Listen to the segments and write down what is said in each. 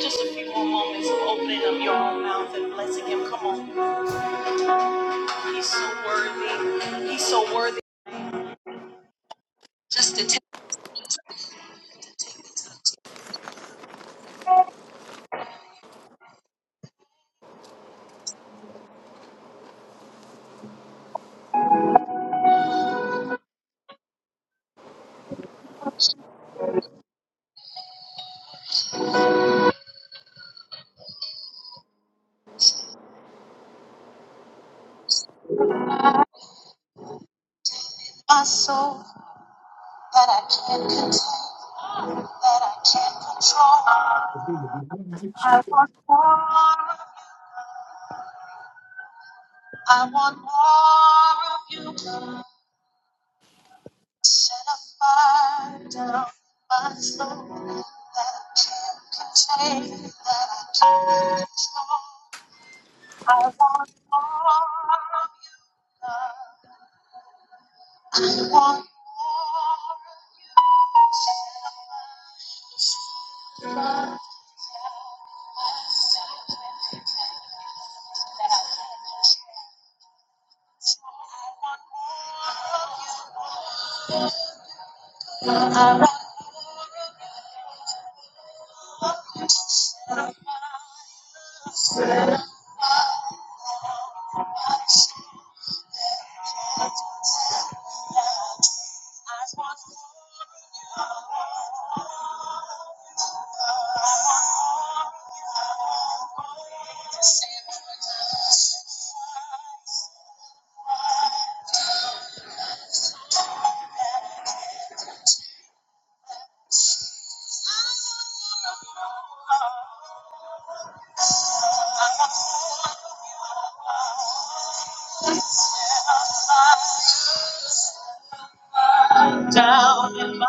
Just a few more moments of opening up your own mouth and blessing him. Come on. He's so worthy. He's so worthy. My soul that I can't control. That I can't control. I want more of you. I want more of you. Set a fire down my soul that I can't contain. That I can't control. I want more of you. God. Down in my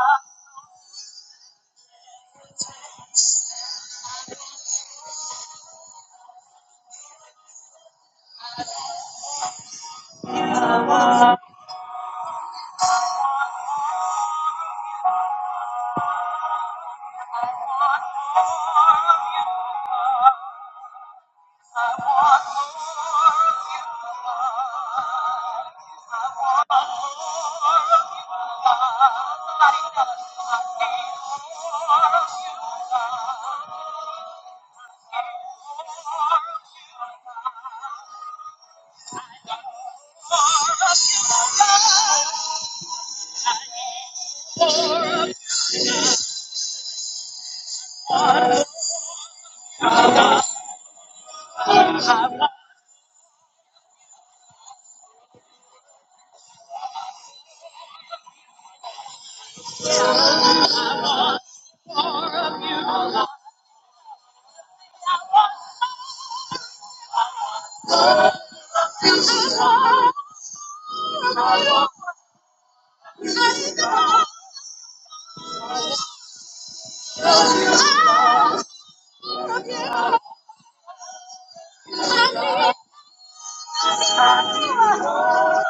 heart.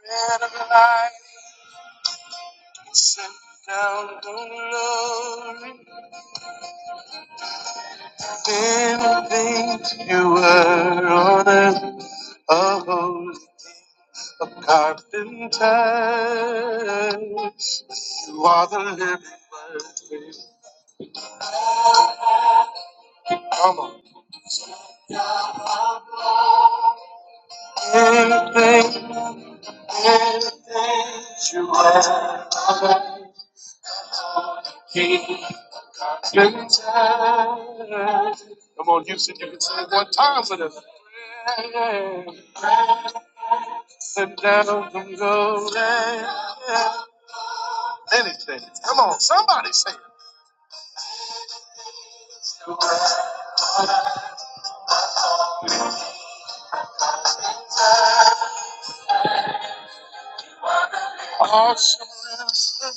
Bread of life, sent down the glory. not think you were on earth. oh, of Carpenters, you are the living mercy. Come on. Anything, anything you are, He can turn. Come on, Houston, you can say it one time for this. Sit down and go down. Anything. Come on, somebody say it. Awesome.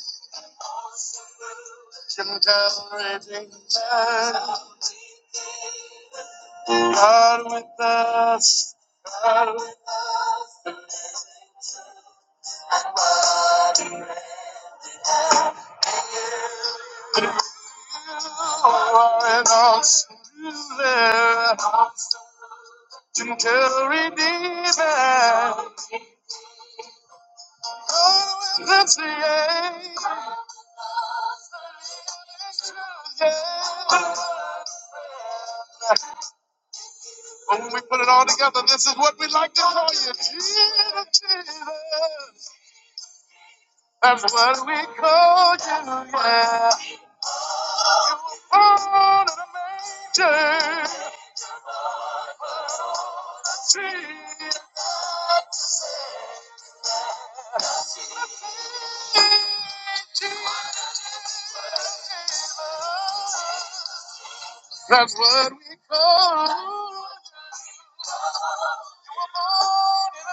Generating man, God with us, God with all and also you there. Gentle redeemer, God with us, yeah. yeah. And when we put it all together, this is what we like to call you, Jesus, Jesus. That's what we call you, yeah. You're born in a manger. That's what we call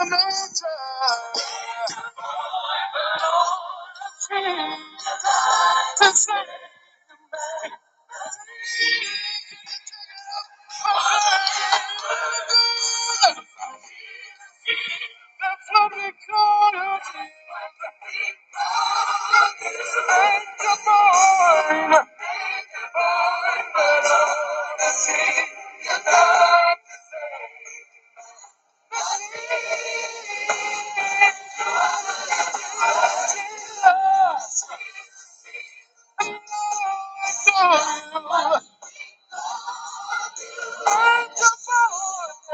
in the nature. That's what we call it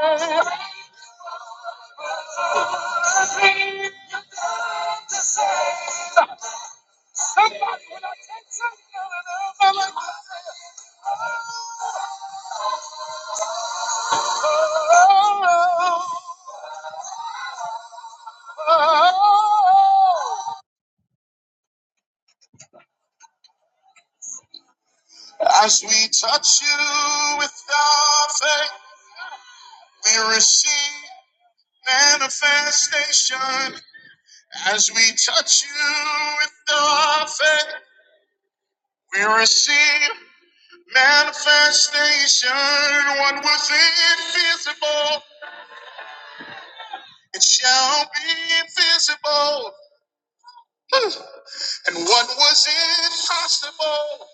in the As we touch you with our faith, we receive manifestation. As we touch you with our faith. We receive manifestation, what was invisible, it shall be visible. And what was impossible,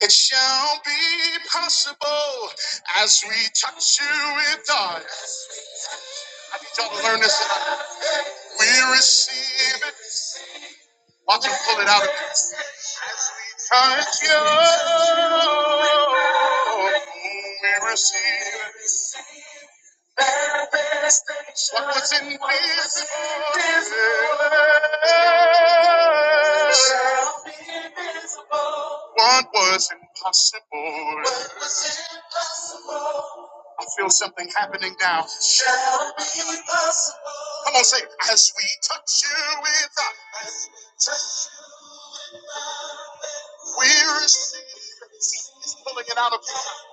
it shall be possible as we touch you with God. I need y'all to learn this. tonight. We receive it. Watch him pull it out of you. Touch you. We receive it. What was in this? desert? What was impossible? I feel something happening now. Come on, say, as we touch you with, we receive. He's pulling it out of you.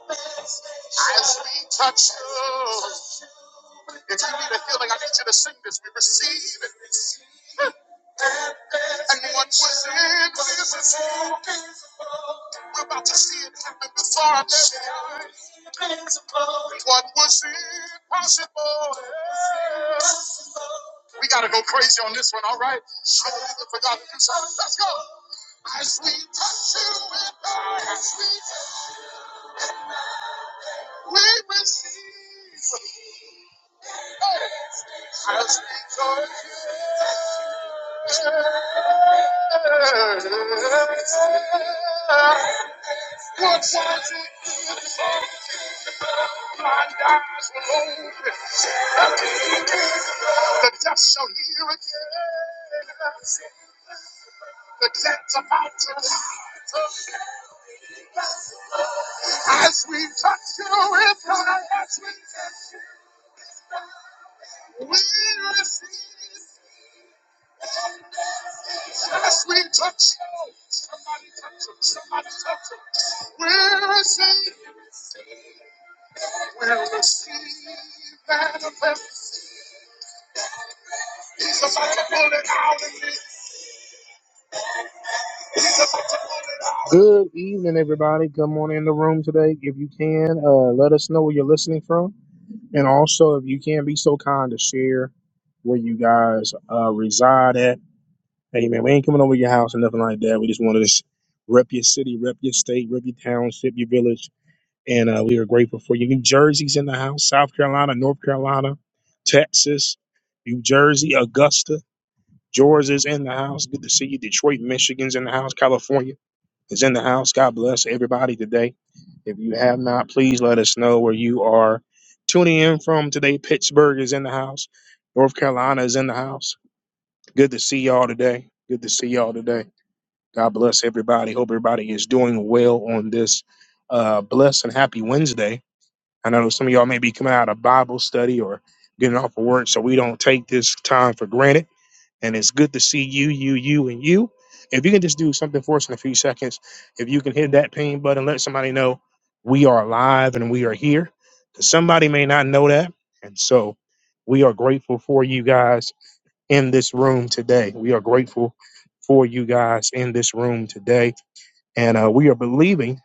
As we touch you, if you need a healing, I need you to sing this. We receive it. And what was in this? We're about to see it happen before our very eyes. What was impossible? We gotta go crazy on this one, all right? Show me for God to do something. Let's go. As we touch you with our hands, we, we receive. As we touch you, what was it? My eyes will open. The deaf shall hear again. The cat's about to rise up. as we touch you with fire. As we receive. As we touch you, somebody touch him. Somebody touch him. We receive. We'll receive manifest. He's about to pull it out of me. He's about to pull it out. Good evening, everybody. Come on in the room today if you can. Uh, let us know where you're listening from, and also if you can, be so kind to share. where you guys uh, reside at. Hey man, we ain't coming over your house or nothing like that. We just wanted to s- rep your city, rep your state, rep your township, your village, and uh, we are grateful for you. New Jersey's in the house, South Carolina, North Carolina, Texas, New Jersey, Augusta, Georgia's in the house. Good to see you. Detroit, Michigan's in the house. California is in the house. God bless everybody today. If you have not, please let us know where you are tuning in from today. Pittsburgh is in the house. North Carolina is in the house. Good to see y'all today. Good to see y'all today. God bless everybody. Hope everybody is doing well on this uh, blessed and happy Wednesday. I know some of y'all may be coming out of Bible study or getting off of work, so we don't take this time for granted. And it's good to see you, you, you, and you. If you can just do something for us in a few seconds, if you can hit that ping button, let somebody know we are alive and we are here. 'Cause Somebody may not know that. And so we are grateful for you guys in this room today. We are grateful for you guys in this room today. And uh, we are believing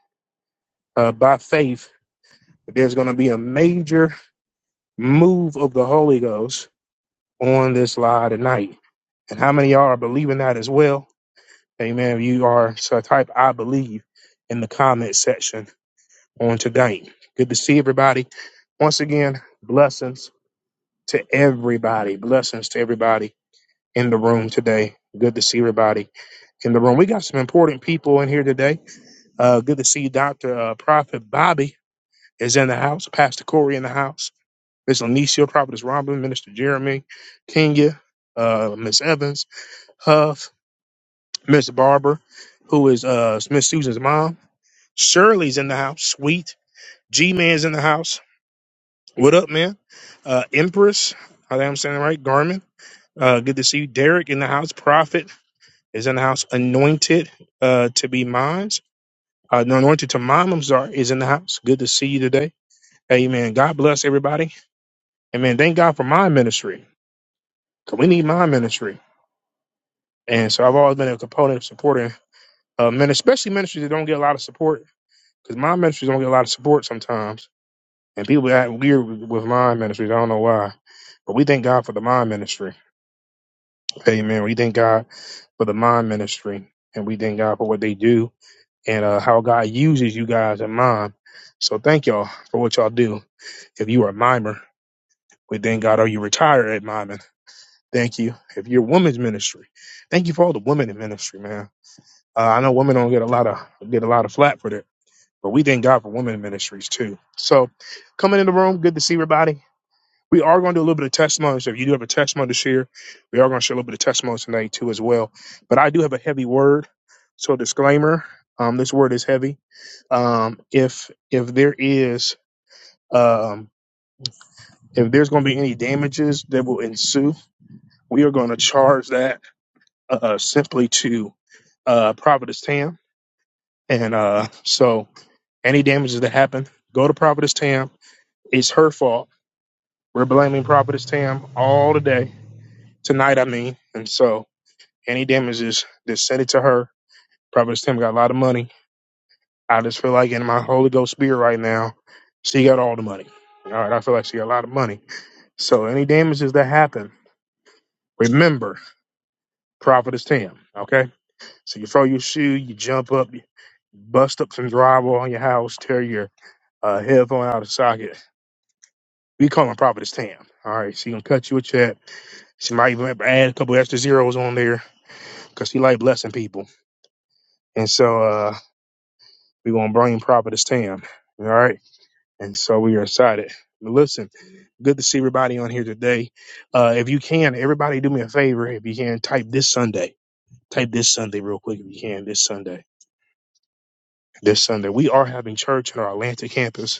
uh, by faith that there's going to be a major move of the Holy Ghost on this live tonight. And how many of y'all are believing that as well? Amen. You are so type I believe in the comment section on today. Good to see everybody. Once again, blessings to everybody. Blessings to everybody in the room today. Good to see everybody in the room. We got some important people in here today. Uh, good to see you, Dr. Uh, Prophet Bobby is in the house, Pastor Corey in the house, Miss Anicia, Prophetess Robin, Minister Jeremy, Kenya, uh, Miss Evans, Huff, Miss Barber, who is uh, Miss Susan's mom. Shirley's in the house, sweet. G Man's in the house. What up, man? Uh, Empress, I think I'm saying it right, Garmin. Uh, good to see you. Derek in the house, Prophet is in the house, anointed uh, to be mine. Uh, the anointed to mom, I'm sorry, is in the house. Good to see you today. Amen. God bless everybody. Amen. Thank God for my ministry. 'cause we need my ministry. And so I've always been a component of supporting uh, men, especially ministries that don't get a lot of support. Because my ministries don't get a lot of support sometimes. And people act weird with with my ministries. I don't know why. But we thank God for the mind ministry. Amen. We thank God for the mind ministry. And we thank God for what they do and uh, how God uses you guys in mind. So thank y'all for what y'all do. If you are a mimer, We thank God, Are you retired, at Mammon. Thank you. If you're women's ministry, thank you for all the women in ministry, man. Uh, I know women don't get a lot of get a lot of flat for that, but we thank God for women in ministries too. So coming in the room, good to see everybody. We are going to do a little bit of testimony. So if you do have a testimony to share, we are going to share a little bit of testimony tonight too as well. But I do have a heavy word. So disclaimer, um, this word is heavy. Um, if if there is um, if there's going to be any damages that will ensue We are going to charge that uh, simply to uh, Providence Tam. And uh, so any damages that happen, go to Providence Tam. It's her fault. We're blaming Providence Tam all today, tonight, I mean. And so any damages, just send it to her. Providence Tam got a lot of money. I just feel like in my Holy Ghost spirit right now, she got all the money. All right, I feel like she got a lot of money. So any damages that happen, remember Providence Tam, okay? So you throw your shoe, you jump up, you bust up some drywall on your house, tear your uh, headphone out of socket. We call them Providence Tam. All right, she gonna cut you a check. She might even add a couple extra zeros on there because she like blessing people. And so uh, we gonna bring Providence Tam. All right, and so we are excited. But listen, good to see everybody on here today. Uh, if you can, everybody do me a favor. If you can, type this Sunday. Type this Sunday real quick if you can. This Sunday. This Sunday. We are having church at our Atlanta campus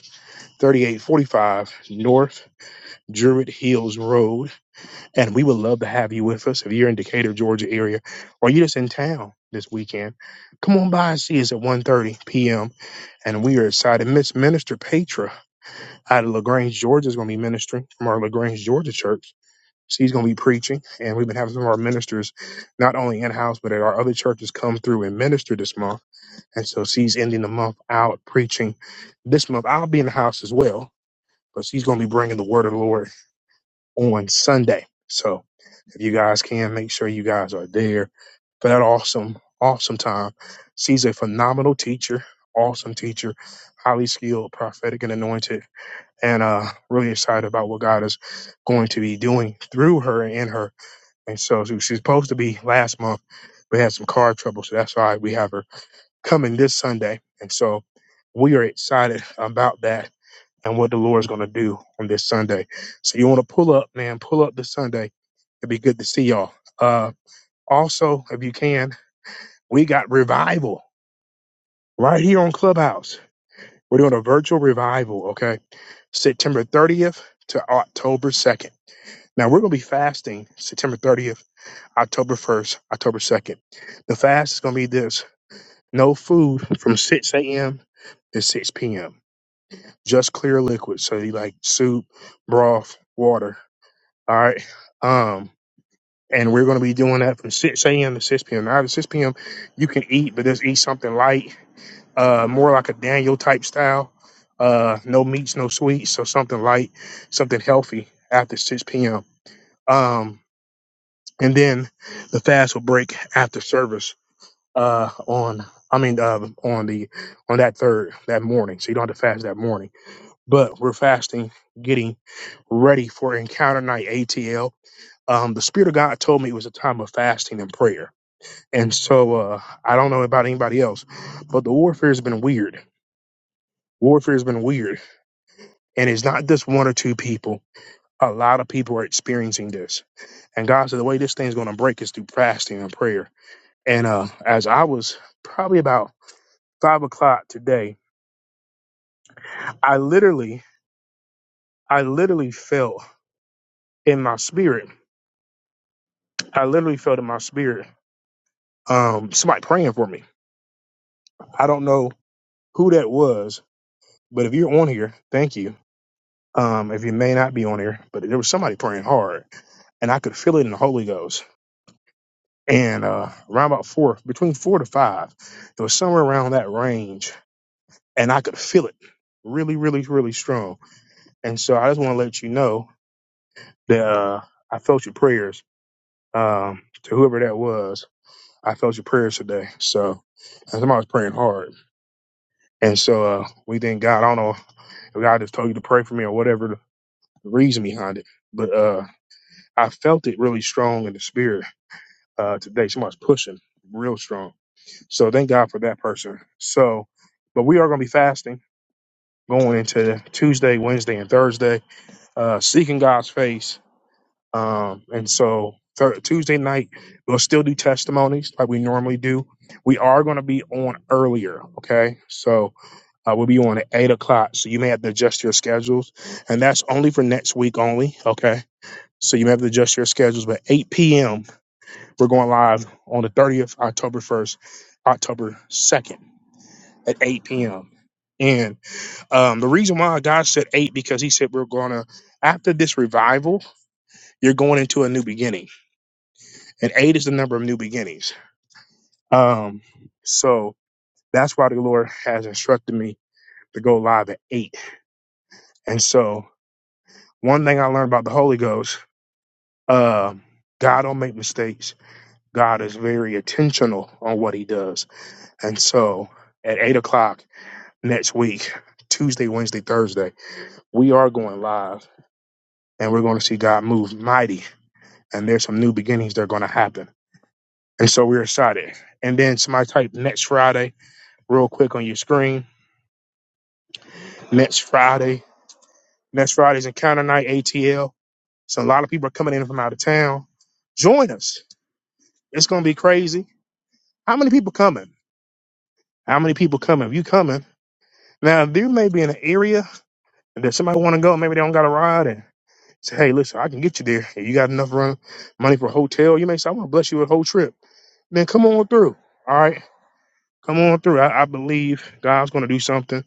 3845 North Druid Hills Road. And we would love to have you with us if you're in Decatur, Georgia area, or you're just in town this weekend. Come on by and see us at one thirty p.m. And we are excited. Miss Minister Petra out of LaGrange, Georgia is going to be ministering from our LaGrange, Georgia church. She's going to be preaching. And we've been having some of our ministers, not only in-house, but at our other churches come through and minister this month. And so she's ending the month out preaching this month. I'll be in the house as well because he's going to be bringing the word of the Lord on Sunday. So if you guys can, make sure you guys are there for that awesome, awesome time. She's a phenomenal teacher, awesome teacher, highly skilled, prophetic, and anointed, and uh, really excited about what God is going to be doing through her and in her. And so she- she's supposed to be last month. but had some car trouble, so that's why we have her coming this Sunday. And so we are excited about that and what the Lord's going to do on this Sunday. So you want to pull up, man, pull up this Sunday. It'd be good to see y'all. Uh, also, if you can, we got revival right here on Clubhouse. We're doing a virtual revival, okay? September 30th to October 2nd. Now we're going to be fasting September 30th, October 1st, October 2nd. The fast is going to be this no food from 6 a.m. to 6 p.m. Just clear liquids. So you like soup, broth, water All right. Um, and we're going to be doing that from 6 a.m. to 6 p.m. Now, at 6 p.m., you can eat, but just eat something light, uh, more like a Daniel type style. Uh, no meats, no sweets. So something light, something healthy after 6 p.m. Um, and then the fast will break after service, uh, on, I mean, uh, on the, on that third, that morning. So you don't have to fast that morning, but we're fasting, getting ready for encounter night ATL um, the Spirit of God told me it was a time of fasting and prayer. And so uh, I don't know about anybody else, but the warfare has been weird. Warfare has been weird. And it's not just one or two people. A lot of people are experiencing this. And God said the way this thing's going to break is through fasting and prayer. And uh, as I was probably about five o'clock today, I literally, I literally felt in my spirit, I literally felt in my spirit um, somebody praying for me. I don't know who that was But if you're on here, thank you. Um, if you may not be on here, but there was somebody praying hard, and I could feel it in the Holy Ghost. And uh, around about four, between four to five, it was somewhere around that range, and I could feel it really, really, really strong. And so I just want to let you know that uh, I felt your prayers um, to whoever that was. I felt your prayers today. So and somebody was praying hard, and so uh, we thank God. I don't know if God just told you to pray for me or whatever the reason behind it, but. uh I felt it really strong in the spirit uh, today. Somebody's pushing real strong. So thank God for that person. So, but we are going to be fasting going into Tuesday, Wednesday, and Thursday, uh, seeking God's face. Um, and so thir- Tuesday night, we'll still do testimonies like we normally do. We are going to be on earlier. Okay. So uh, we'll be on at eight o'clock. So you may have to adjust your schedules. And that's only for next week only. Okay. So you may have to adjust your schedules, but 8 p.m. We're going live on the 30th, October 1st, October 2nd at 8 p.m. And um, the reason why God said 8 because He said we're going to, after this revival, you're going into a new beginning. And 8 is the number of new beginnings. Um, so that's why the Lord has instructed me to go live at 8. And so one thing I learned about the Holy Ghost, um, God don't make mistakes. God is very intentional on what He does. And so at 8 o'clock, next week, Tuesday, Wednesday, Thursday, we are going live and we're going to see God move mighty. And there's some new beginnings that are going to happen. And so we're excited. And then somebody type next Friday real quick on your screen. Next Friday. Next Friday's encounter night, ATL. So a lot of people are coming in from out of town. Join us. It's going to be crazy. How many people coming? How many people coming? If you coming, now there may be an area that somebody want to go. Maybe they don't got a ride, And Say, hey, listen, I can get you there. Hey, You got enough run money for a hotel. You may say, I want to bless you with a whole trip. Then come on through. All right. Come on through. I, I believe God's going to do something.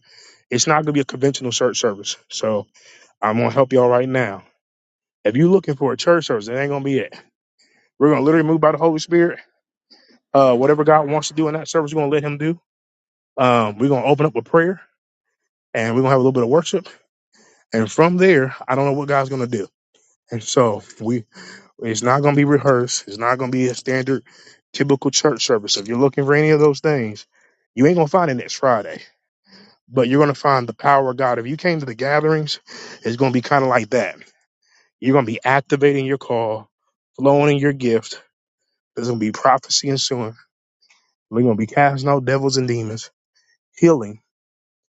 It's not going to be a conventional church service. So I'm going to help y'all right now. If you're looking for a church service, it ain't going to be it. We're going to literally move by the Holy Spirit. Uh, whatever God wants to do in that service, we're going to let Him do. Um, we're going to open up with prayer and we're going to have a little bit of worship. And from there, I don't know what God's going to do. And so we It's not going to be rehearsed. It's not going to be a standard, typical church service. So If you're looking for any of those things, you ain't going to find it next Friday, but you're going to find the power of God. If you came to the gatherings, it's going to be kind of like that. You're going to be activating your call, flowing in your gift. There's going to be prophecy ensuing. We're going to be casting out devils and demons, healing.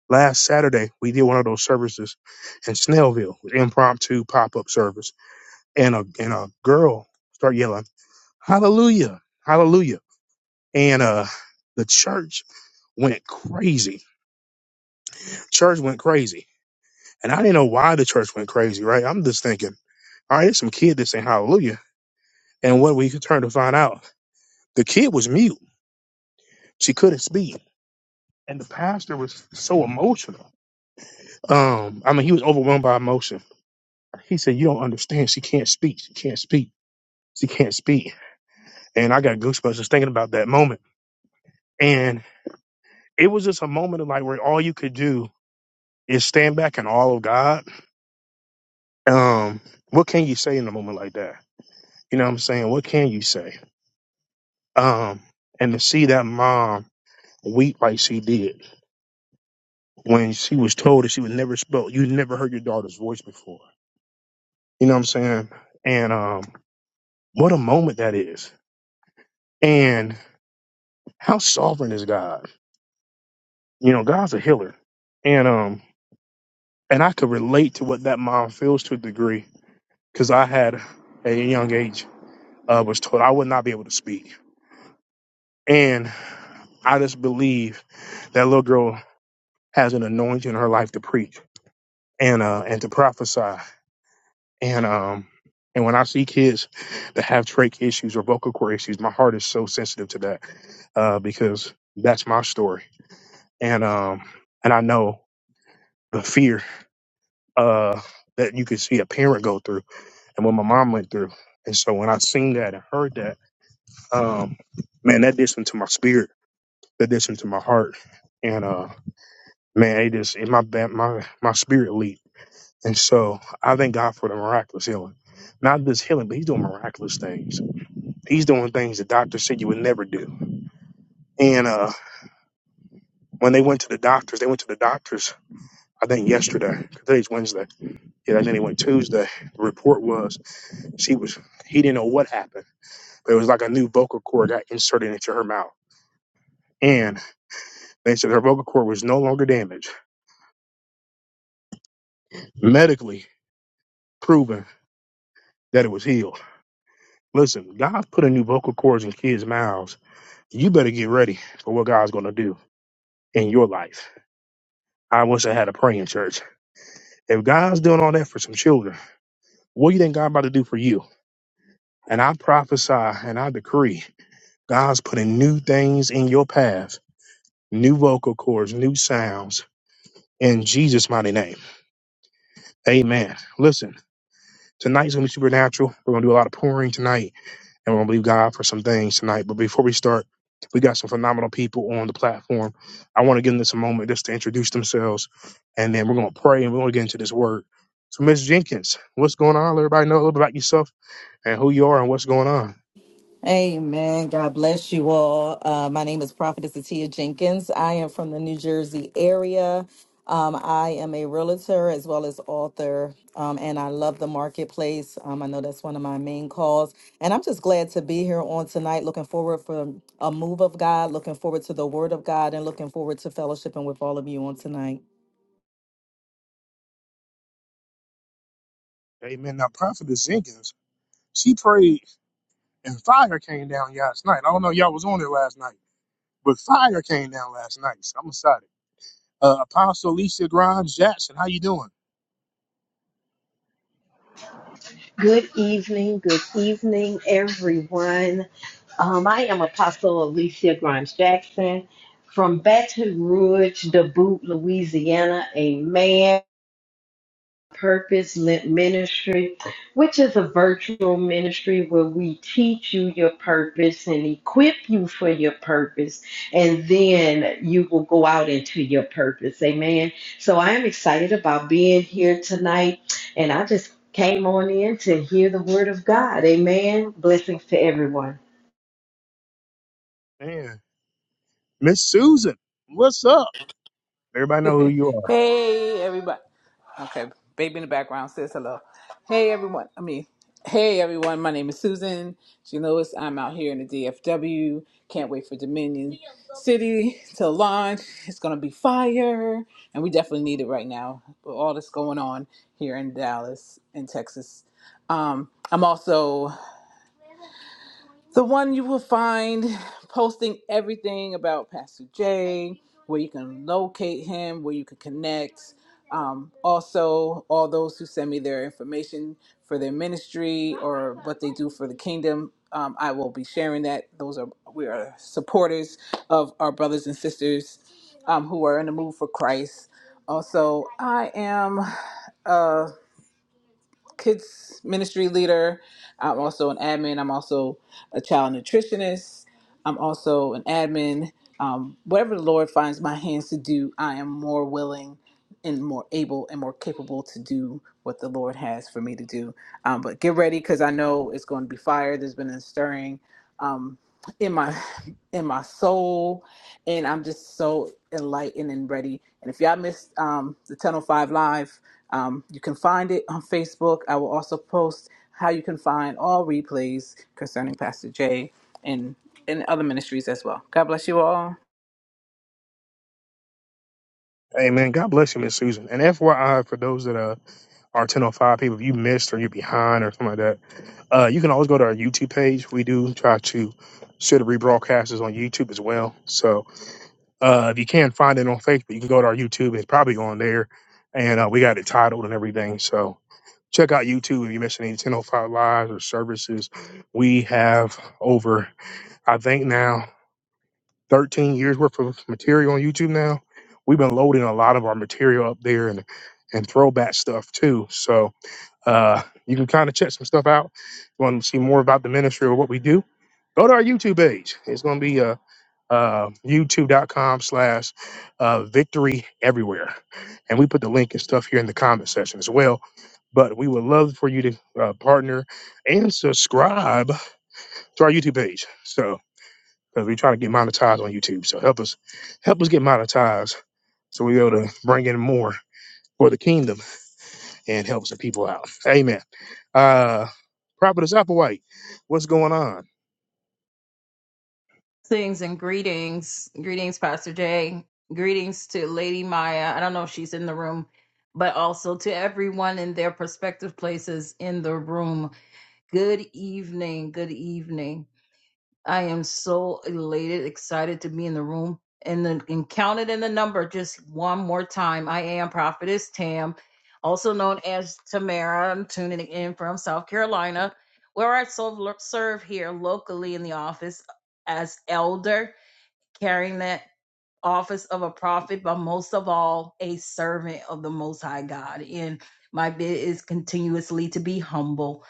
Last Saturday, we did one of those services in Snellville, with impromptu pop up service, and a and a girl start yelling, "Hallelujah, Hallelujah!" and uh the church went crazy. Church went crazy. And I didn't know why the church went crazy, right? I'm just thinking, all right, it's some kid that saying hallelujah. And what we could turn to find out, the kid was mute. She couldn't speak. And the pastor was so emotional. Um, I mean, he was overwhelmed by emotion. He said, You don't understand. She can't speak. She can't speak. She can't speak. And I got goosebumps just thinking about that moment. And it was just a moment of like where all you could do is stand back in awe of God um what can you say in a moment like that you know what i'm saying what can you say um and to see that mom weep like she did when she was told that she was never spoke you never heard your daughter's voice before you know what i'm saying and um what a moment that is and how sovereign is god you know god's a healer and um and i could relate to what that mom feels to a degree because i had at a young age uh, was told i would not be able to speak And I just believe that little girl has an anointing in her life to preach and uh and to prophesy. And um and when I see kids that have trach issues or vocal cord issues, my heart is so sensitive to that uh, because that's my story. And um and I know the fear uh that you could see a parent go through and what my mom went through. And so when I seen that and heard that, um man, that did something to my spirit, that did something to my heart. and. uh man, it just it, my ba- my my spirit leap. And so I thank God for the miraculous healing. Not just healing, but he's doing miraculous things. He's doing things the doctors said you would never do. And uh, when they went to the doctors, they went to the doctors, I think yesterday, 'cause today's Wednesday. Yeah, and then they went Tuesday. The report was she was, he didn't know what happened, but it was like a new vocal cord got inserted into her mouth. And they said her vocal cord was no longer damaged, medically proven that it was healed. Listen, God put a new vocal cords in kids' mouths. You better get ready for what God's going to do in your life. I wish I had a praying church. If God's doing all that for some children, what do you think God about to do for you? And I prophesy and I decree God's putting new things in your path, new vocal cords, new sounds in Jesus' mighty name. Amen. Listen, tonight's going to be supernatural. We're going to do a lot of pouring tonight. and we're gonna believe God for some things tonight. But before we start, we got some phenomenal people on the platform. I want to give them this a moment just to introduce themselves, and then we're gonna pray and we're gonna get into this word. So, Miss Jenkins, what's going on? Let everybody know a little bit about yourself and who you are and what's going on. Amen. God bless you all. Uh, my name is Prophetess Atia Jenkins. I am from the New Jersey area. Um, I am a realtor as well as author, um, and I love the marketplace. Um, I know that's one of my main calls, and I'm just glad to be here on tonight. Looking forward for a move of God. Looking forward to the Word of God, and looking forward to fellowshipping with all of you on tonight. Amen. Now, Prophetess Jenkins, she prayed and fire came down last night. I don't know if y'all was on there last night, but fire came down last night. So I'm excited. Uh, Apostle Lisa Grimes Jackson, how you doing? Good evening, good evening, everyone. Um, I am Apostle Alicia Grimes Jackson from Baton Rouge, Dubuque, Louisiana. Amen. Purpose Lit Ministry, which is a virtual ministry where we teach you your purpose and equip you for your purpose, and then you will go out into your purpose. Amen. So I am excited about being here tonight, and I just came on in to hear the word of God. Amen. Blessings to everyone. Man, Miss Susan, what's up? Everybody know who you are. hey, everybody. Okay, baby in the background says hello. Hey, everyone. I mean, hey, everyone. My name is Susan. She knows I'm out here in the DFW. Can't wait for Dominion City to launch. It's going to be fire, and we definitely need it right now with all that's going on here in Dallas and Texas. Um, I'm also the one you will find posting everything about Pastor Jay, where you can locate him, where you can connect. Um, also, all those who send me their information for their ministry or what they do for the kingdom, um, I will be sharing that. Those are we are supporters of our brothers and sisters um, who are in the move for Christ. Also, I am. a kids ministry leader. I'm also an admin. I'm also a child nutritionist. I'm also an admin. Um, whatever the Lord finds my hands to do, I am more willing and more able and more capable to do what the Lord has for me to do. Um, but get ready because I know it's going to be fire. There's been a stirring um, in my in my soul, and I'm just so enlightened and ready. And if y'all missed um, the Tunnel Five Live, um, you can find it on Facebook. I will also post how you can find all replays concerning Pastor Jay and and other ministries as well. God bless you all. Hey man, God bless you, Miss Susan. And FYI, for those that uh, are 1005 people, if you missed or you're behind or something like that, uh, you can always go to our YouTube page. We do try to share the rebroadcasts on YouTube as well. So uh, if you can't find it on Facebook, you can go to our YouTube. It's probably on there. And uh, we got it titled and everything. So check out YouTube if you miss any 1005 lives or services. We have over, I think now. 13 years worth of material on YouTube now. We've been loading a lot of our material up there and and throwback stuff too. So uh, you can kind of check some stuff out. If you want to see more about the ministry or what we do, go to our YouTube page. It's going to be uh, uh, youtube.com slash uh, victory everywhere. And we put the link and stuff here in the comment section as well. But we would love for you to uh, partner and subscribe to our YouTube page. So because we're trying to get monetized on YouTube. So help us, help us get monetized, so we're able to bring in more for the kingdom and help some people out. Amen. Uh, Prophetess Applewhite, what's going on? Things and greetings. Greetings, Pastor Jay. Greetings to Lady Maya. I don't know if she's in the room, but also to everyone in their prospective places in the room. Good evening. Good evening. I am so elated, excited to be in the room and then and counted in the number just one more time. I am Prophetess Tam, also known as Tamara. I'm tuning in from South Carolina, where I so- serve here locally in the office as elder carrying that office of a prophet, but most of all, a servant of the Most High God. And my bid is continuously to be humble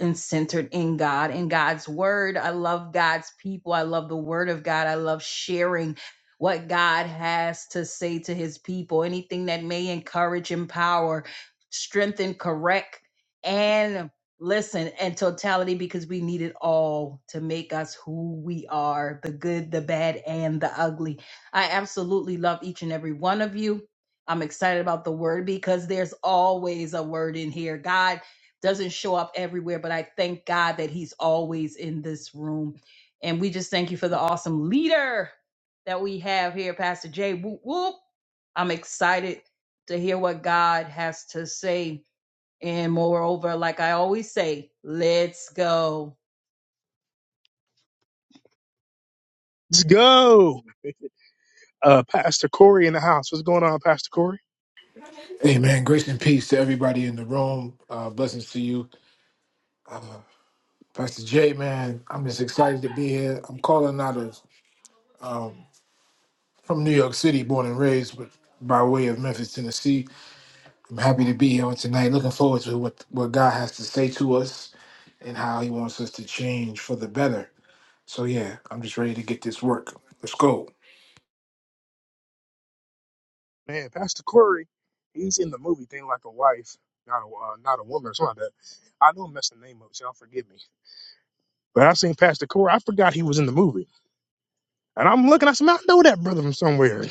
and centered in God and God's word. I love God's people. I love the word of God. I love sharing what God has to say to his people, anything that may encourage, empower, strengthen, correct, and listen and totality because we need it all to make us who we are the good, the bad, and the ugly. I absolutely love each and every one of you. I'm excited about the word because there's always a word in here. God doesn't show up everywhere, but I thank God that He's always in this room. And we just thank you for the awesome leader that we have here, Pastor Jay. Whoop, whoop. I'm excited to hear what God has to say. And moreover, like I always say, let's go. Let's go. uh, Pastor Corey in the house. What's going on, Pastor Corey? Amen. Grace and peace to everybody in the room. Uh, blessings to you, Pastor J. Man, I'm just excited to be here. I'm calling out of um, from New York City, born and raised, but by way of Memphis, Tennessee. I'm happy to be here on tonight. Looking forward to what what God has to say to us and how He wants us to change for the better. So yeah, I'm just ready to get this work. Let's go. Man, Pastor Corey, he's in the movie thing like a wife, not a uh, not a woman or something like that. I know I'm messing the name up, so y'all forgive me. But I seen Pastor Corey. I forgot he was in the movie, and I'm looking. I said, "Man, I know that brother from somewhere.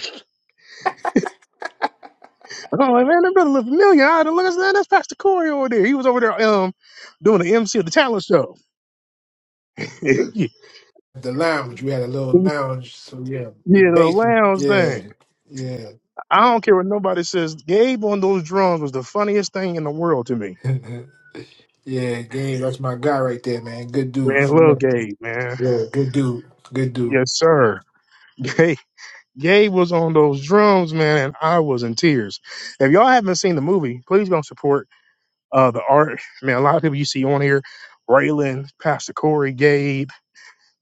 I'm like, man, that brother look familiar. I had to look at that. That's Pastor Corey over there. He was over there um doing the MC of the talent show. yeah, The lounge, we had a little the lounge. So yeah, the basement. lounge Yeah, thing. yeah. I don't care what nobody says. Gabe on those drums was the funniest thing in the world to me. Yeah, game. That's my guy right there, man. Good dude. Man, For love real. Gabe, man. Yeah, good dude. Good dude. Yes, sir. Gabe, Gabe was on those drums, man, and I was in tears. If y'all haven't seen the movie, please go support uh the art. Man, a lot of people you see on here, Raylan, Pastor Corey, Gabe.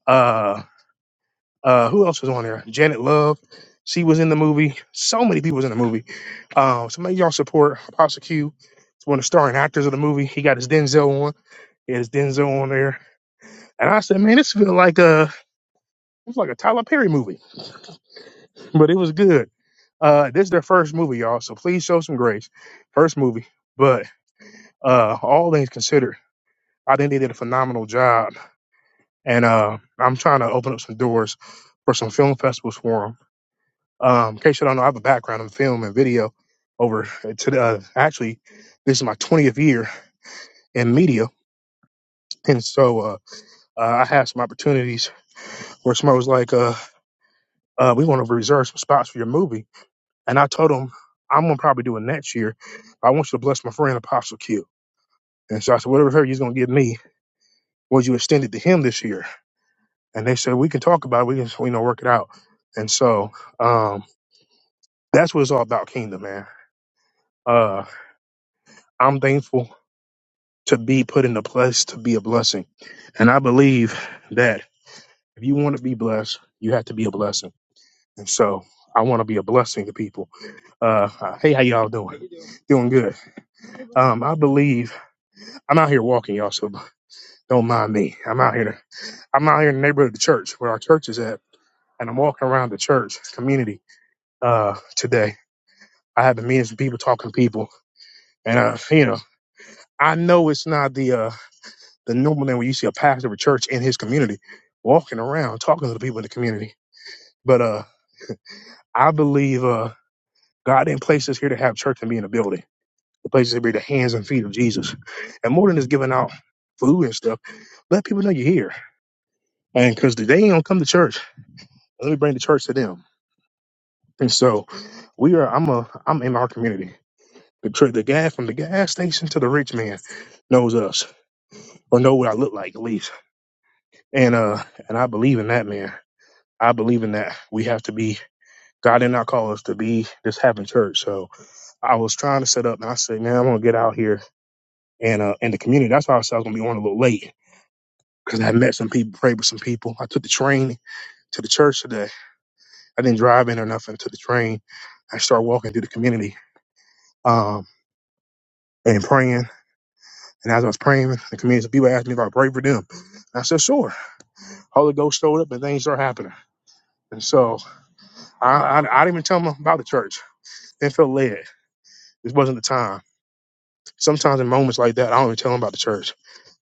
uh, Uh, who else was on there? Janet Love. She was in the movie. So many people was in the movie. Um, so make y'all support Apostle Q. It's one of the starring actors of the movie. He got his Denzel on. He had his Denzel on there. And I said, man, this feel like a it was like a Tyler Perry movie, but it was good. Uh, this is their first movie, y'all. So please show some grace. First movie, but uh, all things considered, I think they did a phenomenal job. And uh, I'm trying to open up some doors for some film festivals for 'em. Um, in case you don't know, I have a background in film and video. Over to uh, actually, this is my 20th year in media, and so uh, uh, I had some opportunities where somebody was like, uh, uh, "We want to reserve some spots for your movie," and I told them, "I'm gonna probably do it next year. I want you to bless my friend Apostle Q." And so I said, "Whatever her you're gonna give me, would you extend it to him this year?" And they said, "We can talk about it. We can you know work it out." And so um, that's what it's all about, Kingdom, man. Uh, I'm thankful to be put in a place to be a blessing. And I believe that if you want to be blessed, you have to be a blessing. And so I want to be a blessing to people. Uh, hey, how y'all doing? Doing good. Um, I believe I'm out here walking, y'all. So don't mind me. I'm out here. I'm out here in the neighborhood of the church where our church is at, and I'm walking around the church community uh, today. I have been meeting some people, talking to people, and uh, you know, I know it's not the uh, than normally when you see a pastor of a church in his community walking around talking to the people in the community. But uh, I believe uh, God didn't place us here to have church and be in a building. The place is to be the hands and feet of Jesus. And more than just giving out food and stuff, let people know you're here. And because they ain't gonna come to church, let me bring the church to them. And so we are. I'm a. I'm in our community. The tr- the guy from the gas station to the rich man knows us or know what I look like at least. And uh, and I believe in that man. I believe in that. We have to be. God did not call us to be this having church. So I was trying to set up, and I said, man, I'm gonna get out here and uh in the community. That's why I said I was gonna be on a little late because I met some people, prayed with some people. I took the train to the church today. I didn't drive in or nothing. To the train, I started walking through the community um and praying. And as I was praying, the community some people asked me if I prayed for them. And I said, sure. Holy Ghost showed up, and things started happening. And so I, I I didn't even tell them about the church. They felt led. This wasn't the time sometimes in moments like that, I don't even tell them about the church.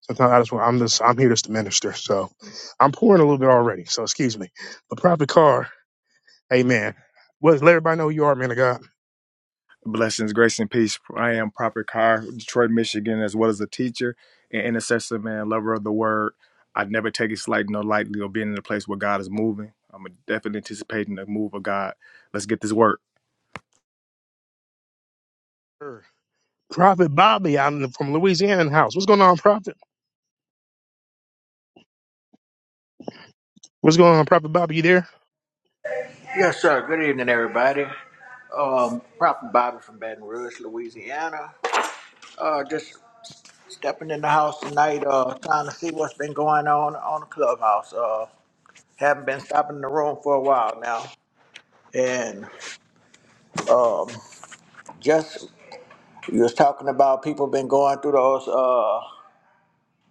Sometimes I just want, I'm just I'm here just to minister. So I'm pouring a little bit already. So excuse me. But Prophet Carr, Amen. Well, let everybody know who you are, man of God. Blessings, grace, and peace. I am Proper Carr, Detroit, Michigan, as well as a teacher and intercessor, man, lover of the word. I never take it slight no lightly or being in a place where God is moving. I'm definitely anticipating the move of God. Let's get this work. Sure. Prophet Bobby out in, from Louisiana in the house. What's going on, Prophet? What's going on, Prophet Bobby? You there? Yes, sir. Good evening, everybody. Um, Prophet Bobby from Baton Rouge, Louisiana. Uh, just stepping in the house tonight, uh, trying to see what's been going on on the clubhouse. Uh, haven't been stopping in the room for a while now. And just, you was talking about people been going through those uh,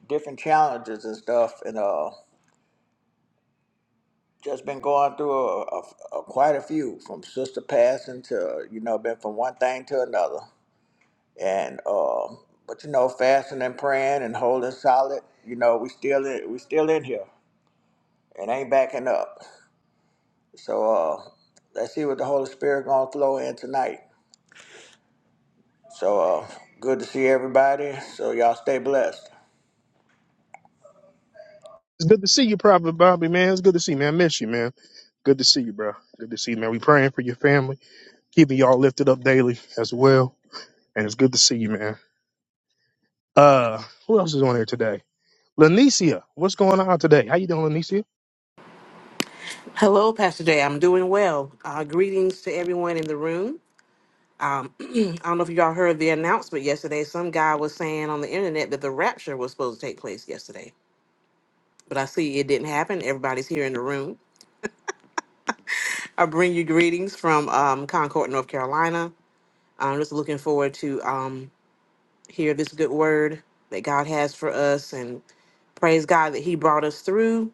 different challenges and stuff. And uh, just been going through a, a, a quite a few from sister passing to, you know, been from one thing to another. and um, but you know, fasting and praying and holding solid. You know, we still in, we still in here and ain't backing up. So uh, let's see what the Holy Spirit gonna flow in tonight. So uh, good to see everybody. So y'all stay blessed. It's good to see you, Prophet Bobby, man. It's good to see you, man. I miss you, man. Good to see you, bro. Good to see you, man. We praying for your family, keeping y'all lifted up daily as well. And it's good to see you, man. Uh, who else is on here today? Lanicia, what's going on today? How you doing, Lanicia? Hello, Pastor Jay. I'm doing well. Uh, greetings to everyone in the room. I don't know if y'all heard the announcement yesterday. Some guy was saying on the internet that the rapture was supposed to take place yesterday, but I see it didn't happen. Everybody's here in the room. I bring you greetings from um, Concord, North Carolina. I'm just looking forward to um, hear this good word that God has for us, and praise God that He brought us through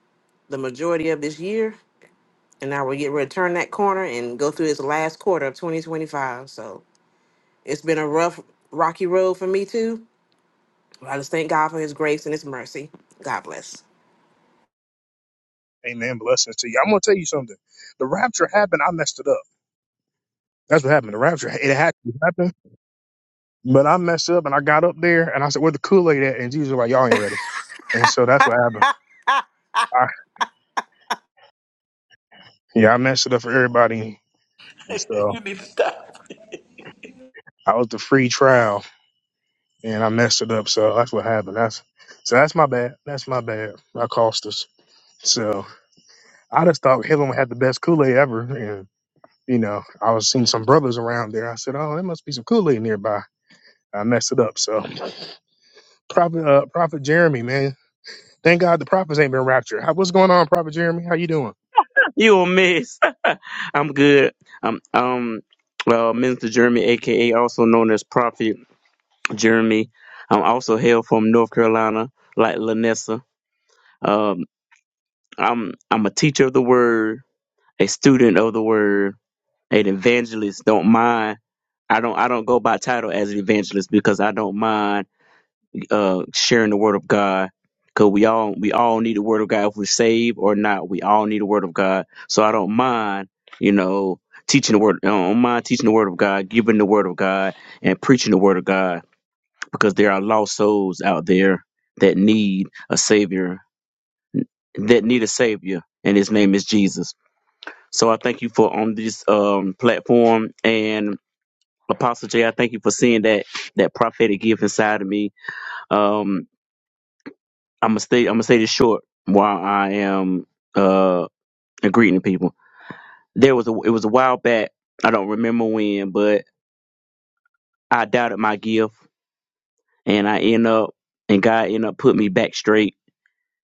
the majority of this year. And now we're getting ready to turn that corner and go through this last quarter of 2025. So. It's been a rough, rocky road for me too. But I just thank God for His grace and His mercy. God bless. Amen. Blessings to you. I'm gonna tell you something. The rapture happened. I messed it up. That's what happened. The rapture, it had to happen. But I messed up and I got up there and I said, Where the Kool Aid at? And Jesus was like, Y'all ain't ready. And so that's what happened. I, yeah, I messed it up for everybody. And so you need to stop. I was the free trial and I messed it up. So that's what happened. That's so that's my bad. That's my bad. I cost us. So I just thought Hillel had the best Kool Aid ever. And, you know, I was seeing some brothers around there. I said, Oh, there must be some Kool Aid nearby. I messed it up. So Prophet uh, Prophet Jeremy, man. Thank God the prophets ain't been raptured. How, what's going on, Prophet Jeremy? How you doing? You a mess. I'm good. I'm um uh Minister Jeremy, aka also known as Prophet Jeremy. I'm also hail from North Carolina, like Lanessa. Um I'm I'm a teacher of the word, a student of the word, an evangelist, don't mind. I don't I don't go by title as an evangelist because I don't mind uh, sharing the word of God. Cause we all we all need the word of God if we're saved or not. We all need the word of God. So I don't mind, you know, teaching the word. I don't mind teaching the word of God, giving the word of God, and preaching the word of God. Because there are lost souls out there that need a savior, that need a savior, and His name is Jesus. So I thank you for on this um, platform and Apostle J. I thank you for seeing that that prophetic gift inside of me. Um, I'm gonna stay. I'm gonna say this short while I am uh agreeing people. There was a it was a while back. I don't remember when, but I doubted my gift, and I end up and God end up put me back straight,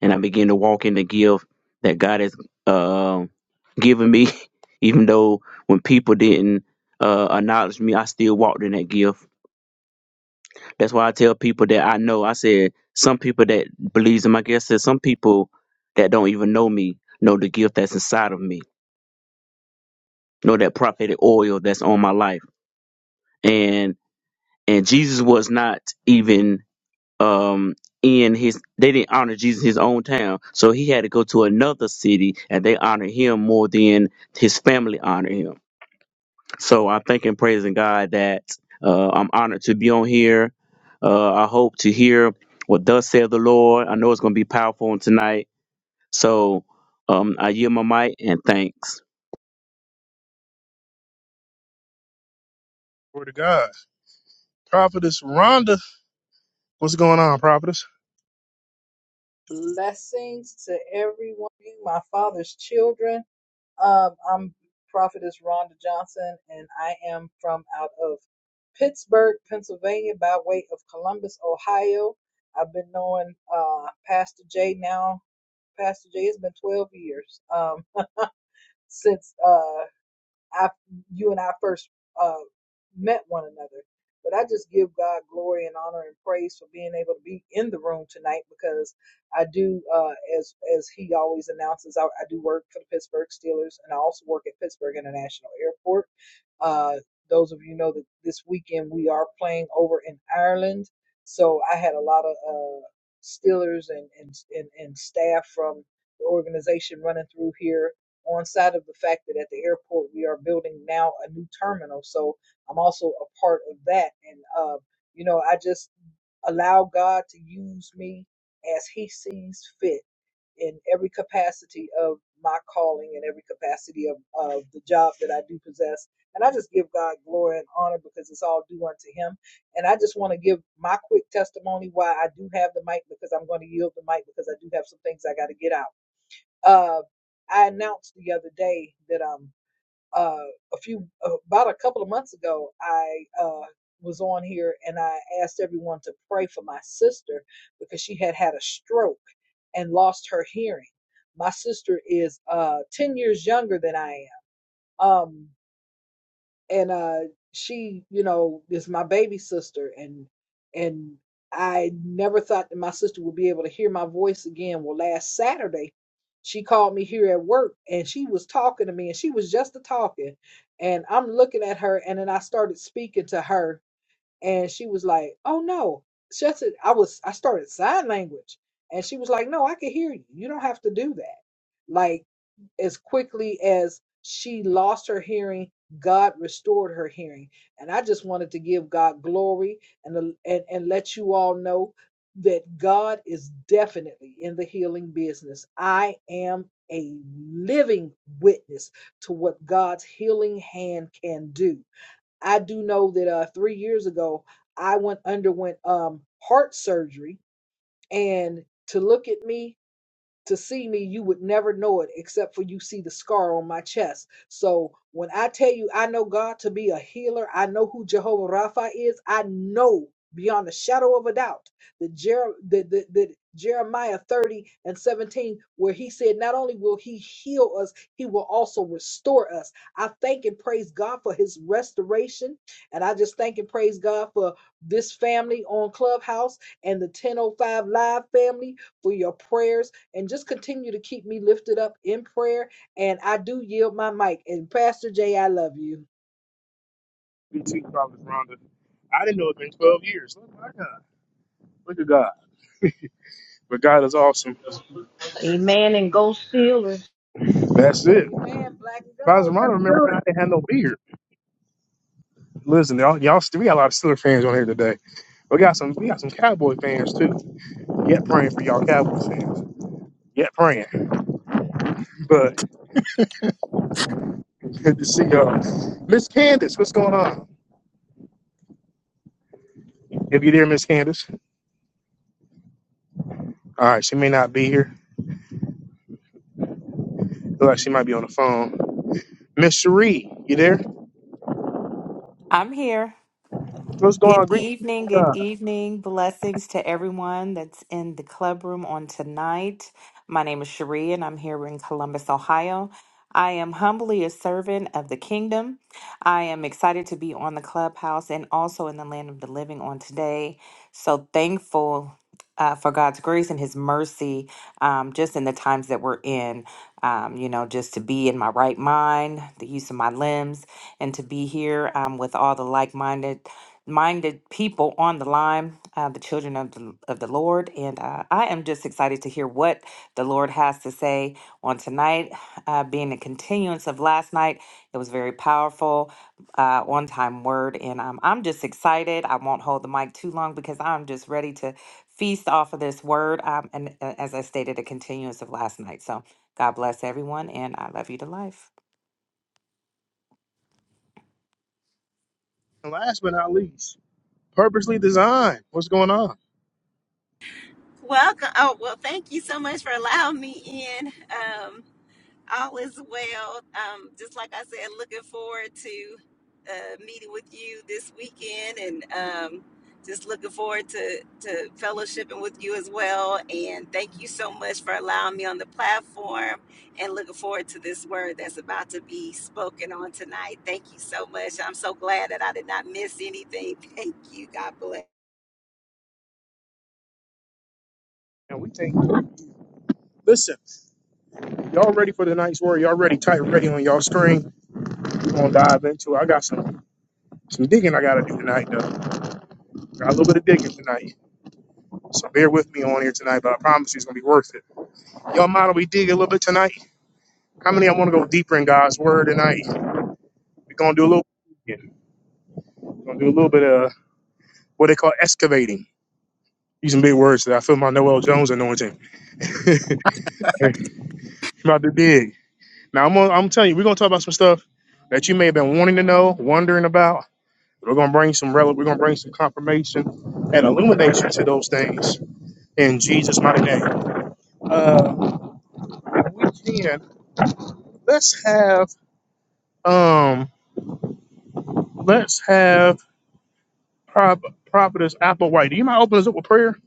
and I began to walk in the gift that God has um given me. Even though when people didn't uh, acknowledge me, I still walked in that gift That's why I tell people that I know. I said some people that believes in my gift. I said some people that don't even know me know the gift that's inside of me, know that prophetic oil that's on my life. And and Jesus was not even um in his. They didn't honor Jesus in his own town, so he had to go to another city, and they honored him more than his family honored him. So I'm thanking, praising God that uh, I'm honored to be on here. Uh, I hope to hear what thus saith the Lord. I know it's going to be powerful on tonight. So um, I yield my mic and thanks. Glory to God. Prophetess Rhonda. What's going on, Prophetess? Blessings to everyone, my father's children. Um, I'm Prophetess Rhonda Johnson, and I am from out of Pittsburgh, Pennsylvania, by way of Columbus, Ohio. I've been knowing uh, Pastor Jay now. Pastor Jay, has been 12 years um, since. uh, after you and I first uh, met one another. But I just give God glory and honor and praise for being able to be in the room tonight because I do, uh, as as he always announces, I, I do work for the Pittsburgh Steelers and I also work at Pittsburgh International Airport. Uh, those of you know that this weekend we are playing over in Ireland, so I had a lot of uh, Steelers and and, and and staff from the organization running through here on side of the fact that at the airport we are building now a new terminal. So I'm also a part of that. And, uh, you know, I just allow God to use me as He sees fit in every capacity of my calling and every capacity of, of the job that I do possess. And I just give God glory and honor because it's all due unto Him. And I just want to give my quick testimony why I do have the mic because I'm going to yield the mic because I do have some things I got to get out. Uh, I announced the other day that um uh a few uh, about a couple of months ago I uh was on here and I asked everyone to pray for my sister because she had had a stroke and lost her hearing. My sister is uh 10 years younger than I am. Um and uh she you know is my baby sister and and i never thought that my sister would be able to hear my voice again well last saturday she called me here at work and she was talking to me and she was just a talking and i'm looking at her and then i started speaking to her and she was like oh no she said i was i started sign language and she was like no i can hear you you don't have to do that like as quickly as she lost her hearing, God restored her hearing. And I just wanted to give God glory and, and, and let you all know that God is definitely in the healing business. I am a living witness to what God's healing hand can do. I do know that uh, three years ago, I went underwent um, heart surgery, and to look at me to see me, you would never know it except for you see the scar on my chest. So when I tell you I know God to be a healer, I know who Jehovah Rapha is, I know beyond a shadow of a doubt that, Jer- that, that, that Jeremiah 30 and 17, where he said, Not only will he heal us, he will also restore us. I thank and praise God for his restoration. And I just thank and praise God for this family on Clubhouse and the 1005 Live family for your prayers and just continue to keep me lifted up in prayer. And I do yield my mic. And Pastor Jay, I love you. You too, Prophetess Rhonda. I didn't know it's been 12 years. Look at my God. Look at God. But God is awesome. Amen. And go Steelers. That's it. Amen. Black and gold. Prophetess Rhonda, Let's remember do when I didn't have no beard. Listen, y'all, y'all still, we got a lot of Steeler fans on here today. We got some we got some Cowboy fans too. Yet praying for y'all Cowboy fans. Yet praying. But good to see y'all. Miss Candace, what's going on? If you're there, Miss Candace. All right, she may not be here. Look like she might be on the phone. Miss Cherie, you there? I'm here. What's going on? Good Greetings. evening, good God. evening. Blessings to everyone that's in the club room on tonight. My name is Cherie and I'm here in Columbus, Ohio. I am humbly a servant of the kingdom. I am excited to be on the clubhouse and also in the land of the living on today. So thankful uh, for God's grace and His mercy um, just in the times that we're in. Um, you know, just to be in my right mind, the use of my limbs, and to be here um, with all the like minded minded people on the line, uh, the children of the, of the Lord. And uh, I am just excited to hear what the Lord has to say on tonight, uh, being a continuance of last night. It was very powerful, uh, on time word. And um, I'm just excited. I won't hold the mic too long because I'm just ready to feast off of this word. Um, and uh, as I stated, a continuance of last night. So God bless everyone. And I love you to life. And last but not least, purposely designed. What's going on? Welcome. Oh, well, thank you so much for allowing me in. Um, all is well. Um, just like I said, looking forward to uh, meeting with you this weekend and um, just looking forward to, to fellowshipping with you as well. And thank you so much for allowing me on the platform and looking forward to this word that's about to be spoken on tonight. Thank you so much. I'm so glad that I did not miss anything. Thank you. God bless. And we think, listen, y'all ready for tonight's word? Y'all ready? Type ready on y'all screen. We're gonna dive into. it. I got some some digging I gotta do tonight, though. Got a little bit of digging tonight, so bear with me on here tonight. But I promise you, it's gonna be worth it. Y'all mind if we dig a little bit tonight? How many I want to go deeper in God's word tonight? We're gonna do a little. We're gonna do a little bit of what they call excavating. Using big words today. I feel my Noel Jones anointing. I'm about to dig. Now I'm gonna, I'm telling you, we're gonna talk about some stuff that you may have been wanting to know, wondering about. We're gonna bring some rel- we're gonna bring some confirmation and illumination to those things in Jesus' mighty name. Uh, if we can let's have um let's have Prop Prophetess Applewhite. Do you mind opening us up with prayer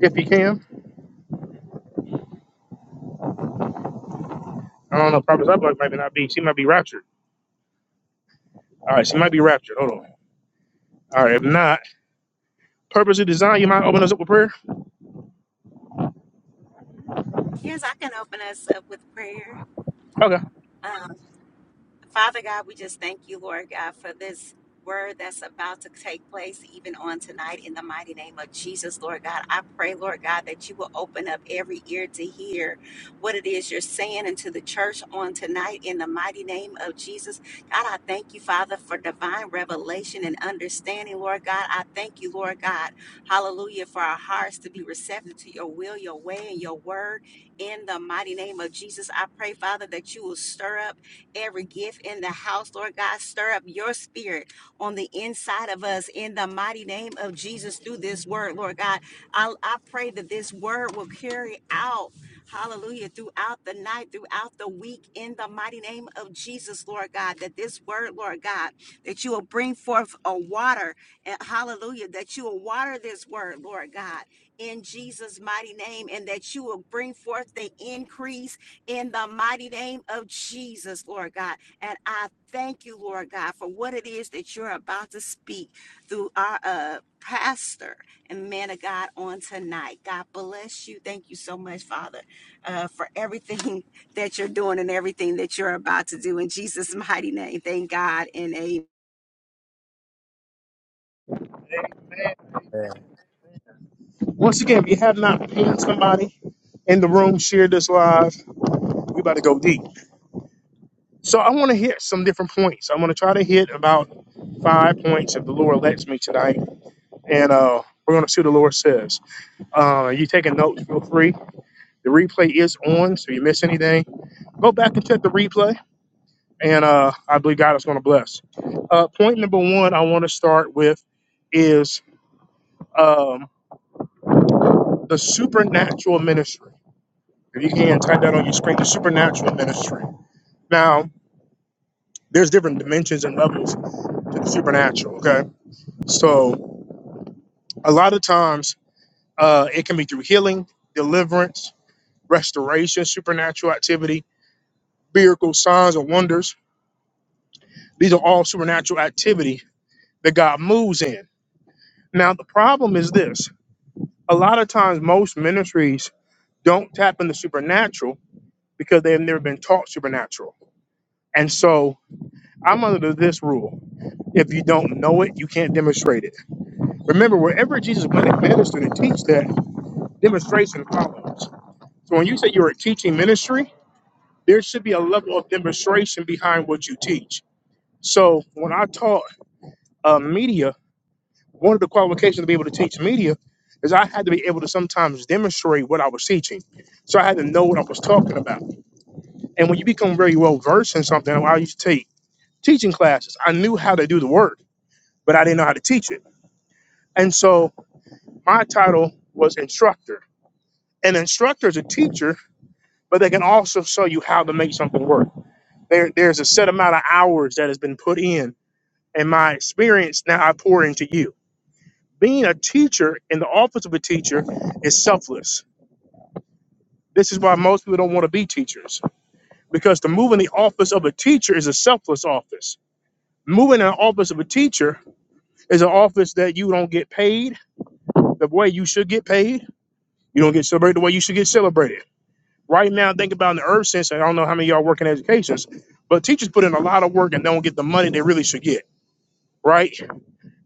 if you can? I don't know, Prophetess Applewhite might not be. She might be raptured. All right, she might be raptured. Hold on. All right, if not. purposely designed. You mind opening us up with prayer? Yes, I can open us up with prayer. Okay. Um, Father God, we just thank you, Lord God, for this word that's about to take place even on tonight in the mighty name of Jesus, Lord God. I pray, Lord God, that you will open up every ear to hear what it is you're saying into the church on tonight in the mighty name of Jesus. God, I thank you, Father, for divine revelation and understanding, Lord God. I thank you, Lord God. Hallelujah, for our hearts to be receptive to your will, your way, and your word in the mighty name of Jesus. I pray, Father, that you will stir up every gift in the house, Lord God. Stir up your spirit on the inside of us in the mighty name of Jesus through this word, Lord God. I, I pray that this word will carry out, hallelujah, throughout the night, throughout the week, in the mighty name of Jesus, Lord God. That this word, Lord God, that you will bring forth a water, and hallelujah, that you will water this word, Lord God in Jesus' mighty name, and that you will bring forth the increase in the mighty name of Jesus, Lord God. And I thank you, Lord God, for what it is that you're about to speak through our uh, pastor and man of God on tonight. God bless you. Thank you so much, Father, uh, for everything that you're doing and everything that you're about to do in Jesus' mighty name. Thank God and amen. Once again, if you have not pinged somebody in the room, share this live. We about to go deep. So I want to hit some different points. I want to try to hit about five points if the Lord lets me tonight. And uh, we're going to see what the Lord says. Uh, you taking notes, feel free. The replay is on, so you miss anything, go back and check the replay. And uh, I believe God is going to bless. Uh, point number one I want to start with is um, the supernatural ministry If you can type that on your screen, the supernatural ministry. Now, there's different dimensions and levels to the supernatural. Okay, so a lot of times uh, it can be through healing, deliverance, restoration, supernatural activity, miracles, signs, and wonders. These are all supernatural activity that God moves in. Now, the problem is this: a lot of times, most ministries don't tap into supernatural because they have never been taught supernatural, and so I'm under this rule. If you don't know it, you can't demonstrate it. Remember, wherever Jesus went and ministered and teach that, demonstration follows. So when you say you're a teaching ministry, there should be a level of demonstration behind what you teach. So when I taught uh, media, one of the qualifications to be able to teach media is I had to be able to sometimes demonstrate what I was teaching. So I had to know what I was talking about. And when you become very well versed in something, I used to take teaching classes. I knew how to do the work, but I didn't know how to teach it. And so My title was instructor. An instructor is a teacher, but they can also show you how to make something work. There, there's a set amount of hours that has been put in, and my experience now I pour into you. Being a teacher in the office of a teacher is selfless. This is why most people don't want to be teachers because to move in the office of a teacher is a selfless office. Moving in the office of a teacher is an office that you don't get paid the way you should get paid. You don't get celebrated the way you should get celebrated Right now, think about in the earth sense. I don't know how many of y'all work in education, but teachers put in a lot of work and don't get the money they really should get. Right.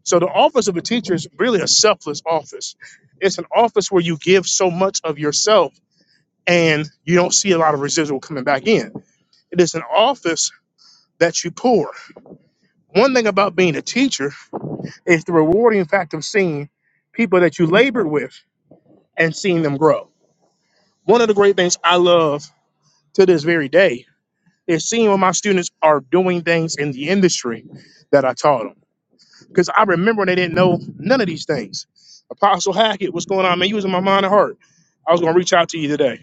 So the office of a teacher is really a selfless office. It's an office where you give so much of yourself and you don't see a lot of residual coming back in. It is an office that you pour. One thing about being a teacher is the rewarding fact of seeing people that you labored with and seeing them grow. One of the great things I love to this very day is seeing when my students are doing things in the industry that I taught them. Because I remember they didn't know none of these things. Apostle Hackett, what's going on, man? You was in my mind and heart. I was going to reach out to you today.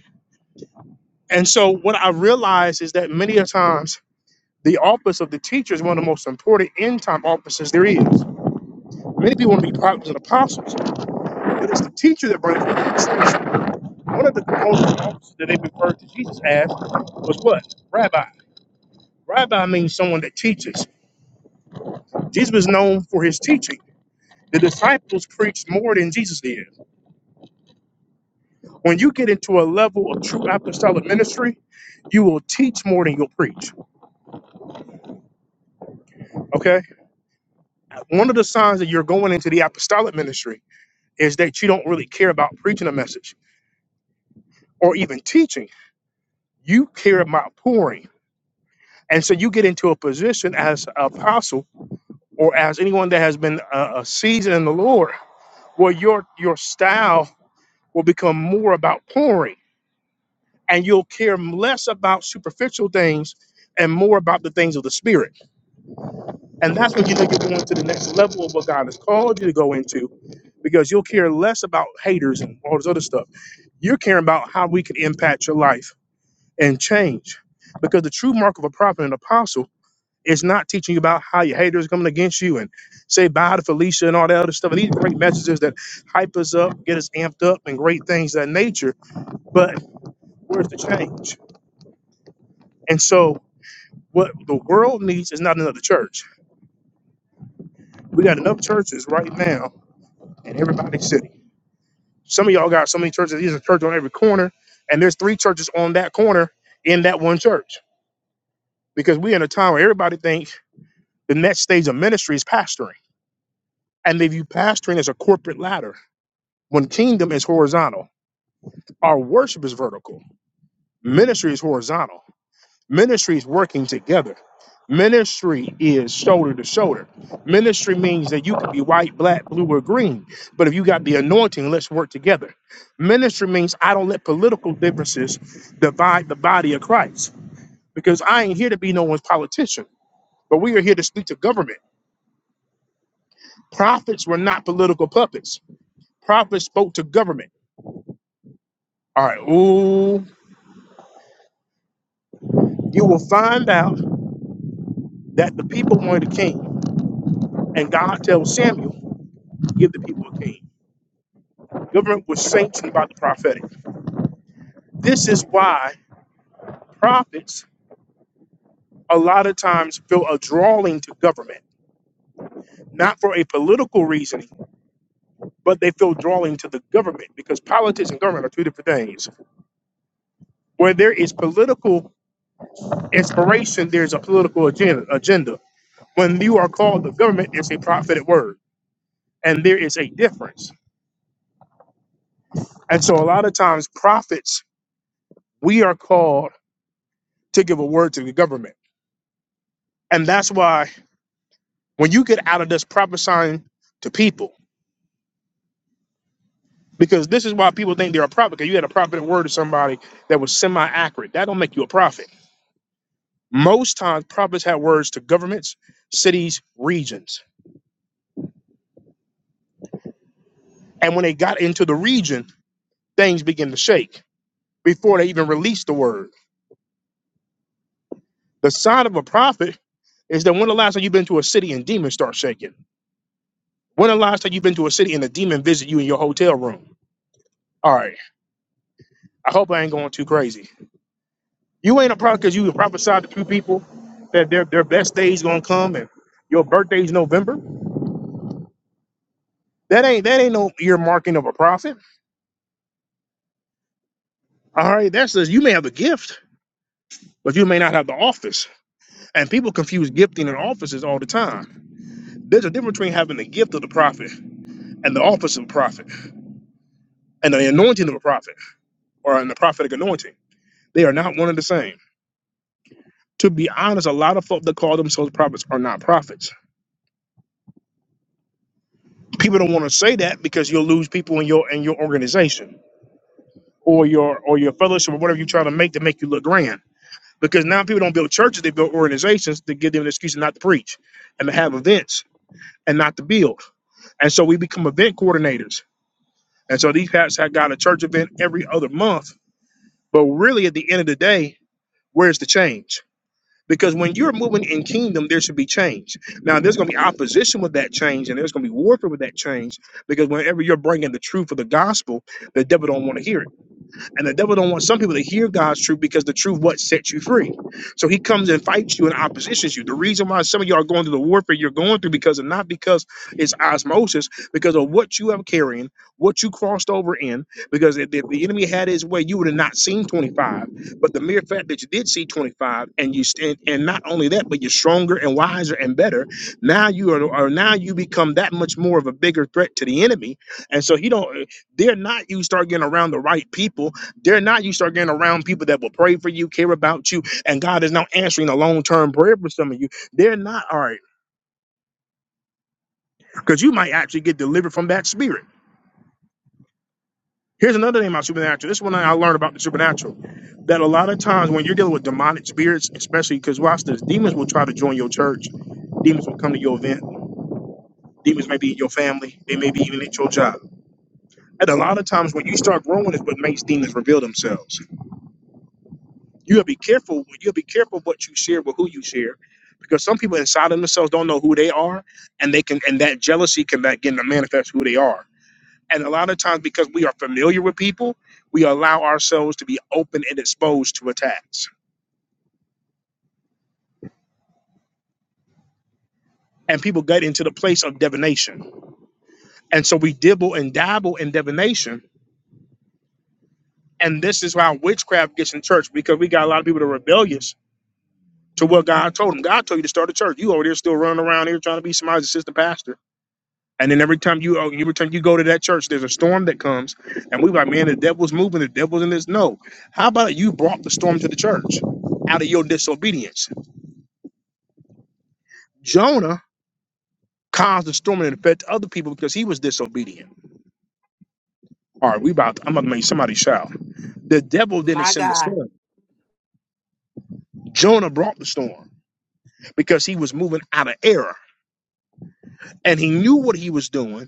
And so what I realized is that many a times the office of the teacher is one of the most important end time offices there is. Many people want to be prophets and apostles, but it's the teacher that brings the instruction. One of the components of the office that they referred to Jesus as was what? Rabbi. Rabbi means someone that teaches. Jesus was known for his teaching. The disciples preached more than Jesus did. When you get into a level of true apostolic ministry, you will teach more than you'll preach. Okay? One of the signs that you're going into the apostolic ministry is that you don't really care about preaching a message or even teaching. You care about pouring. And so you get into a position as an apostle or as anyone that has been a, a seasoned in the Lord where your your style will become more about pouring. and you'll care less about superficial things and more about the things of the spirit. And that's when you think you're going to the next level of what God has called you to go into, because you'll care less about haters and all this other stuff. You're caring about how we can impact your life and change. Because the true mark of a prophet and apostle is not teaching you about how your haters are coming against you and say bye to Felicia and all that other stuff. And these great messages that hype us up, get us amped up, and great things of that nature. But where's the change? And so What the world needs is not another church. We got enough churches right now in everybody's city. Some of y'all got so many churches. There's a church on every corner, and there's three churches on that corner in that one church. Because we're in a time where everybody thinks the next stage of ministry is pastoring, and they view pastoring as a corporate ladder. When kingdom is horizontal, our worship is vertical. Ministry is horizontal. Ministry is working together. Ministry is shoulder to shoulder. Ministry means that you could be white, black, blue, or green, but if you got the anointing, let's work together. Ministry means I don't let political differences divide the body of Christ because I ain't here to be no one's politician, but we are here to speak to government. Prophets were not political puppets, prophets spoke to government. All right, ooh, you will find out that the people wanted a king, and God tells Samuel, Give the people a king. Government was sanctioned by the prophetic. This is why prophets a lot of times feel a drawing to government, not for a political reasoning, but they feel drawing to the government because politics and government are two different things. Where there is political inspiration, there's a political agenda. agenda. When you are called the government, it's a prophetic word, and there is a difference. And so, a lot of times, prophets, we are called to give a word to the government. And that's why when you get out of this prophesying to people, Because this is why people think they're a prophet. Because you had a prophetic word to somebody that was semi-accurate. That don't make you a prophet. Most times, prophets had words to governments, cities, regions, and when they got into the region, things began to shake before they even released the word. The sign of a prophet is that when the last time you've been to a city and demons start shaking? When the last time you've been to a city and a demon visit you in your hotel room? All right, I hope I ain't going too crazy. You ain't a prophet because you prophesied to two people that their their best days gonna come and your birthday's November. That ain't that ain't no earmarking of a prophet. All right, that says you may have the gift, but you may not have the office. And people confuse gifting and offices all the time. There's a difference between having the gift of the prophet and the office of the prophet and the anointing of a prophet or in the prophetic anointing. They are not one and the same. To be honest, a lot of folk that call themselves prophets are not prophets. People don't want to say that because you'll lose people in your in your organization or your or your fellowship or whatever you're trying to make to make you look grand. Because now people don't build churches, they build organizations to give them an excuse not to preach and to have events and not to build. And so we become event coordinators. And so these pastors have got a church event every other month. But really at the end of the day, where's the change? Because when you're moving in kingdom, there should be change. Now, there's going to be opposition with that change, and there's going to be warfare with that change. Because whenever you're bringing the truth of the gospel, the devil don't want to hear it. And the devil don't want some people to hear God's truth because the truth what sets you free. So he comes and fights you and oppositions you. The reason why some of you are going through the warfare you're going through because of not because it's osmosis, because of what you have carrying, what you crossed over in. Because if, if the enemy had his way, you would have not seen 25. But the mere fact that you did see 25 and you stand, and not only that, but you're stronger and wiser and better. Now you are, are now you become that much more of a bigger threat to the enemy. And so he don't. They're not you start getting around the right people they're not. You start getting around people that will pray for you, care about you, and God is now answering a long term prayer for some of you. They're not all right because you might actually get delivered from that spirit. Here's another thing about supernatural. This is one I learned about the supernatural that a lot of times when you're dealing with demonic spirits, especially because watch this, demons will try to join your church, demons will come to your event, demons may be in your family, they may be even at your job. And a lot of times when you start growing is what makes demons reveal themselves. You gotta be careful. You gotta be careful what you share with who you share, because some people inside of themselves don't know who they are, and they can, and that jealousy can begin to manifest who they are. And a lot of times, because we are familiar with people, we allow ourselves to be open and exposed to attacks. And people get into the place of divination, and so we dibble and dabble in divination. And this is why witchcraft gets in church because we got a lot of people that are rebellious to what God told them. God told you to start a church. You over there still running around here trying to be somebody's assistant pastor And then every time you oh, every time you go to that church, there's a storm that comes, and we like, man, the devil's moving, the devil's in this. No, how about you brought the storm to the church out of your disobedience? Jonah caused the storm to affect other people because he was disobedient. All right, we about I'm about to make somebody shout. The devil didn't My send the God, storm. Jonah brought the storm because he was moving out of error, and he knew what he was doing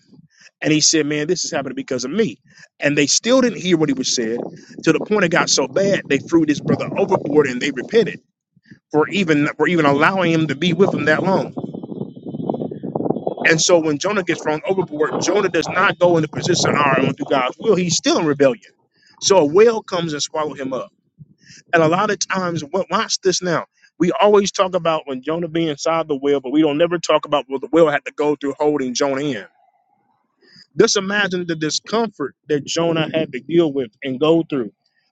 And he said, Man, this is happening because of me. And they still didn't hear what he was said to the point it got so bad they threw this brother overboard and they repented for even for even allowing him to be with them that long. And so when Jonah gets thrown overboard, Jonah does not go into position of and do God's will. He's still in rebellion. So a whale comes and swallow him up. And a lot of times, wa- watch this now. We always talk about when Jonah being inside the whale, but we don't never talk about what the whale had to go through holding Jonah in. Just imagine the discomfort that Jonah had to deal with and go through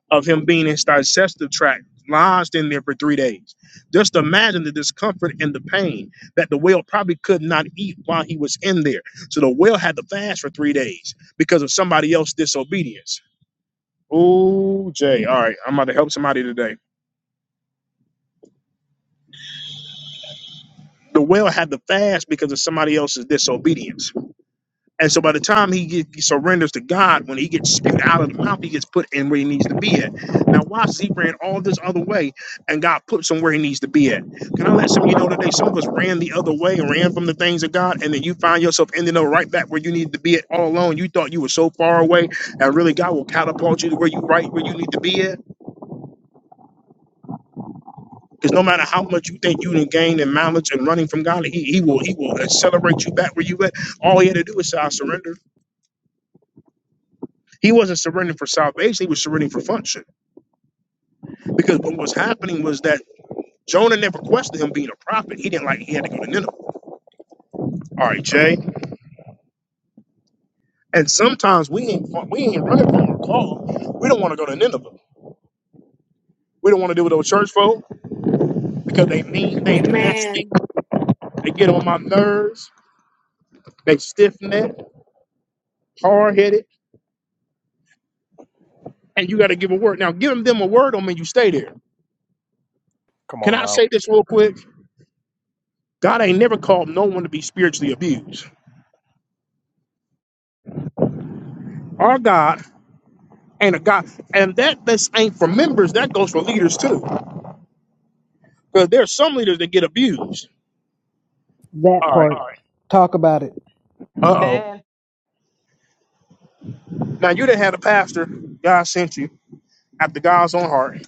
of him being in his digestive tract, lodged in there for three days. Just imagine the discomfort and the pain that the whale probably could not eat while he was in there. So the whale had to fast for three days because of somebody else's disobedience. Ooh, Jay. All right. I'm about to help somebody today. The whale had to fast because of somebody else's disobedience. And so by the time he, get, he surrenders to God, when he gets spewed out of the mouth, he gets put in where he needs to be at. Now, watch, he ran all this other way, and God puts him where he needs to be at. Can I let some of you know today? Some of us ran the other way and ran from the things of God, and then you find yourself ending up right back where you needed to be at all alone. You thought you were so far away, and really God will catapult you to where you right where you need to be at. Because no matter how much you think you done gained in mileage and running from God, he, he will he will accelerate you back where you at. All he had to do is say, I surrender. He wasn't surrendering for salvation, he was surrendering for function. Because what was happening was that Jonah never questioned him being a prophet. He didn't like he had to go to Nineveh. All right, Jay. And sometimes we ain't we ain't running from our call. We don't want to go to Nineveh. We don't want to deal with those church folk because they mean, they nasty, Amen. they get on my nerves, they stiff necked, hard headed, and you got to give a word. Now, giving them a word don't mean you stay there. Come Can on I now. say this real quick? God ain't never called no one to be spiritually abused. Our God and a God. And that this ain't for members, that goes for leaders too. Because there's some leaders that get abused. it. That All right. part. All right. Talk about it. Uh oh. And Now you done had a pastor, God sent you after God's own heart.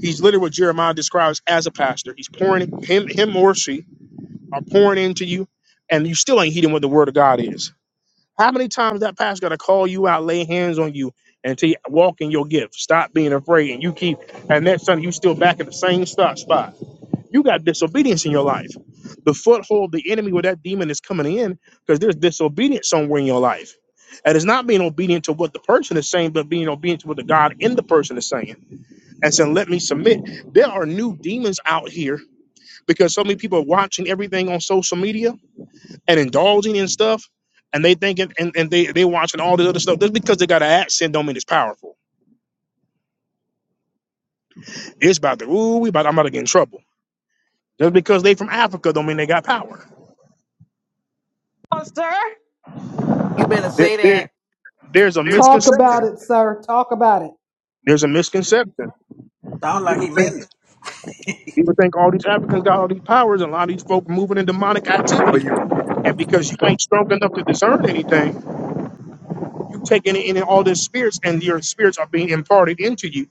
He's literally what Jeremiah describes as a pastor. He's pouring him, him or she are pouring into you, and you still ain't heeding what the word of God is. How many times that pastor gotta call you out, lay hands on you, and tell you walk in your gift. Stop being afraid. And you keep and next Sunday you still back at the same spot spot. You got disobedience in your life. The foothold, the enemy where that demon is coming in, because there's disobedience somewhere in your life. And it's not being obedient to what the person is saying, but being obedient to what the God in the person is saying. And saying, let me submit. There are new demons out here because so many people are watching everything on social media and indulging in stuff. And they thinking and, and they they watching all this other stuff. Just because they got an accent don't mean it's powerful. It's about the ooh, we about I'm about to get in trouble. Just because they from Africa don't mean they got power. oh, sir. You better There, say there, that. there's a There's Talk mystery. about misconception. it, sir. Talk about it. There's a There's a misconception. People think people think all these Africans got all these powers, and a lot of these folk moving in demonic Oh, activity. you're right. And because you ain't strong enough to discern anything, you take in in all these spirits, and your spirits are being imparted into you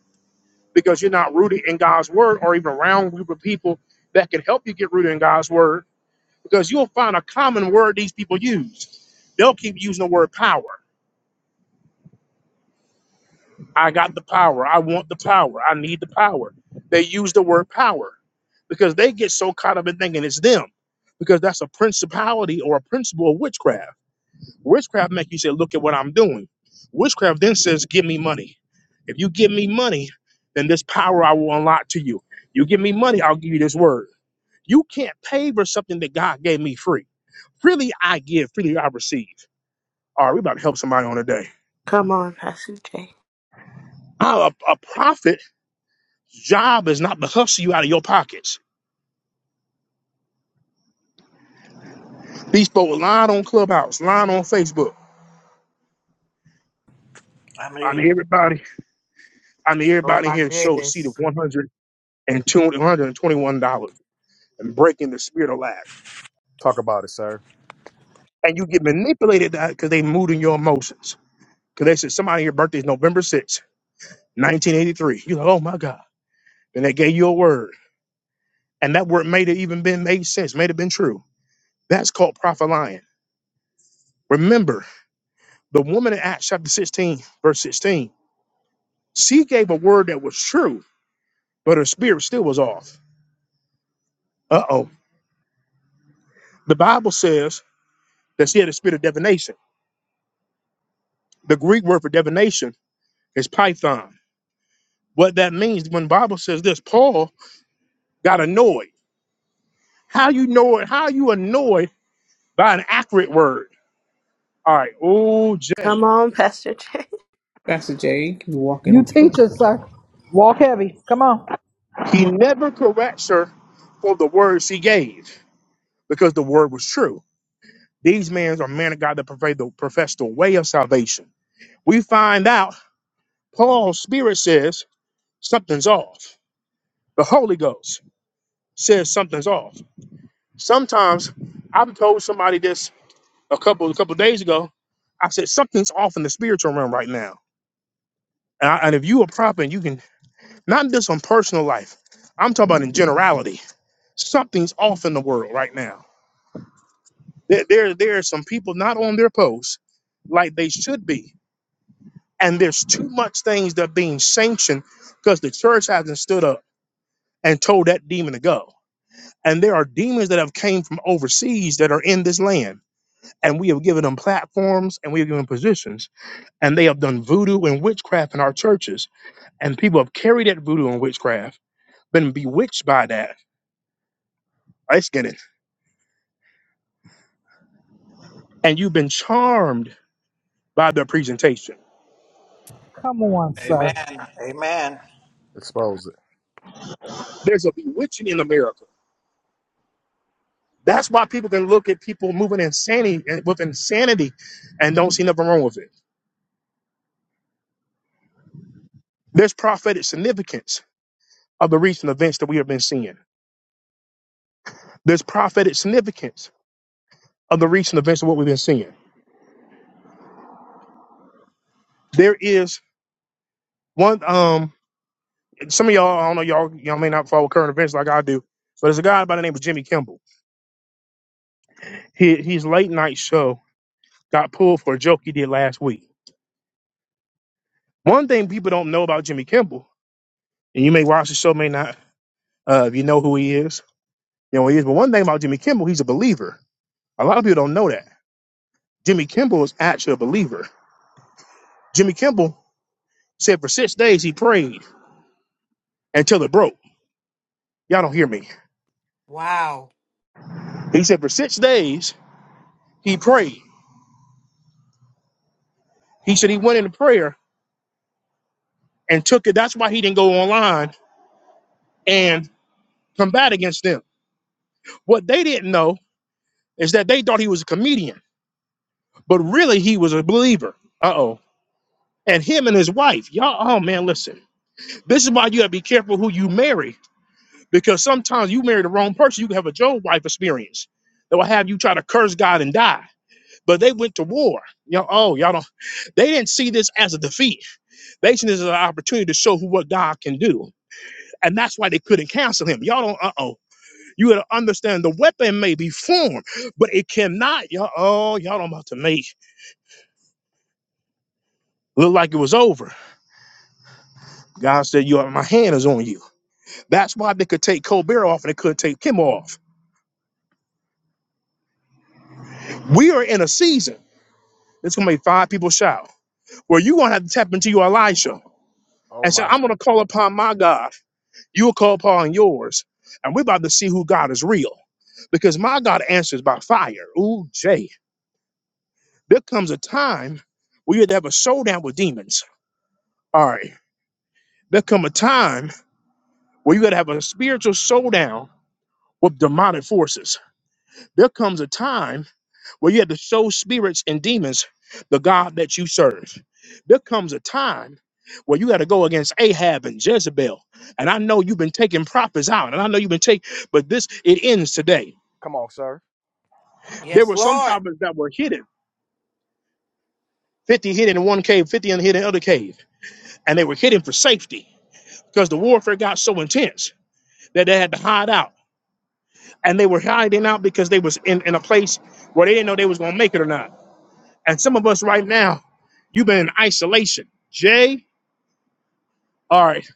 because you're not rooted in God's word, or even around a group of people that can help you get rooted in God's word. Because you'll find a common word these people use. They'll keep using the word power. I got the power. I want the power. I need the power. They use the word power because they get so caught up in thinking it's them because that's a principality or a principle of witchcraft. Witchcraft make you say, look at what I'm doing. Witchcraft then says, give me money. If you give me money, then this power I will unlock to you. You give me money, I'll give you this word. You can't pay for something that God gave me free. Freely I give, freely I receive. All right, we about to help somebody on today. Come on, Pastor Jay. i a, a prophet job is not to hustle you out of your pockets. These folks lying on Clubhouse, lying on Facebook. I I mean, mean, everybody, I mean, Oh everybody in my here sold a seat of goodness! one hundred and two hundred and twenty-one dollars and breaking the spirit of lack. Talk about it, sir. And you get manipulated that because they moved in your emotions. Because they said somebody your birthday is November 6th, 1983. You're like, oh my God. And they gave you a word. And that word may have even been made sense, may have been true. That's called prophet lying. Remember, the woman in Acts chapter 16, verse 16, she gave a word that was true but her spirit still was off. Uh oh. The Bible says that she had a spirit of divination. The Greek word for divination is python. What that means when the Bible says this, Paul got annoyed. How you know it? How you annoyed by an accurate word? All right, oh Jay. Come on, Pastor Jay. Pastor Jay, you can walk You in. teach us, sir. Walk heavy. Come on. He never corrects her for the words she gave because the word was true. These men are men of God that profess the, profess the way of salvation. We find out Paul's spirit says something's off. The Holy Ghost. says something's off. Sometimes I've told somebody this a couple a couple days ago. I said something's off in the spiritual realm right now. And, I, and if you a prophet, you can not just on personal life. I'm talking about in generality. Something's off in the world right now. There, there, there are some people not on their post like they should be, and there's too much things that are being sanctioned because the church hasn't stood up and told that demon to go. And there are demons that have came from overseas that are in this land and we have given them platforms and we have given them positions and they have done voodoo and witchcraft in our churches and people have carried that voodoo and witchcraft been bewitched by that I get it and you've been charmed by their presentation Come on, amen, sir. amen. Expose it. there's a bewitching in america that's why people can look at people moving insanity with insanity and don't see nothing wrong with it there's prophetic significance of the recent events that we have been seeing there's prophetic significance of the recent events of what we've been seeing there is one um Some of y'all, I don't know, y'all y'all may not follow current events like I do, but there's a guy by the name of Jimmy Kimball. He, his late night show got pulled for a joke he did last week. One thing people don't know about Jimmy Kimball, and you may watch the show, may not, uh, if you know who he is, you know who he is. But one thing about Jimmy Kimball, he's a believer. A lot of people don't know that. Jimmy Kimball is actually a believer. Jimmy Kimball said for six days he prayed until it broke. Y'all don't hear me. Wow. He said for six days he prayed. He said he went into prayer and took it. That's why he didn't go online and combat against them. What they didn't know is that they thought he was a comedian, but really he was a believer. Uh oh. And him and his wife, y'all, oh man, listen. This is why you gotta be careful who you marry, because sometimes you marry the wrong person. You can have a Job wife experience that will have you try to curse God and die. But they went to war. Y'all, oh, y'all don't, they didn't see this as a defeat. They seen this as an opportunity to show who what God can do. And that's why they couldn't cancel him. Y'all don't, uh oh. You gotta understand the weapon may be formed, but it cannot. Y'all, oh, y'all don't about to make look like it was over. God said, "You, my hand is on you." That's why they could take Colbert off and they could take Kim off. We are in a season. It's gonna make five people shout. Where you gonna have to tap into your Elisha Oh, and say, my God. "I'm gonna call upon my God. You will call upon yours, and we're about to see who God is real." Because my God answers by fire. Ooh, Jay. There comes a time where you have to have a showdown with demons. All right There come a time where you got to have a spiritual showdown with demonic forces. There comes a time where you have to show spirits and demons the God that you serve. There comes a time where you got to go against Ahab and Jezebel. And I know you've been taking prophets out, and I know you've been taking, but this it ends today. Come on, sir. There Yes, were some Lord. prophets that were hidden, 50 hidden in one cave, 50 in hidden in other cave, and they were hidden for safety because the warfare got so intense that they had to hide out. and they were hiding out because they was in, in a place where they didn't know they was gonna make it or not. And some of us right now, you've been in isolation. Jay, all right.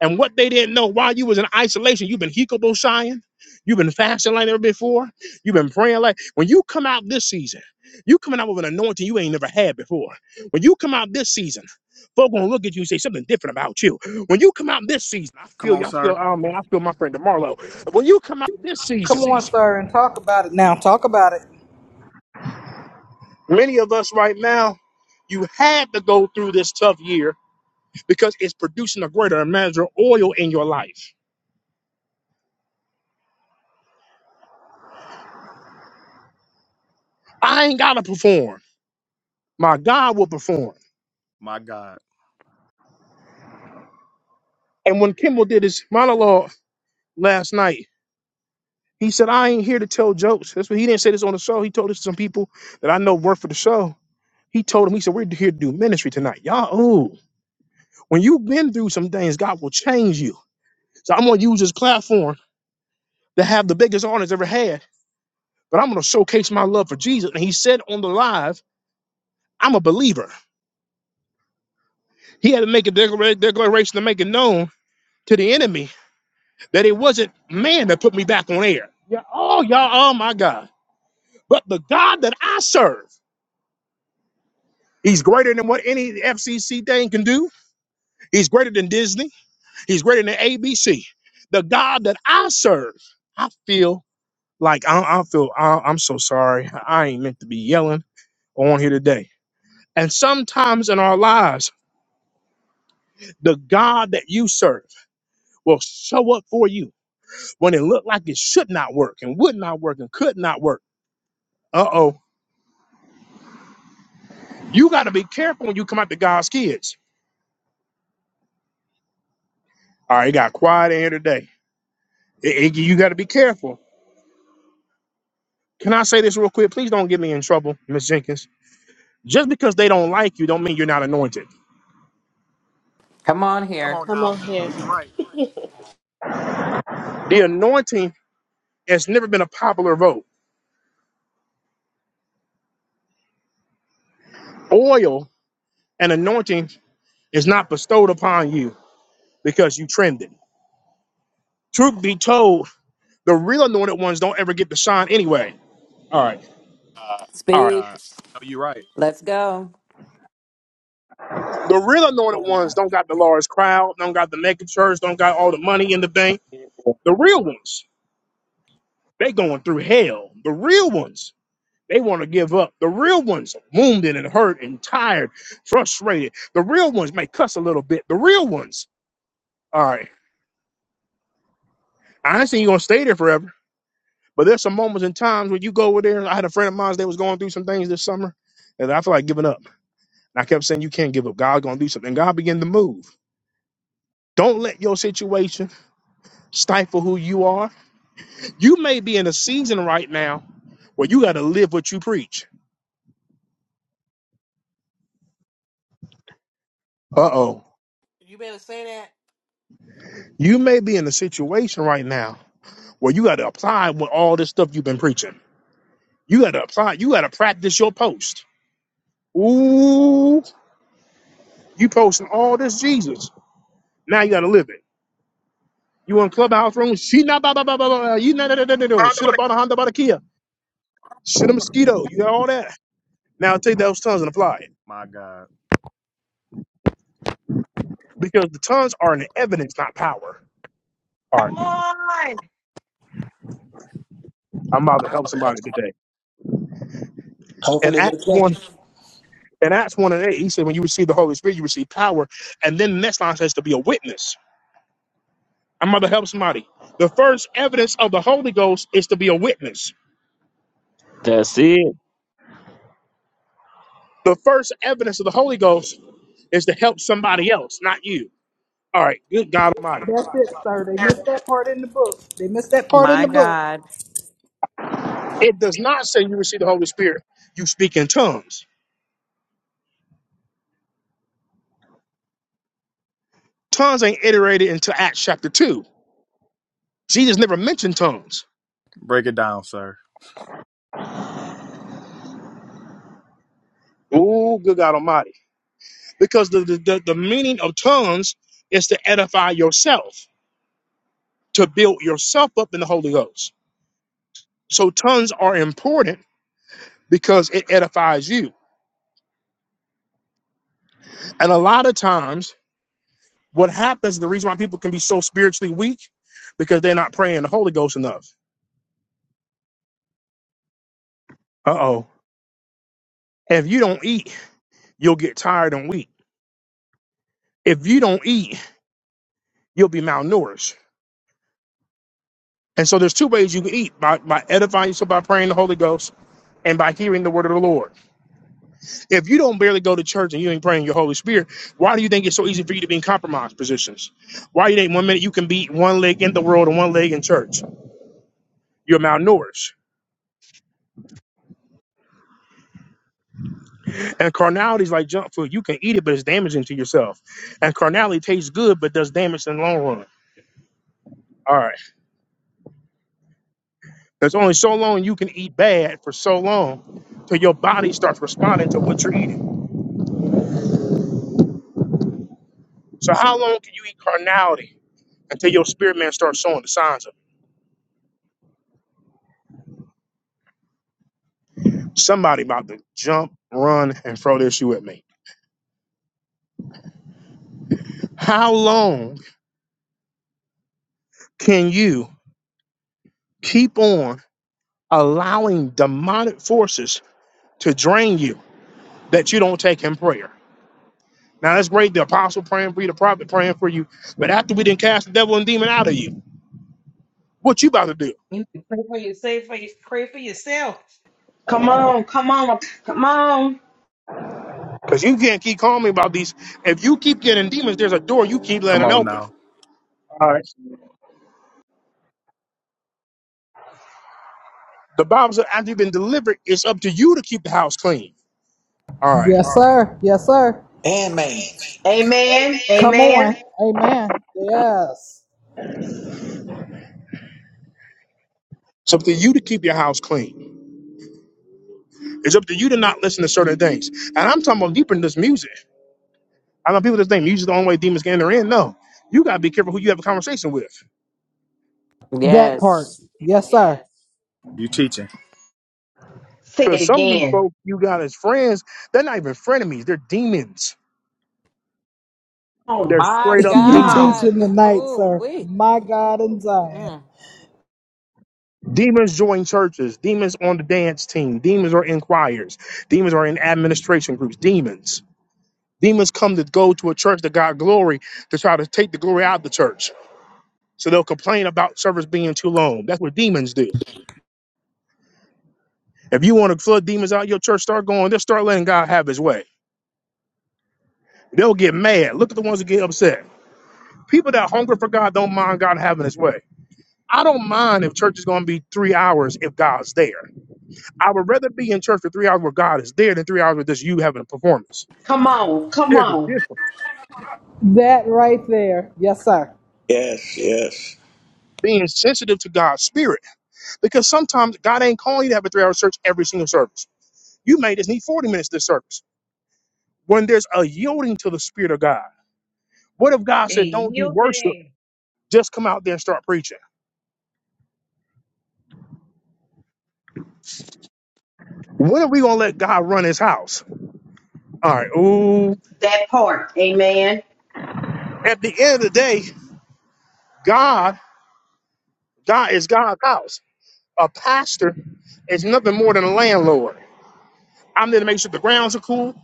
And what they didn't know while you was in isolation, you've been hikoboshying, you've been fasting like never before, you've been praying like when you come out this season, you coming out with an anointing you ain't never had before. When you come out this season, folk gonna look at you and say something different about you. When you come out this season, I Come feel on, you, I feel, sir. oh man, I feel my friend DeMarlo. When you come out this Come season. on, sir, and talk about it now. Talk about it. Many of us right now, you had to go through this tough year because it's producing a greater measure of oil in your life. I ain't gotta perform. My God will perform. My God. And when Kimball did his monologue last night, he said, I ain't here to tell jokes. That's what he didn't say this on the show. He told this to some people that I know work for the show. He told him, he said, We're here to do ministry tonight. Y'all, ooh. When you've been through some things, God will change you. So I'm gonna use this platform to have the biggest audience ever had but I'm going to showcase my love for Jesus. And he said on the live, I'm a believer. He had to make a declara- declaration to make it known to the enemy that it wasn't man that put me back on air. Yeah, oh, y'all, oh my God. But the God that I serve, he's greater than what any FCC thing can do. He's greater than Disney. He's greater than ABC. The God that I serve, I feel like I, I feel I, I'm so sorry. I ain't meant to be yelling on here today. And sometimes in our lives, the God that you serve will show up for you when it looked like it should not work and would not work and could not work. Uh oh. You got to be careful when you come out to God's kids. All right, it got quiet in here today. It- it- you got to be careful. Can I say this real quick? Please don't get me in trouble, Miss Jenkins. Just because they don't like you, don't mean you're not anointed. Come on Come here. on Come now. on I know here. you're right. The anointing has never been a popular vote. Oil and anointing is not bestowed upon you because you trended. Truth be told, the real anointed ones don't ever get to shine anyway All right. All My right. Speak. God. I know you're right. Let's go. The real anointed ones don't got the large crowd, don't got the mega church, don't got all the money in the bank. The real ones, they going through hell. The real ones, they want to give up. The real ones, wounded and hurt and tired, frustrated. The real ones may cuss a little bit. The real ones. All right. I ain't saying you going to stay there forever, but there's some moments and times when you go over there. I had a friend of mine that was going through some things this summer, and I feel like giving up. And I kept saying, you can't give up. God's going to do something. And God began to move. Don't let your situation stifle who you are. You may be in a season right now where you got to live what you preach. Uh oh. You better say that. You may be in a situation right now where you got to apply what all this stuff you've been preaching. You got to apply. You got to practice your post. Ooh, you posting all this Jesus. Now you got to live it. You in clubhouse room? She not blah blah blah blah blah. You not Shit up on a Honda, about a Kia. Shit a mosquito. You got all that. Now take those tongues and apply it My God. because the tongues are an evidence, not power. All right. I'm about to help somebody today. And Hopefully they Acts catch one you and Acts one and eight, he said, when you receive the Holy Spirit, you receive power. And then the next line says to be a witness. I'm about to help somebody. The first evidence of the Holy Ghost is to be a witness. That's it. The first evidence of the Holy Ghost is to help somebody else, not you. All right, good God Almighty. That's it, sir. They missed that part in the book. They missed that part in My the book. God. It does not say you receive the Holy Spirit, you speak in tongues. Tongues ain't iterated into Acts chapter 2. Jesus never mentioned tongues. Break it down, sir. Oh, good God Almighty. because the, the, the, the meaning of tongues is to edify yourself, to build yourself up in the Holy Ghost. So tongues are important because it edifies you. And a lot of times, what happens, the reason why people can be so spiritually weak, because they're not praying the Holy Ghost enough. Uh oh. If you don't eat, you'll get tired and weak. If you don't eat, you'll be malnourished. And so there's two ways you can eat by, by edifying yourself by praying the Holy Ghost and by hearing the word of the Lord. If you don't barely go to church and you ain't praying your Holy Spirit, why do you think it's so easy for you to be in compromised positions? Why you think one minute you can be one leg in the world and one leg in church? You're malnourished. And carnality is like junk food. You can eat it, but it's damaging to yourself. And carnality tastes good, but does damage in the long run. All right. There's only so long you can eat bad for so long till your body starts responding to what you're eating. So how long can you eat carnality until your spirit man starts showing the signs of it? Somebody about to jump, run, and throw this shoe at me. How long can you keep on allowing demonic forces to drain you that you don't take in prayer? Now that's great, the apostle praying for you, the prophet praying for you, but after we didn't cast the devil and demon out of you, what you about to do? What do you say now? Come on, come on, come on. Because you can't keep calling me about these. If you keep getting demons, there's a door you keep Come letting on open. now. All right. The Bible says after you've been delivered, it's up to you to keep the house clean. All right. Yes, right. sir. Yes, sir. and maintenance. Amen. Come Amen. on. Amen. Yes. It's up to you to keep your house clean. It's up to you to not listen to certain things. And I'm talking about deeper than this music. I know people just think music's the only way demons can enter in. No, you gotta be careful who you have a conversation with, That part. Yes. Yes, sir. You teaching. Say it because some of these again. folks you got as friends, they're not even frenemies. They're demons. Come on. They're My straight up you Come on. demons. God. teaching night, Oh, sir. we. My God in Zion. Mm, Demons join churches. Demons on the dance team. Demons are in choirs. Demons are in administration groups. Demons. Demons come to go to a church that got glory to try to take the glory out of the church. So they'll complain about service being too long. That's what demons do. If you want to flood demons out of your church, start going. Just start letting God have His way. They'll get mad. Look at the ones who get upset. People that hunger for God don't mind God having his way. I don't mind if church is going to be three hours if God's there. I would rather be in church for three hours where God is there than three hours with just you having a performance. Come on, come There's a on. difference. That right there. Yes, sir. Yes, yes. Being sensitive to God's spirit because sometimes God ain't calling you to have a three hour church every single service. You may just need 40 minutes this service. When there's a yielding to the spirit of God, what if God A said, don't do worship? yielding. Just come out there and start preaching. When are we going to let God run his house? All right. Ooh, That part, amen. At the end of the day, God, God is God's house. A pastor is nothing more than a landlord. I'm there to make sure the grounds are cool,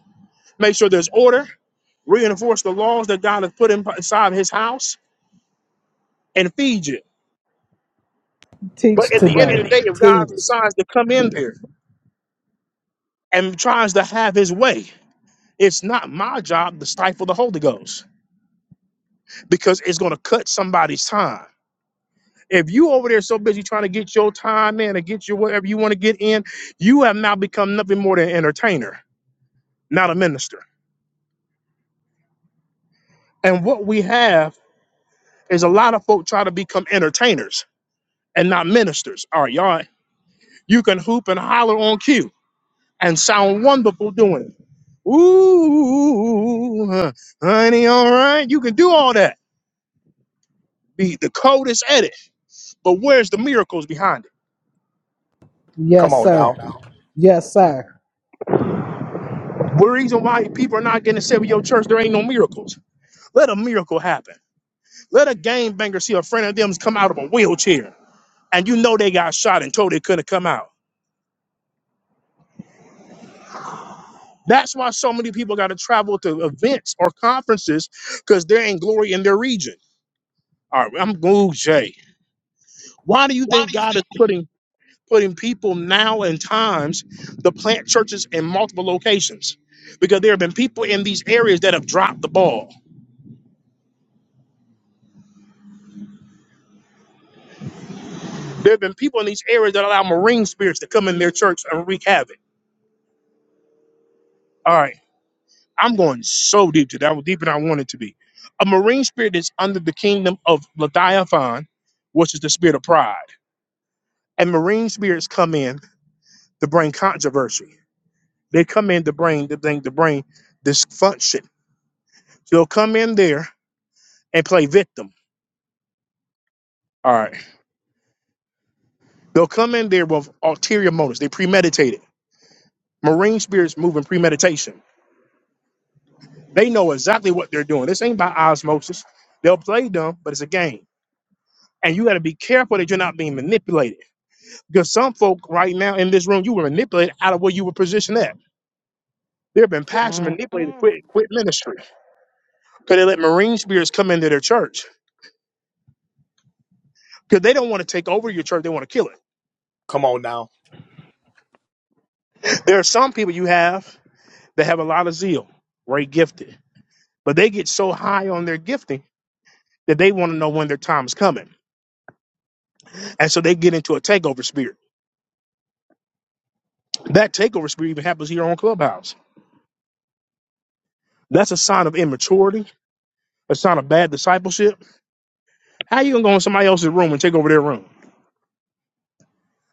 make sure there's order, reinforce the laws that God has put in- inside his house, and feed you. Teach But at the end of the today. day, if God Teach. decides to come in there and tries to have his way, it's not my job to stifle the Holy Ghost because it's going to cut somebody's time. If you over there so busy trying to get your time in and get your whatever you want to get in, you have now become nothing more than an entertainer, not a minister. And what we have is a lot of folk try to become entertainers and not ministers. All right, y'all, you can hoop and holler on cue and sound wonderful doing it. Ooh, huh, honey, all right, you can do all that. Be the coldest at it. But where's the miracles behind it? Yes, Come on now. The reason why people are not getting saved with your church, there ain't no miracles. Let a miracle happen. Let a game banger see a friend of them's come out of a wheelchair and you know they got shot and told they couldn't come out. That's why so many people got to travel to events or conferences because they're in glory in their region. All right, I'm Glue Jay. Why do you think God is putting putting people now in times to plant churches in multiple locations? Because there have been people in these areas that have dropped the ball. There have been people in these areas that allow marine spirits to come in their church and wreak havoc. All right. I'm going so deep today. I was deeper than I wanted to be. A marine spirit is under the kingdom of Leviathan, which is the spirit of pride. And marine spirits come in to bring controversy. They come in to bring to bring to bring dysfunction. They'll come in there and play victim. All right. They'll come in there with ulterior motives. They premeditate it. Marine spirits move in premeditation. They know exactly what they're doing. This ain't by osmosis. They'll play dumb, but it's a game. And you got to be careful that you're not being manipulated Because some folk right now in this room, you were manipulated out of where you were positioned at. There have been pastors mm, manipulated, mm. quit, quit ministry because they let marine spirits come into their church because they don't want to take over your church. They want to kill it. Come on now. There are some people you have that have a lot of zeal, great gifted, but they get so high on their gifting that they want to know when their time is coming. And so they get into a takeover spirit. That takeover spirit even happens here on Clubhouse. That's a sign of immaturity, a sign of bad discipleship. How you going to go in somebody else's room and take over their room?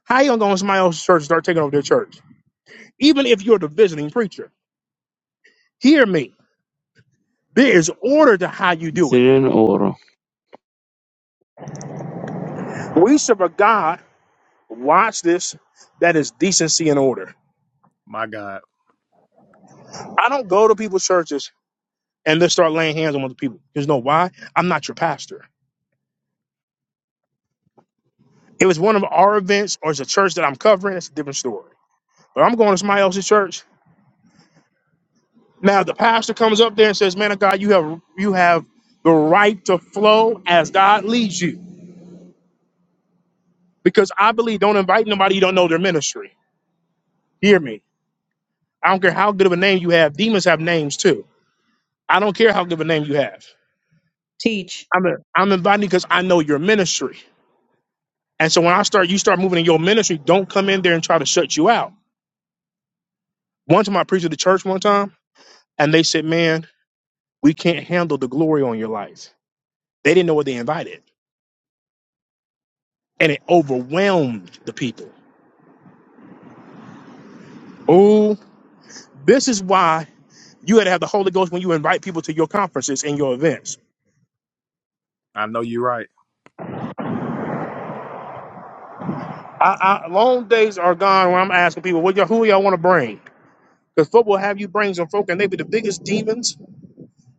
How you gonna go in somebody else's church and start taking over their church? Even if you're the visiting preacher, hear me. There is order to how you It's do it. in order. We serve a God, watch this, that is decency and order. My God. I don't go to people's churches and just start laying hands on other people. There's no why. I'm not your pastor. If it's one of our events or it's a church that I'm covering, it's a different story. But I'm going to somebody else's church. Now if the pastor comes up there and says, Man of God, you have you have the right to flow as God leads you. because I believe don't invite nobody you don't know their ministry. Hear me. I don't care how good of a name you have. Demons have names too. I don't care how good of a name you have. Teach. I'm I'm inviting because I know your ministry. And so when I start, you start moving in your ministry. Don't come in there and try to shut you out. One time I preached at the church one time, and they said, "Man, we can't handle the glory on your life." They didn't know what they invited, and it overwhelmed the people. Oh, this is why you had to have the Holy Ghost when you invite people to your conferences and your events I know you're right. I, I, long days are gone when I'm asking people, what y'all, who y'all want to bring? Because football have you bring some folk, and they be the biggest demons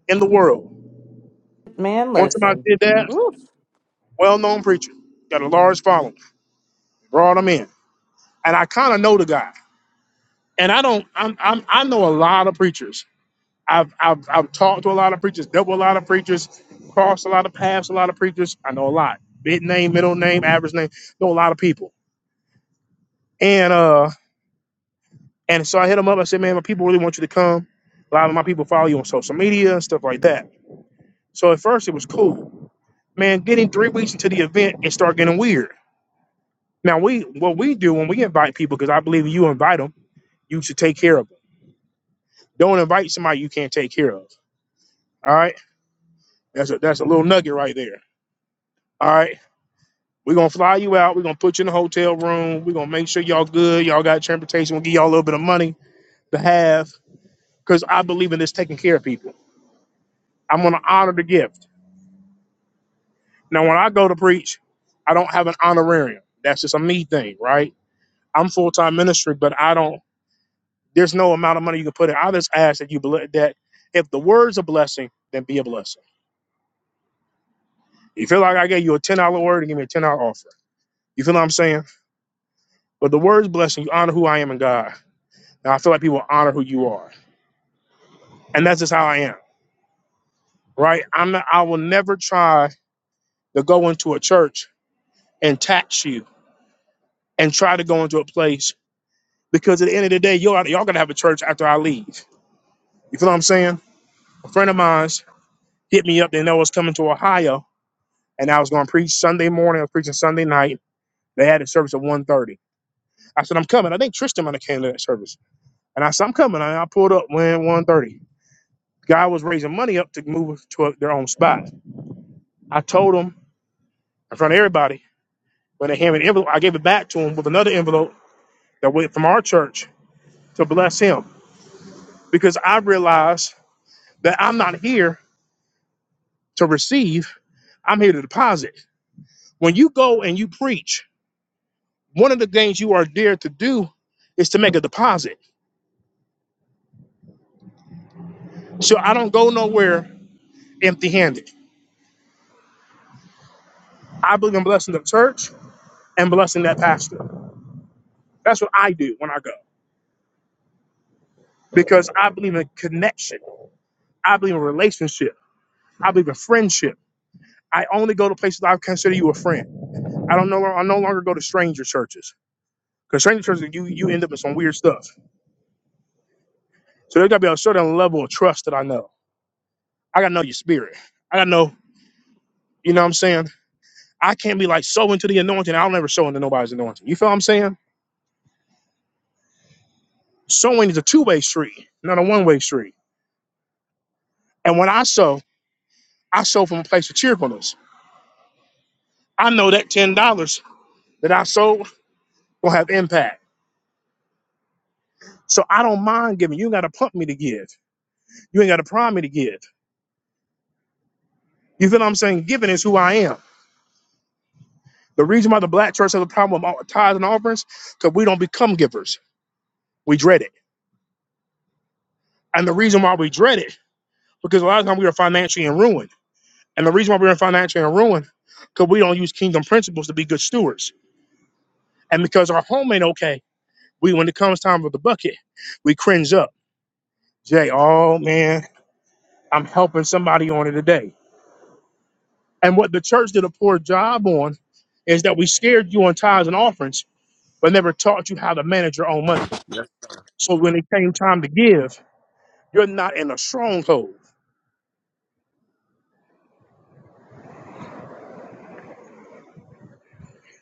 in the world. Man, Once somebody listen. did that, Ooh, well-known preacher, got a large following, brought him in, and I kind of know the guy. And I don't, I'm, I'm, I know a lot of preachers. I've, I've, I've talked to a lot of preachers, dealt with a lot of preachers, crossed a lot of paths, a lot of preachers. I know a lot. Big name, middle name, average name. Know a lot of people. And uh And so I hit him up. I said, man, my people really want you to come. A lot of my people follow you on social media and stuff like that. So at first it was cool. Man, getting three weeks into the event, and start getting weird. Now we what we do when we invite people, because I believe you invite them, you should take care of them. Don't invite somebody you can't take care of. All right. That's a that's a little nugget right there. All right. We're gonna fly you out. We're gonna put you in a hotel room. We're gonna make sure y'all good. Y'all got transportation. We'll give y'all a little bit of money to have. Cause I believe in this taking care of people. I'm gonna honor the gift. Now, when I go to preach, I don't have an honorarium. That's just a me thing, right? I'm full time ministry, but I don't. There's no amount of money you can put in. I just ask that you ble- that if the word's a blessing, then be a blessing. You feel like I gave you a ten dollar word and give me a ten dollar offer. You feel what I'm saying? But the word's blessing. You honor who I am in God. Now I feel like people honor who you are, and that's just how I am, right? I'm not. I will never try to go into a church and tax you and try to go into a place because at the end of the day, y'all y'all gonna have a church after I leave. You feel what I'm saying? A friend of mine's hit me up. They know I was coming to Ohio, and I was going to preach Sunday morning. I was preaching Sunday night. They had a service at 1.30. I said, I'm coming. I think Tristan might have came to that service. And I said, I'm coming. And I pulled up when 1.30. Guy was raising money up to move to a, their own spot. I told him in front of everybody, when they handed me the envelope, I gave it back to him with another envelope that went from our church to bless him. Because I realized that I'm not here to receive. I'm here to deposit. When you go and you preach, one of the things you are there to do is to make a deposit. So I don't go nowhere empty handed. I believe in blessing the church and blessing that pastor. That's what I do when I go because I believe in connection. I believe in relationship. I believe in friendship. I only go to places I consider you a friend. I don't know. I no longer go to stranger churches because stranger churches you you end up in some weird stuff. So there's got to be a certain level of trust that I know. I got to know your spirit. I got to know. You know what I'm saying? I can't be like sowing to the anointing. I'll never sow into nobody's anointing. You feel what I'm saying? Sowing is a two way street, not a one way street. And when I sow, I sow from a place of cheerfulness. I know that ten dollars that I sold will have impact. So I don't mind giving. You ain't gotta pump me to give. You ain't gotta prime me to give. You feel what I'm saying? Giving is who I am. The reason why the black church has a problem with all- tithes and offerings, because we don't become givers. We dread it. And the reason why we dread it, because a lot of times we are financially in ruin And the reason why we're in financial ruin, because we don't use kingdom principles to be good stewards. And because our home ain't okay, we when it comes time for the bucket, we cringe up. Jay, oh man, I'm helping somebody on it today. And what the church did a poor job on is that we scared you on tithes and offerings, but never taught you how to manage your own money. Yes. So when it came time to give, you're not in a stronghold.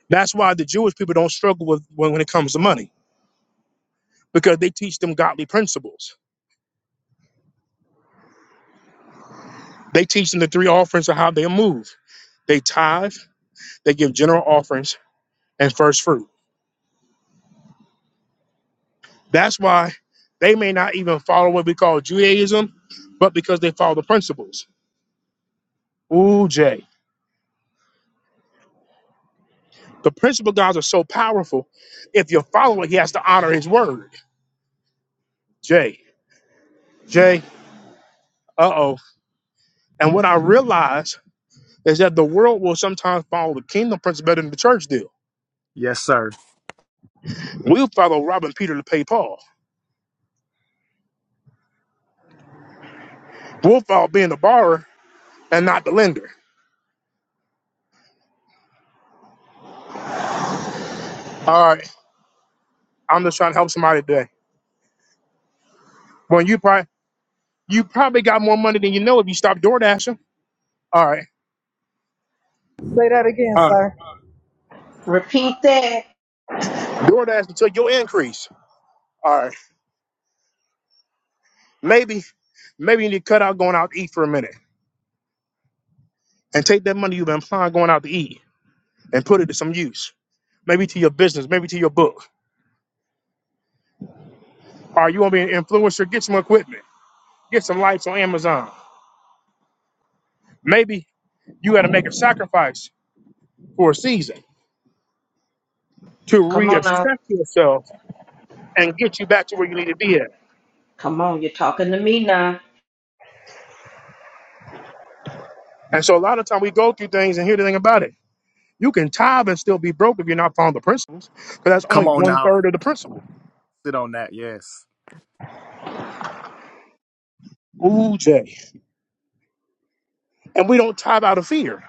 That's why the Jewish people don't struggle with when, when it comes to money, because they teach them godly principles. They teach them the three offerings of how they move They tithe, they give general offerings and first fruit. That's why they may not even follow what we call Judaism, but because they follow the principles. Ooh, Jay. The principle gods are so powerful. If you follow it, he has to honor his word. Jay. Jay. Uh oh. And what I realize is that the world will sometimes follow the kingdom principle better than the church do. Yes, sir. We'll follow robbing Peter to pay Paul. We'll follow being the borrower and not the lender. All right. I'm just trying to help somebody today. When you pray. You probably got more money than you know if you stop door dashing. All right. All right. Repeat that. Door dash until your increase. All right. Maybe, maybe you need to cut out going out to eat for a minute and take that money you've been applying going out to eat and put it to some use. Maybe to your business, maybe to your book. All right. You want to be an influencer? Get some equipment, get some lights on Amazon. Maybe you got to make a sacrifice for a season to Come reassess on now. yourself and get you back to where you need to be at. Come on, you're talking to me now. And so a lot of time we go through things and hear the thing about it. You can tithe and still be broke if you're not following the principles, because that's only Come on one now. third of the principle. Sit on that. Yes. Ooh, Jay. And we don't tithe out of fear,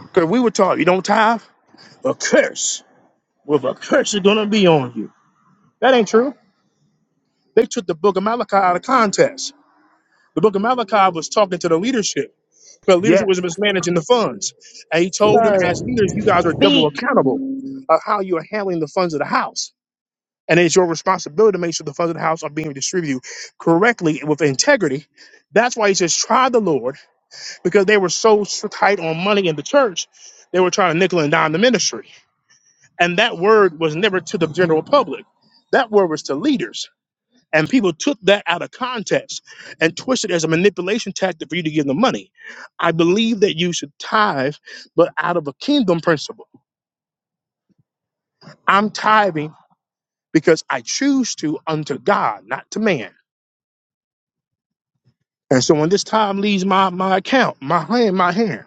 because we were taught you don't tithe, a curse. Well, the curse is going to be on you. That ain't true. They took the book of Malachi out of context. The book of Malachi was talking to the leadership, because Yeah. leadership was mismanaging the funds. And he told them, sir. as leaders, you guys are double Speak. accountable of how you are handling the funds of the house. And it's your responsibility to make sure the funds of the house are being distributed correctly and with integrity. That's why he says, try the Lord, because they were so so tight on money in the church, they were trying to nickel and dime the ministry. And that word was never to the general public, that word was to leaders. And people took that out of context and twisted it as a manipulation tactic for you to give them money. I believe that you should tithe, but out of a kingdom principle. I'm tithing because I choose to unto God, not to man. And so when this time leaves my, my account, my hand, my hand,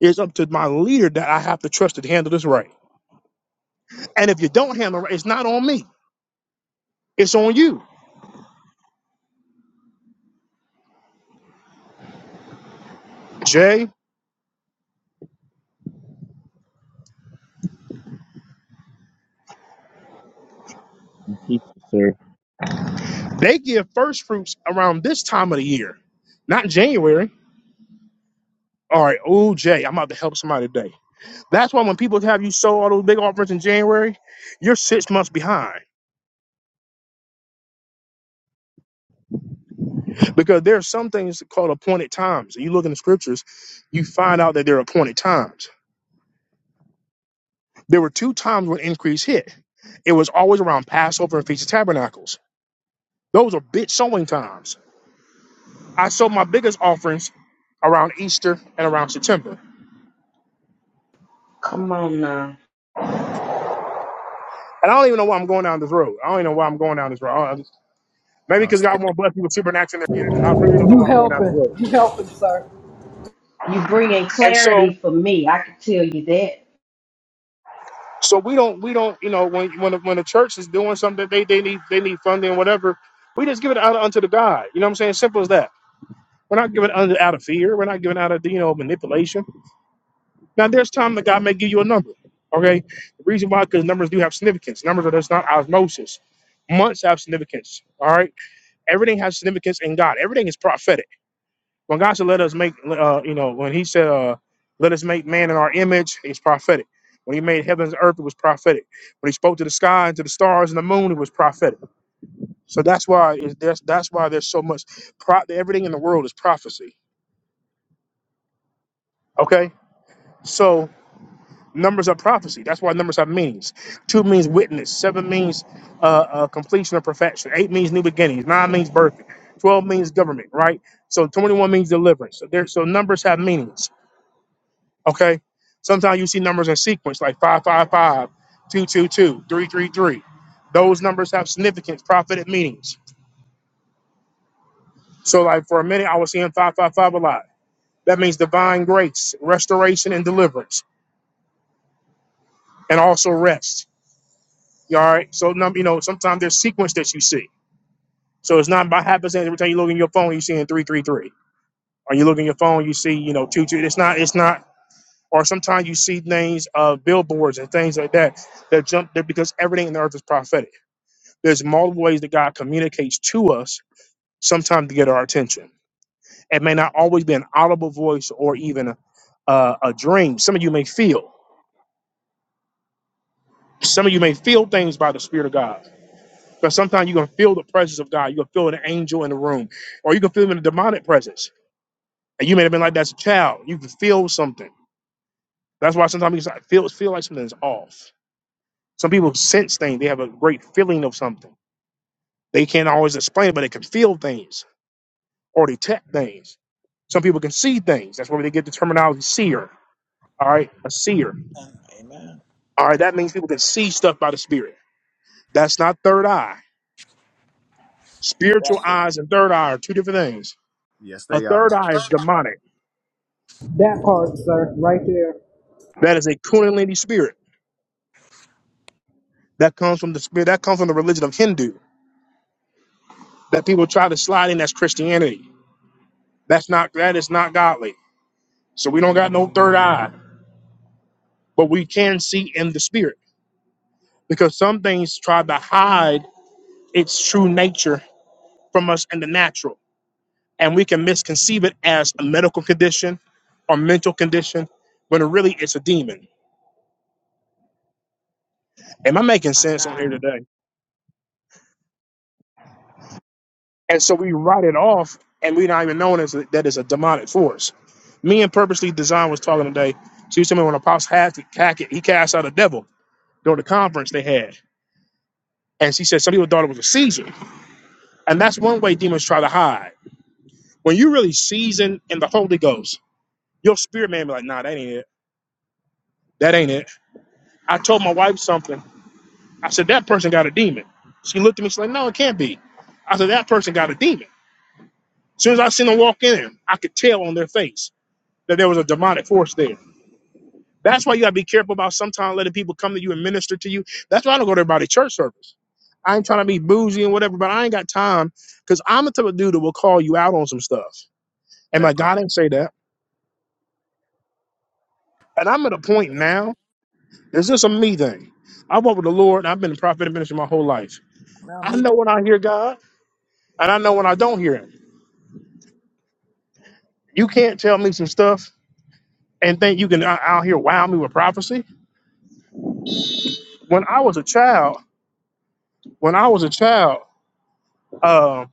it's up to my leader that I have to trust to handle this right. And if you don't handle it right, it's not on me. It's on you. Jay, Teacher, sir. they give first fruits around this time of the year, not January. All right, oh Jay, I'm about to help somebody today. That's why when people have you sow all those big offerings in January, you're six months behind. Because there are some things called appointed times. You look in the scriptures, you find out that there are appointed times. There were two times when increase hit. It was always around Passover and Feast of Tabernacles. Those are big sowing times. I sow my biggest offerings around Easter and around September. Come on now. And I don't even know why I'm going down this road. I don't even know why I'm going down this road. I- I- Maybe No, because stay God there. won't bless me with supernatural in their giving. I really don't know You why I'm going down this helping. road. You helping, sir. You bringing And clarity so, for me. I can tell you that. so we don't, we don't, you know, when when the, when the church is doing something, that they they need they need funding, whatever. We just give it out unto the God. You know what I'm saying? Simple as that. We're not giving it unto- out of fear. We're not giving out of you know manipulation. Now, there's time that God may give you a number. Okay, the reason why because numbers do have significance. Numbers are just not osmosis. Months have significance. All right, everything has significance in God. Everything is prophetic. When God said, "Let us make," uh, you know, when He said, uh, "Let us make man in our image," it's prophetic. When He made heavens and earth, it was prophetic. When He spoke to the sky and to the stars and the moon, it was prophetic. So that's why it's, that's that's why there's so much. Pro- everything in the world is prophecy. Okay, so Numbers are prophecy. That's why numbers have meanings. Two means witness. Seven means uh, uh, completion or perfection. Eight means new beginnings. Nine means birth. Twelve means government, right? So twenty-one means deliverance. So there, so numbers have meanings. Okay. Sometimes you see numbers in sequence, like five, five, five, two, two, two, three, three, three. Those numbers have significance, prophetic meanings. So, like for a minute, I was seeing five, five, five a lot. That means divine grace, restoration, and deliverance, and also rest. You all right? So num you know, sometimes there's sequence that you see. So it's not by happenstance every time you look in your phone, you seeing three three three. Or you look in your phone, you see, you know, two two. It's not, it's not or sometimes you see things uh billboards and things like that that jump there because everything in the earth is prophetic. There's multiple ways that God communicates to us, sometimes to get our attention. It may not always be an audible voice or even a, uh, a a dream. Some of you may feel, some of you may feel things by the Spirit of God Because sometimes you can feel the presence of God. You can feel an angel in the room, or you can feel a demonic presence. And you may have been like that as a child. You can feel something. That's why sometimes you just feel feel like something's off. Some people sense things. They have a great feeling of something. They can't always explain, it, but they can feel things or detect things. Some people can see things. That's where they get the terminology seer. All right, a seer. Amen. All right, that means people can see stuff by the spirit. That's not third eye. Spiritual Exactly. eyes and third eye are two different things. Yes, A they are. third eye is demonic. That part, sir. Right there. That is a Kundalini spirit. That comes from the spirit. That comes from the religion of Hindu. That people try to slide in as Christianity. That's not. That is not godly. So we don't got no third eye, but we can see in the spirit because some things try to hide its true nature from us in the natural, and we can misconceive it as a medical condition or mental condition when really it's a demon. Am I making My sense on here God. today? And so we write it off and we're not even knowing it's, a, that it's a demonic force. Me and Purposely Design was talking today. She was telling me when Apostle Hackett, Hackett he cast out a devil during the conference they had. And she said some people thought it was a season. And that's one way demons try to hide. When you really season in the Holy Ghost, your spirit man be like, nah, that ain't it. That ain't it. I told my wife something. I said, that person got a demon. She looked at me, she's like, no, it can't be. I said, that person got a demon. As soon as I seen them walk in, I could tell on their face that there was a demonic force there. That's why you gotta be careful about sometimes letting people come to you and minister to you. That's why I don't go to everybody church service. I ain't trying to be bougie and whatever, but I ain't got time because I'm the type of dude that will call you out on some stuff. And my That part. God didn't say that. And I'm at a point now, it's just a me thing. I walk with the Lord, and I've been a prophet and minister my whole life. Well, I me too. know when I hear God, and I know when I don't hear Him. You can't tell me some stuff and think you can out out here wow me with prophecy. When I was a child, when I was a child, uh,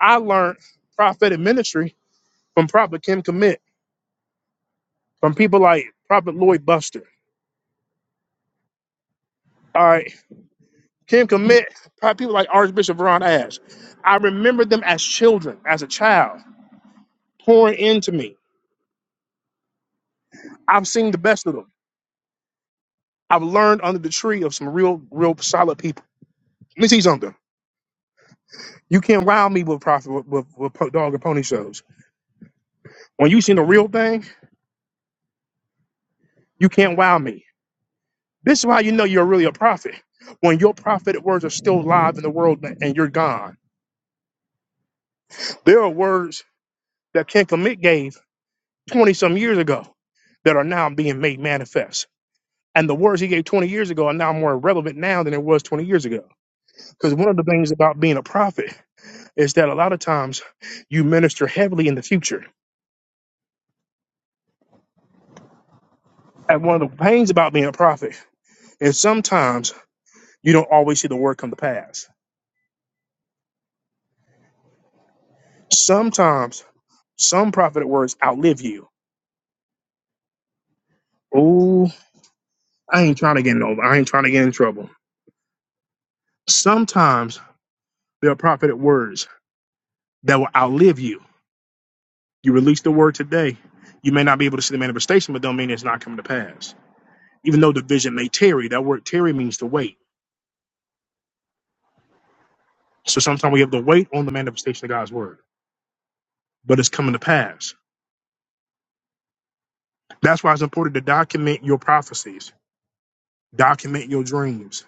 I learned prophetic ministry from Prophet Kim Commit, from people like Prophet Lloyd Buster. All right, Kim Commit, pro- people like Archbishop Ron Ash. I remember them as children, as a child, pouring into me. I've seen the best of them. I've learned under the tree of some real, real solid people. Let me see something. You can't wow me with profit with, with, with po- dog and pony shows. When you seen the real thing, you can't wow me. This is why you know you're really a prophet. When your prophetic words are still live in the world and you're gone. There are words that Ken Commit gave 20 some years ago that are now being made manifest. And the words he gave 20 years ago are now more relevant now than it was 20 years ago. Because one of the things about being a prophet is that a lot of times you minister heavily in the future. And one of the pains about being a prophet is sometimes you don't always see the word come to pass. Sometimes some prophetic words outlive you. Oh, I ain't trying to get in over. I ain't trying to get in trouble. Sometimes there are prophetic words that will outlive you You release the word today. You may not be able to see the manifestation, but don't mean it's not coming to pass. Even though the vision may tarry, that word tarry means to wait. So sometimes we have to wait on the manifestation of God's word, but it's coming to pass. That's why it's important to document your prophecies, document your dreams.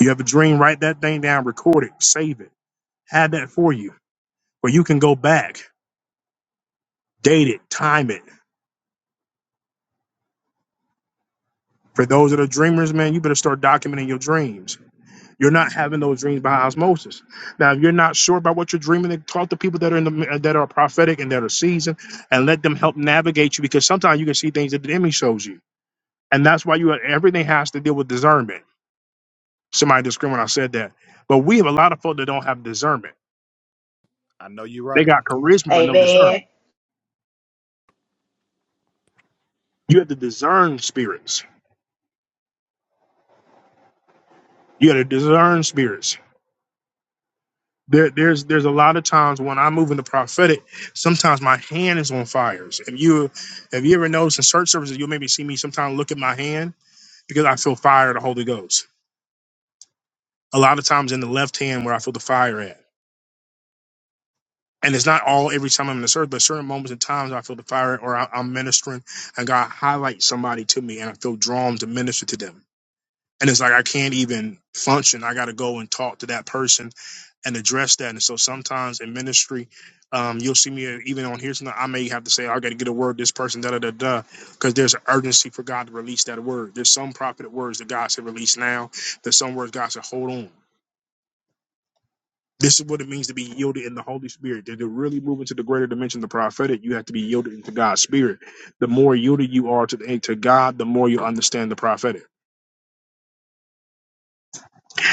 You have a dream, write that thing down, record it, save it, have that for you, where you can go back, date it, time it. For those that are dreamers, man, you better start documenting your dreams You're not having those dreams by osmosis. Now, if you're not sure about what you're dreaming, then talk to people that are in the that are prophetic and that are seasoned, and let them help navigate you. Because sometimes you can see things that the enemy shows you, and that's why you everything has to deal with discernment. Somebody disagreed when I said that, but we have a lot of folk that don't have discernment. I know you're They right. got charisma but no Amen. discernment. You have to discern spirits. You have to discern spirits There, there's there's a lot of times when I move in the prophetic, sometimes my hand is on fires. If you if you ever notice in church services, you'll maybe see me sometimes look at my hand because I feel fire of the Holy Ghost. A lot of times in the left hand where I feel the fire at. And it's not all every time I'm in the service, but certain moments and times I feel the fire or I, I'm ministering and God highlights somebody to me and I feel drawn to minister to them. and it's like I can't even function. I got to go and talk to that person and address that. And so sometimes in ministry, um, you'll see me even on here tonight. I may have to say I got to get a word to this person, da da da da, because there's an urgency for God to release that word. There's some prophetic words that God said release now. There's some words God said hold on. This is what it means to be yielded in the Holy Spirit. To to really move into the greater dimension, of the prophetic, you have to be yielded into God's Spirit. The more yielded you are to, to God, the more you understand the prophetic.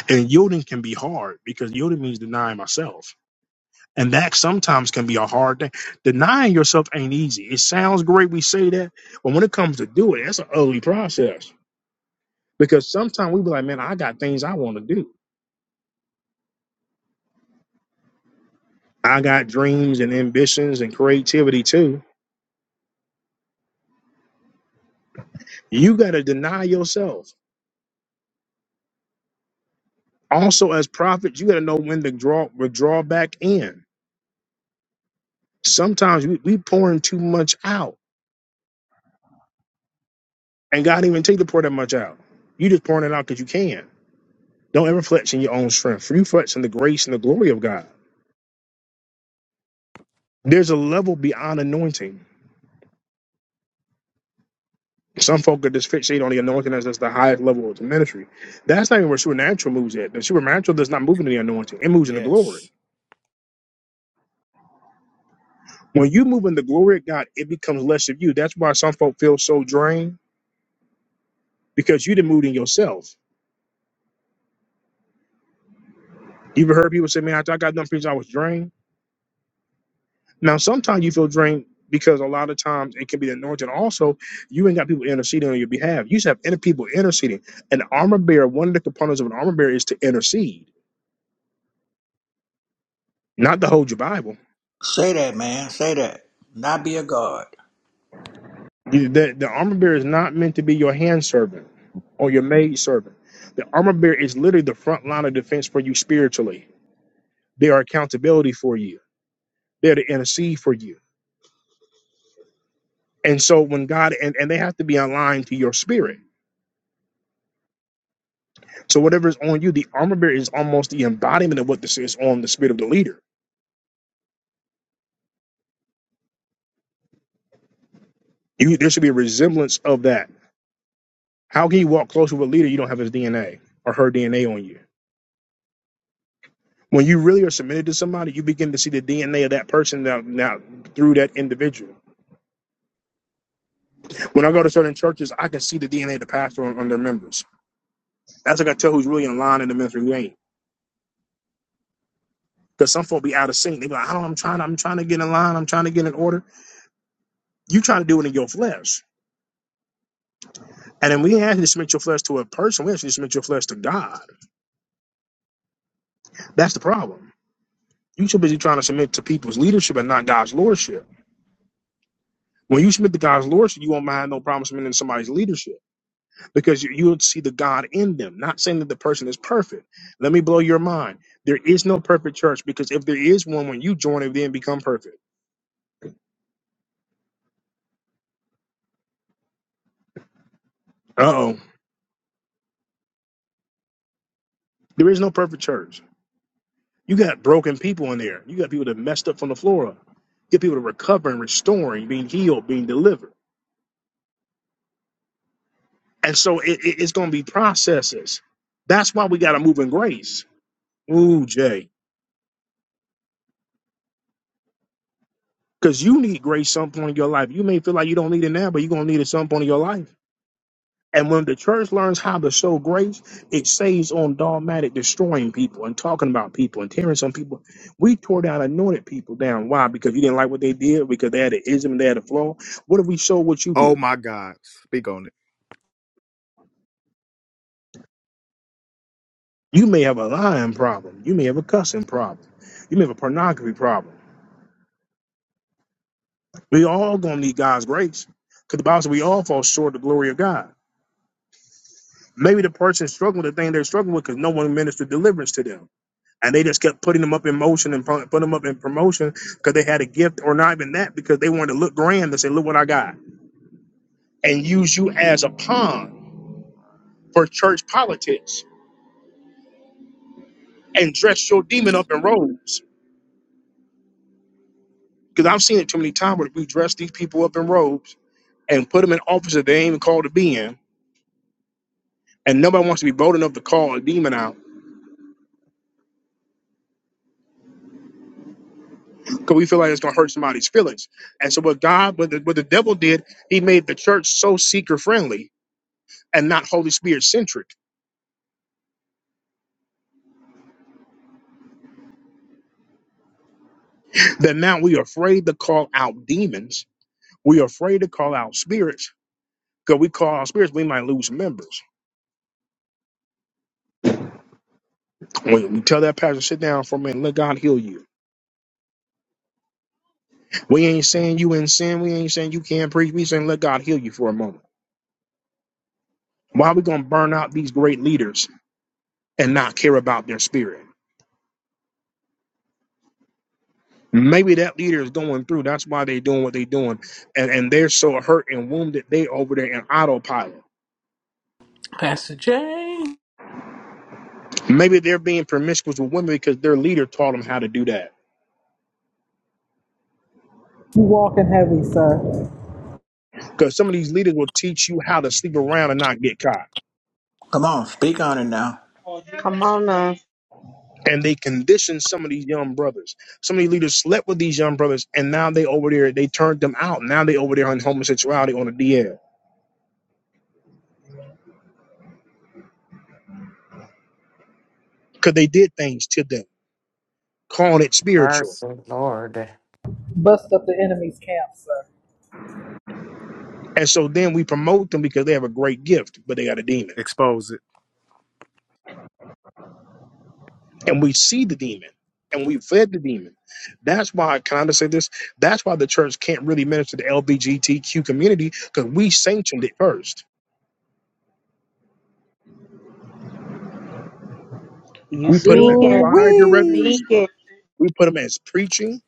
And yielding can be hard because yielding means denying myself. And that sometimes can be a hard thing. Denying yourself ain't easy. It sounds great, we say that, but when it comes to do it, that's an ugly process. Because sometimes we be like, man, I got things I want to do. I got dreams and ambitions and creativity too. You got to deny yourself. Also, as prophets, you got to know when to draw withdraw back in. Sometimes we, we pouring too much out, and God didn't even take the pour that much out. You just pouring it out because you can Don't ever flex in your own strength. You flex in the grace and the glory of God. There's a level beyond anointing. Some folk are just fixated on the anointing as that's the highest level of the ministry. That's not even where supernatural moves at. The supernatural does not move in the anointing. It moves in the glory. Yes. When you move in the glory of God, it becomes less of you. That's why some folk feel so drained because you didn't move in yourself. You've heard people say, man, I, I got done preaching, I was drained. Now, sometimes you feel drained because a lot of times it can be the anointing. Also, you ain't got people interceding on your behalf. You just have inner people interceding. An armor bearer, one of the components of an armor bearer is to intercede, not to hold your Bible. Say that, man. Say that. Not be a guard. You- The, the armor bearer is not meant to be your hand servant or your maid servant. The armor bearer is literally the front line of defense for you spiritually. They are accountability for you. They're to intercede for you. And so when God and, and they have to be aligned to your spirit So whatever is on you, the armor bearer is almost the embodiment of what this is on the spirit of the leader. You, there should be a resemblance of that. How can you walk closer with a leader you don't have his DNA or her DNA on you? When you really are submitted to somebody, you begin to see the DNA of that person now, now through that individual. When I go to certain churches, I can see the DNA of the pastor on, on their members. That's like I tell who's really in line in the ministry, who ain't. Because some folk be out of sync. They be like, I don't, I'm trying, I'm trying to get in line, I'm trying to get in order. You trying to do it in your flesh. And then we ain't actually submit your flesh to a person, we actually submit your flesh to God That's the problem. You so busy trying to submit to people's leadership and not God's lordship. When you submit to God's lordship, you won't mind no problem submitting to somebody's leadership because you, you'll see the God in them. Not saying that the person is perfect. Let me blow your mind. There is no perfect church because if there is one, when you join it, then become perfect. Uh oh. There is no perfect church. You got broken people in there. You got people that messed up from the floor up. You Get people to recover and restoring, being healed, being delivered. And so it, it- it's going to be processes. That's why we got to move in grace Ooh, Jay. Because you need grace some point in your life. You may feel like you don't need it now, but you're going to need it some point in your life. And when the church learns how to show grace, it saves on dogmatic destroying people and talking about people and tearing some people. We tore down anointed people down. Why? Because you didn't like what they did, because they had an ism, they had a flaw. What if we show what you Oh do? my God. Speak on it. You may have a lying problem. You may have a cussing problem. You may have a pornography problem. We all going to need God's grace. Because the Bible says we all fall short of the glory of God. Maybe the person struggled with the thing they're struggling with because no one ministered deliverance to them. And they just kept putting them up in motion and put them up in promotion because they had a gift or not even that because they wanted to look grand and say, look what I got. And use you as a pawn for church politics and dress your demon up in robes. Because I've seen it too many times where we dress these people up in robes and put them in offices they ain't even called to be in. And nobody wants to be bold enough to call a demon out because we feel like it's going to hurt somebody's feelings. And so what God, what the, what the devil did, he made the church so seeker friendly and not Holy Spirit centric that now we are afraid to call out demons. We are afraid to call out spirits because we call out spirits, we might lose members. When we tell that pastor, sit down for a minute, let God heal you. We ain't saying you in sin. We ain't saying you can't preach. We saying let God heal you for a moment. Why are we going to burn out these great leaders and not care about their spirit? Maybe that leader is going through. That's why they're doing what they're doing. And, and they're so hurt and wounded, they over there in autopilot. Pastor Jay. Maybe they're being promiscuous with women because their leader taught them how to do that. You walking heavy, sir. Because some of these leaders will teach you how to sleep around and not get caught. Come on, speak on it now. Come on now. And they condition some of these young brothers. Some of these leaders slept with these young brothers, and now they over there, they turned them out. Now they over there on homosexuality on the DL. Because they did things to them, calling it spiritual. mercy, Lord. Bust up the enemy's camp, sir. And so then we promote them because they have a great gift, but they got a demon. Expose it. and we see the demon and we fed the demon. That's why, can I just say this? That's why the church can't really minister to the LBGTQ community because we sanctioned it first. You We put them as speaking. Ooh choir wee. directors, Speaking. we put them as preaching,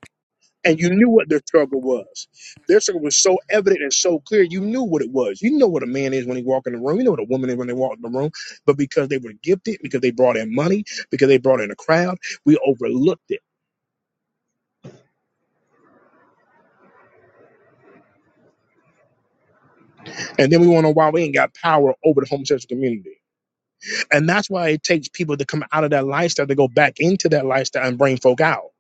and you knew what their struggle was. Their struggle was so evident and so clear, you knew what it was. You know what a man is when he walk in the room, you know what a woman is when they walk in the room, but because they were gifted, because they brought in money, because they brought in a crowd, we overlooked it. And then we wonder why we ain't got power over the homosexual community And that's why it takes people to come out of that lifestyle to go back into that lifestyle and bring folk out.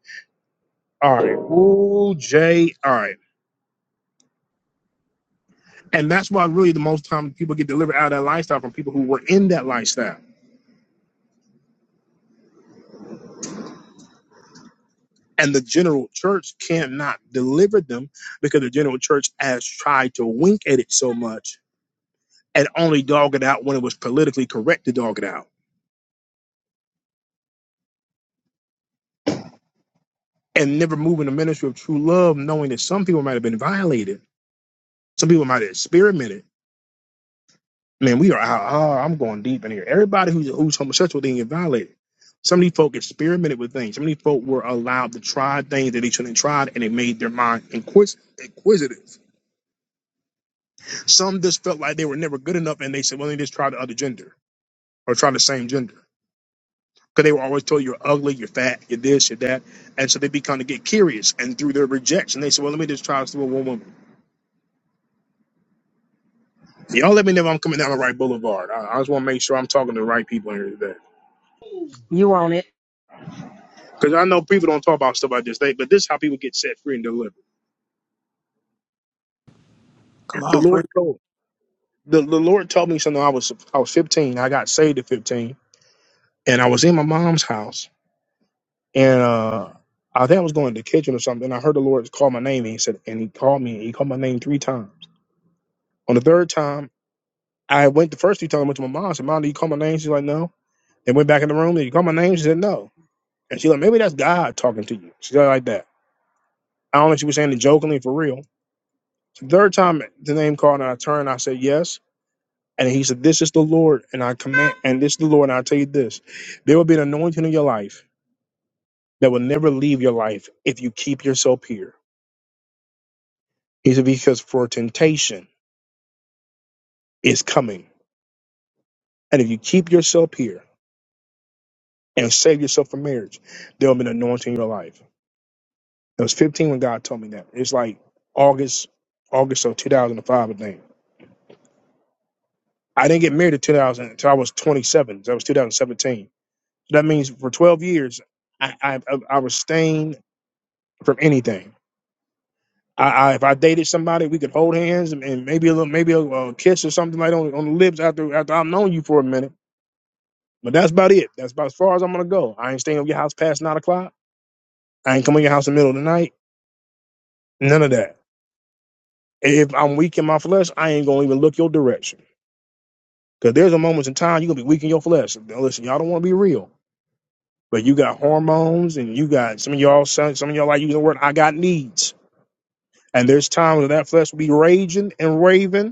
All right. Ooh, Jay. All right. And that's why really the most time people get delivered out of that lifestyle from people who were in that lifestyle. And the general church can't not deliver them because the general church has tried to wink at it so much and only dog it out when it was politically correct to dog it out. And never moving the ministry of true love, knowing that some people might have been violated. Some people might have experimented Man, we are out. Oh, I'm going deep in here. Everybody who's who's homosexual, they get violated. Some of these folk experimented with things. Some of these folk were allowed to try things that they shouldn't have tried, and it made their mind inquis- inquisitive. Some just felt like they were never good enough, and they said, "Well, they just try the other gender or try the same gender," because they were always told you're ugly, you're fat, you're this, you're that, and so they become to get curious. And through their rejection, they said, "Well, let me just try this with one woman." Y'all let me know if I'm coming down the right boulevard. I, I just want to make sure I'm talking to the right people here today. You on it. Because I know people don't talk about stuff like this, they, but this is how people get set free and delivered. Come The on, preach. Lord told the, the Lord told me something. I was I was 15. I got saved at 15, and I was in my mom's house, and uh, I think I was going to the kitchen or something. And I heard the Lord call my name, and he said, and he called me, and he called my name three times. On the third time, I went the first three times I went to my mom. I said, Mom, did you call my name? She's like, No. And went back in the room. Did you call my name? She said, No. And she's like, Maybe that's God talking to you. She said it like that. I don't know if she was saying it jokingly for real. The third time the name called and I turned, I said yes. And he said, This is the Lord, and I command, and this is the Lord, and I tell you this there will be an anointing in your life that will never leave your life if you keep yourself here. He said, Because for temptation is coming. And if you keep yourself here and save yourself from marriage, there will be an anointing in your life. It was 15 when God told me that. It's like August, August of 2005, I think. I didn't get married in 2000 until I was 27. So That was 2017. So that means for 12 years, I, I, I I was staying from anything I, I if I dated somebody, we could hold hands and, and maybe a little, maybe a, a kiss or something like on on the lips after after I've known you for a minute. But that's about it. That's about as far as I'm gonna go. I ain't staying at your house past nine o'clock. I ain't coming to your house in the middle of the night. None of that. If I'm weak in my flesh, I ain't gonna even look your direction. Cause there's a moments in time you're gonna be weak in your flesh. Now, listen, y'all don't want to be real, but you got hormones and you got some of y'all some some of y'all like using the word I got needs. And there's times when that flesh will be raging and raving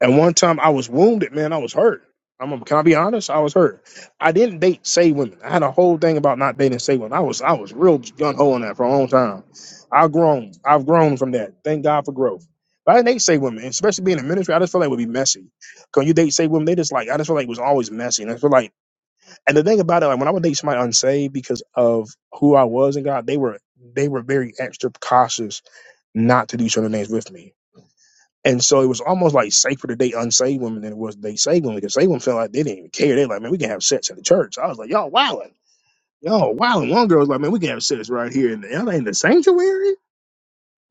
At one time, I was wounded, man. I was hurt. I'm can I be honest? I was hurt. I didn't date say women. I had a whole thing about not dating say women. I was I was real gun ho on that for a long time. I've grown. I've grown from that. Thank God for growth. But I didn't date say women, and especially being in ministry. I just felt like it would be messy. Cause you date say women, they just like I just felt like it was always messy. And I feel like, and the thing about it, like when I would date somebody unsaved because of who I was in God, they were they were very extra cautious not to do certain things with me and so it was almost like safer to date unsaved women than it was to date saved women because saved women felt like they didn't even care. They like, man, we can have sex in the church. I was like, y'all wildin'. Y'all wildin'. One girl was like, man, we can have sex right here in the, in the sanctuary.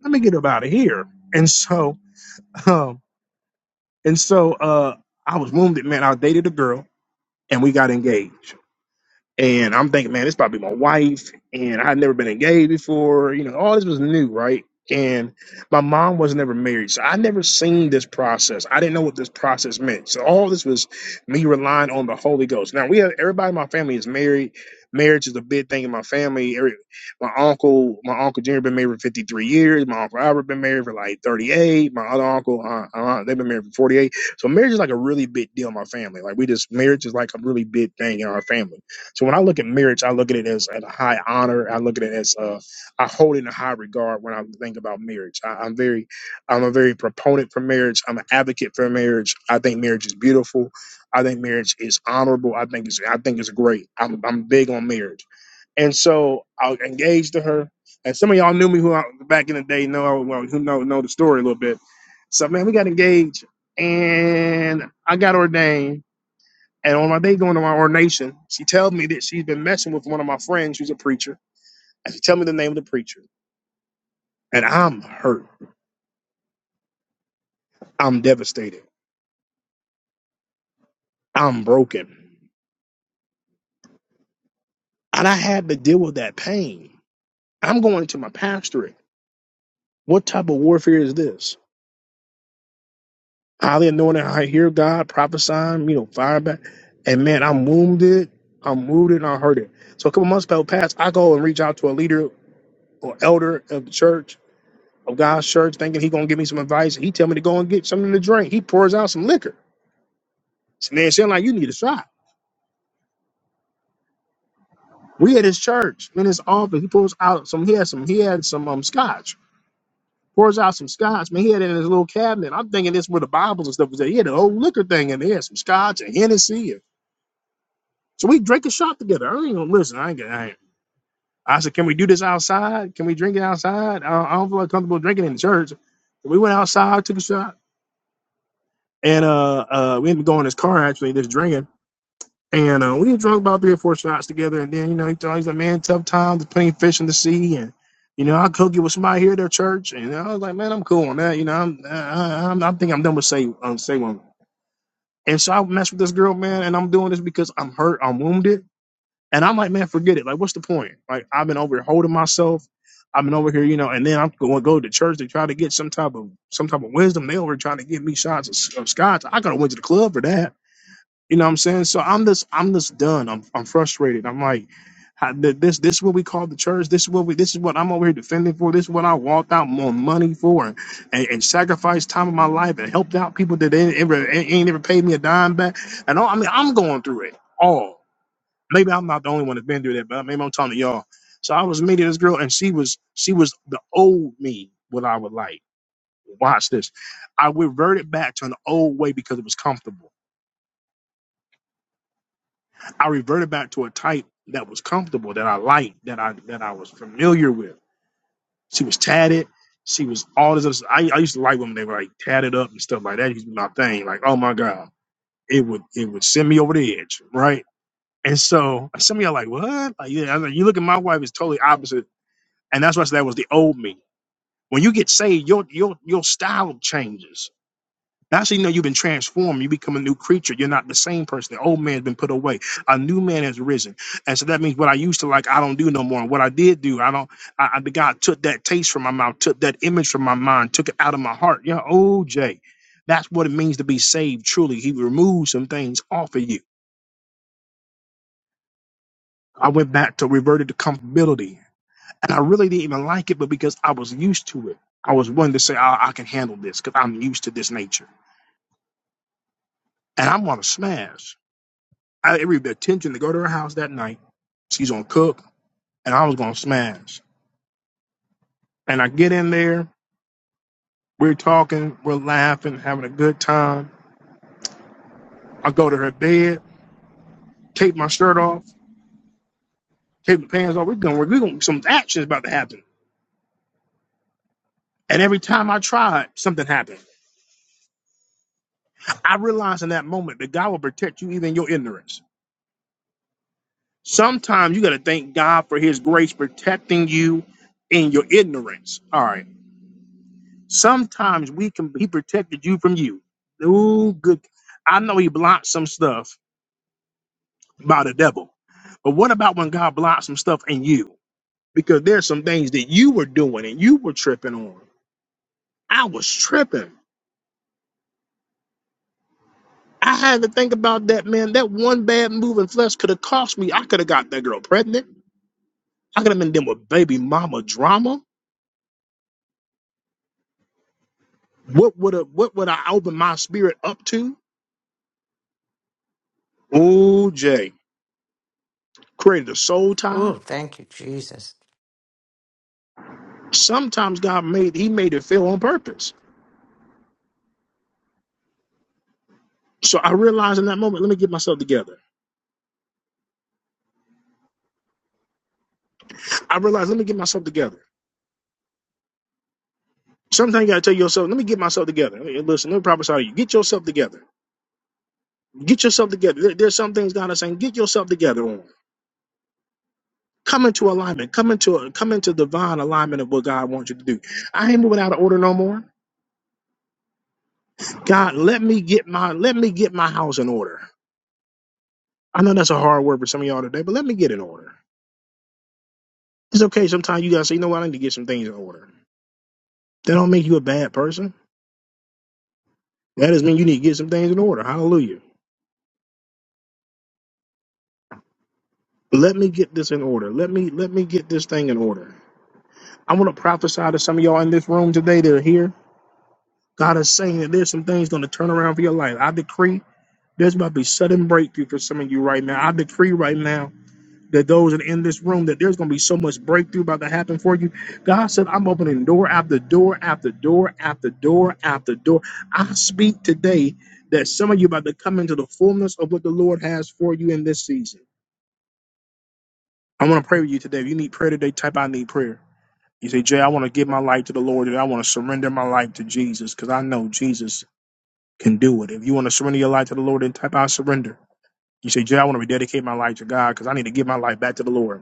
Let me get up out of here. And so, um, and so, uh, I was wounded, man. I dated a girl and we got engaged. And I'm thinking, man, this probably my wife. And I had never been engaged before. You know, all this was new, right? And my mom was never married. So I never seen this process. I didn't know what this process meant. So all this was me relying on the Holy Ghost. Now we have everybody in my family is married. Marriage is a big thing in my family. Every, my uncle, my uncle Junior been married for 53 years. My uncle Albert been married for like 38. My other uncle, uh, uh, they've been married for 48. So marriage is like a really big deal in my family. Like we just marriage is like a really big thing in our family. So when I look at marriage, I look at it as a high honor. I look at it as uh, I hold it in high regard when I think about marriage. I, I'm very, I'm a very proponent for marriage. I'm an advocate for marriage. I think marriage is beautiful. I think marriage is honorable. I think it's, I think it's great. I'm, I'm big on marriage, and so I was engaged to her. And some of y'all knew me who I, back in the day know well, who know know the story a little bit. So man, we got engaged, and I got ordained and on my day going to my ordination, she tells me that she's been messing with one of my friends who's a preacher. And she tell me the name of the preacher. And I'm hurt. I'm devastated. I'm broken. And I had to deal with that pain. I'm going into my pastorate. What type of warfare is this? Highly anointed, I hear God prophesying, you know, fire back. And man, I'm wounded. I'm wounded and I hurt it. So a couple months passed. I go and reach out to a leader or elder of the church of God's church, thinking he gonna give me some advice. He tell me to go and get something to drink. He pours out some liquor. So man, saying like you need a shot. We at his church, in his office, he pours out some. He had some. He had some um scotch. Pours out some scotch. Man, he had it in his little cabinet. I'm thinking this where the Bibles and stuff was at. He had an old liquor thing in there, some scotch and Hennessy. And So we drink a shot together. I ain't gonna listen. I ain't gonna. I, ain't. I said, can we do this outside? Can we drink it outside? I don't, I don't feel like comfortable drinking in the church. So We went outside, took a shot, and uh, uh, we ended up going in his car actually, just drinking. And uh, we drunk about three or four shots together. And then, you know, he told me, he's like, man, tough times, plenty fish in the sea. And, you know, I cook it with somebody here at their church. And I was like, man, I'm cool on that. You know, I'm, I, am i i I think I'm done with say, um, say woman. And so I messed with this girl, man. And I'm doing this because I'm hurt, I'm wounded. And I'm like, man, forget it. Like, what's the point? Like, I've been over here holding myself. I've been over here, you know, and then I'm going to go to church to try to get some type of some type of wisdom. They over here trying to give me shots of, of scotch. I got to went to the club for that. You know what I'm saying? So I'm just I'm just done. I'm I'm frustrated. I'm like how- th- this this is what we call the church. This is what we this is what I'm over here defending for. This is what I walked out more money for and, and, sacrificed time of my life and helped out people that ain't ever ain't ain't ever paid me a dime back. And all, I mean I'm going through it all. Maybe I'm not the only one that's been through that, but maybe I'm talking to y'all. So I was meeting this girl and she was she was the old me, what I would like. Watch this. I reverted back to an old way because it was comfortable. I reverted back to a type that was comfortable, that I liked, that I that I was familiar with. She was tatted. She was all this. Other stuff. I, I used to like women that were like tatted up and stuff like that. It Used to be my thing. Like, oh my god, it would it would send me over the edge, right? And so some of y'all like, what? Like, yeah, I know, you look at my wife is totally opposite, and that's why I said that was the old me. When you get saved, your your your style changes Actually, no, you've been transformed. You become a new creature. You're not the same person. The old man's been put away. A new man has risen. And so that means what I used to like, I don't do no more. And what I did do, I don't, I, I, the God took that taste from my mouth, took that image from my mind, took it out of my heart. Yeah, oh, Jay, that's what it means to be saved truly. He removed some things off of you. I went back to reverted to comfortability. And I really didn't even like it, but because I was used to it, I was one to say, I, I can handle this because I'm used to this nature. And I'm going to smash. I, every attention to go to her house that night. She's gonna cook, and I was gonna smash. And I get in there, we're talking, we're laughing, having a good time. I go to her bed, take my shirt off, take my pants off. We're gonna, we're gonna some action's about to happen. And every time I tried, something happened. I realized in that moment that God will protect you even in your ignorance. Sometimes you gotta thank God for His grace protecting you in your ignorance. All right. Sometimes we can he protected you from you. Ooh, good. I know he blocked some stuff by the devil. But what about when God blocked some stuff in you? Because there's some things that you were doing and you were tripping on. I was tripping. I had to think about that, man. That one bad move in flesh could have cost me. I could have got that girl pregnant. I could have been dealing with baby mama drama. What would have what would I open my spirit up to? Oh, Jay. Created a soul tie Ooh, thank you, Jesus. Sometimes God made He made it fail on purpose. So I realized in that moment, let me get myself together. I realized, let me get myself together. Sometimes you gotta tell yourself, let me get myself together. Hey, Listen, let me prophesy to you. Get yourself together. Get yourself together. There- there's some things God is saying, get yourself together on. Come into alignment. Come into come into divine alignment of what God wants you to do. I ain't moving out of order no more. God, let me get my let me get my house in order. I know that's a hard word for some of y'all today, but let me get in order. It's okay. Sometimes you gotta say, you know what, I need to get some things in order. That don't make you a bad person. That is when you need to get some things in order. Hallelujah. Let me get this in order. Let me let me get this thing in order. I want to prophesy to some of y'all in this room today that are here. God is saying that there's some things going to turn around for your life. I decree there's about to be sudden breakthrough for some of you right now. I decree right now that those that are in this room that there's going to be so much breakthrough about to happen for you. God said, "I'm opening door after door after door after door after door." I speak today that some of you about to come into the fullness of what the Lord has for you in this season. i want to pray with you today. If you need prayer today, type I need prayer. You say, Jay, I want to give my life to the Lord and I want to surrender my life to Jesus because I know Jesus can do it. If you want to surrender your life to the Lord, then type I surrender. You say, Jay, I want to rededicate my life to God because I need to give my life back to the Lord.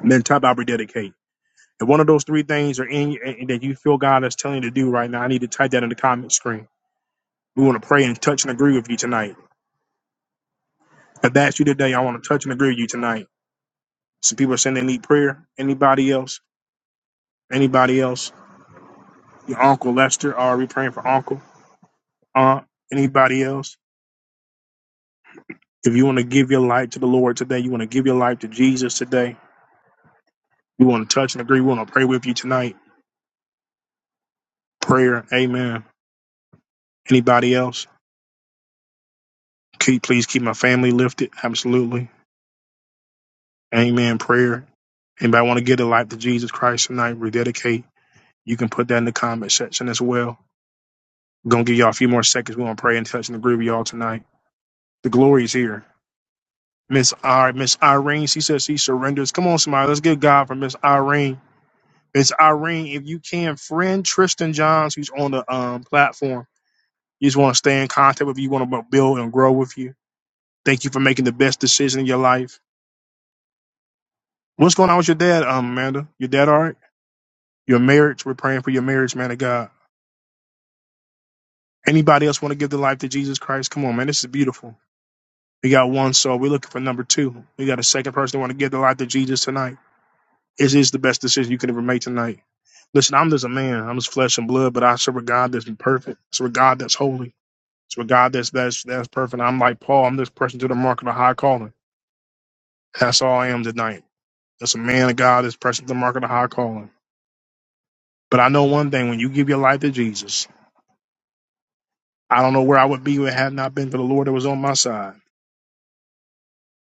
And then type I rededicate. If one of those three things are in you and that you feel God is telling you to do right now, I need to type that in the comment screen. We want to pray and touch and agree with you tonight. If that's you today, I want to touch and agree with you tonight. Some people are saying they need prayer. Anybody else? Anybody else? your uncle Lester. Are we praying for uncle, aunt, anybody else? If you want to give your life to the Lord today, you want to give your life to Jesus today. You want to touch and agree. We want to pray with you tonight. Prayer, Amen. Anybody else? Keep, please keep my family lifted. Absolutely, Amen. Prayer. Anybody want to give their life to Jesus Christ tonight? Rededicate. You can put that in the comment section as well. We're gonna give y'all a few more seconds. We're gonna pray and touch and agree with y'all tonight. The glory is here. Miss I Miss Irene. She says she surrenders. Come on, somebody, let's give God for Miss Irene. Miss Irene, if you can, friend Tristan Johns, who's on the um, platform. You just want to stay in contact with you. Want to build and grow with you. Thank you for making the best decision in your life. What's going on with your dad, um, Amanda? Your dad, all right? Your marriage. We're praying for your marriage, man of God. Anybody else want to give their life to Jesus Christ? Come on, man. This is beautiful. We got one soul. We're looking for number two. We got a second person who want to give their life to Jesus tonight. This is the best decision you could ever make tonight. Listen, I'm just a man. I'm just flesh and blood, but I serve a God that's perfect. I serve a God that's holy. I serve a God that's that's that's perfect. I'm like Paul. I'm this person to the mark of the high calling. That's all I am tonight. That's a man of God that's pressing the mark of the high calling. But I know one thing: when you give your life to Jesus, I don't know where I would be if it had not been for the Lord that was on my side.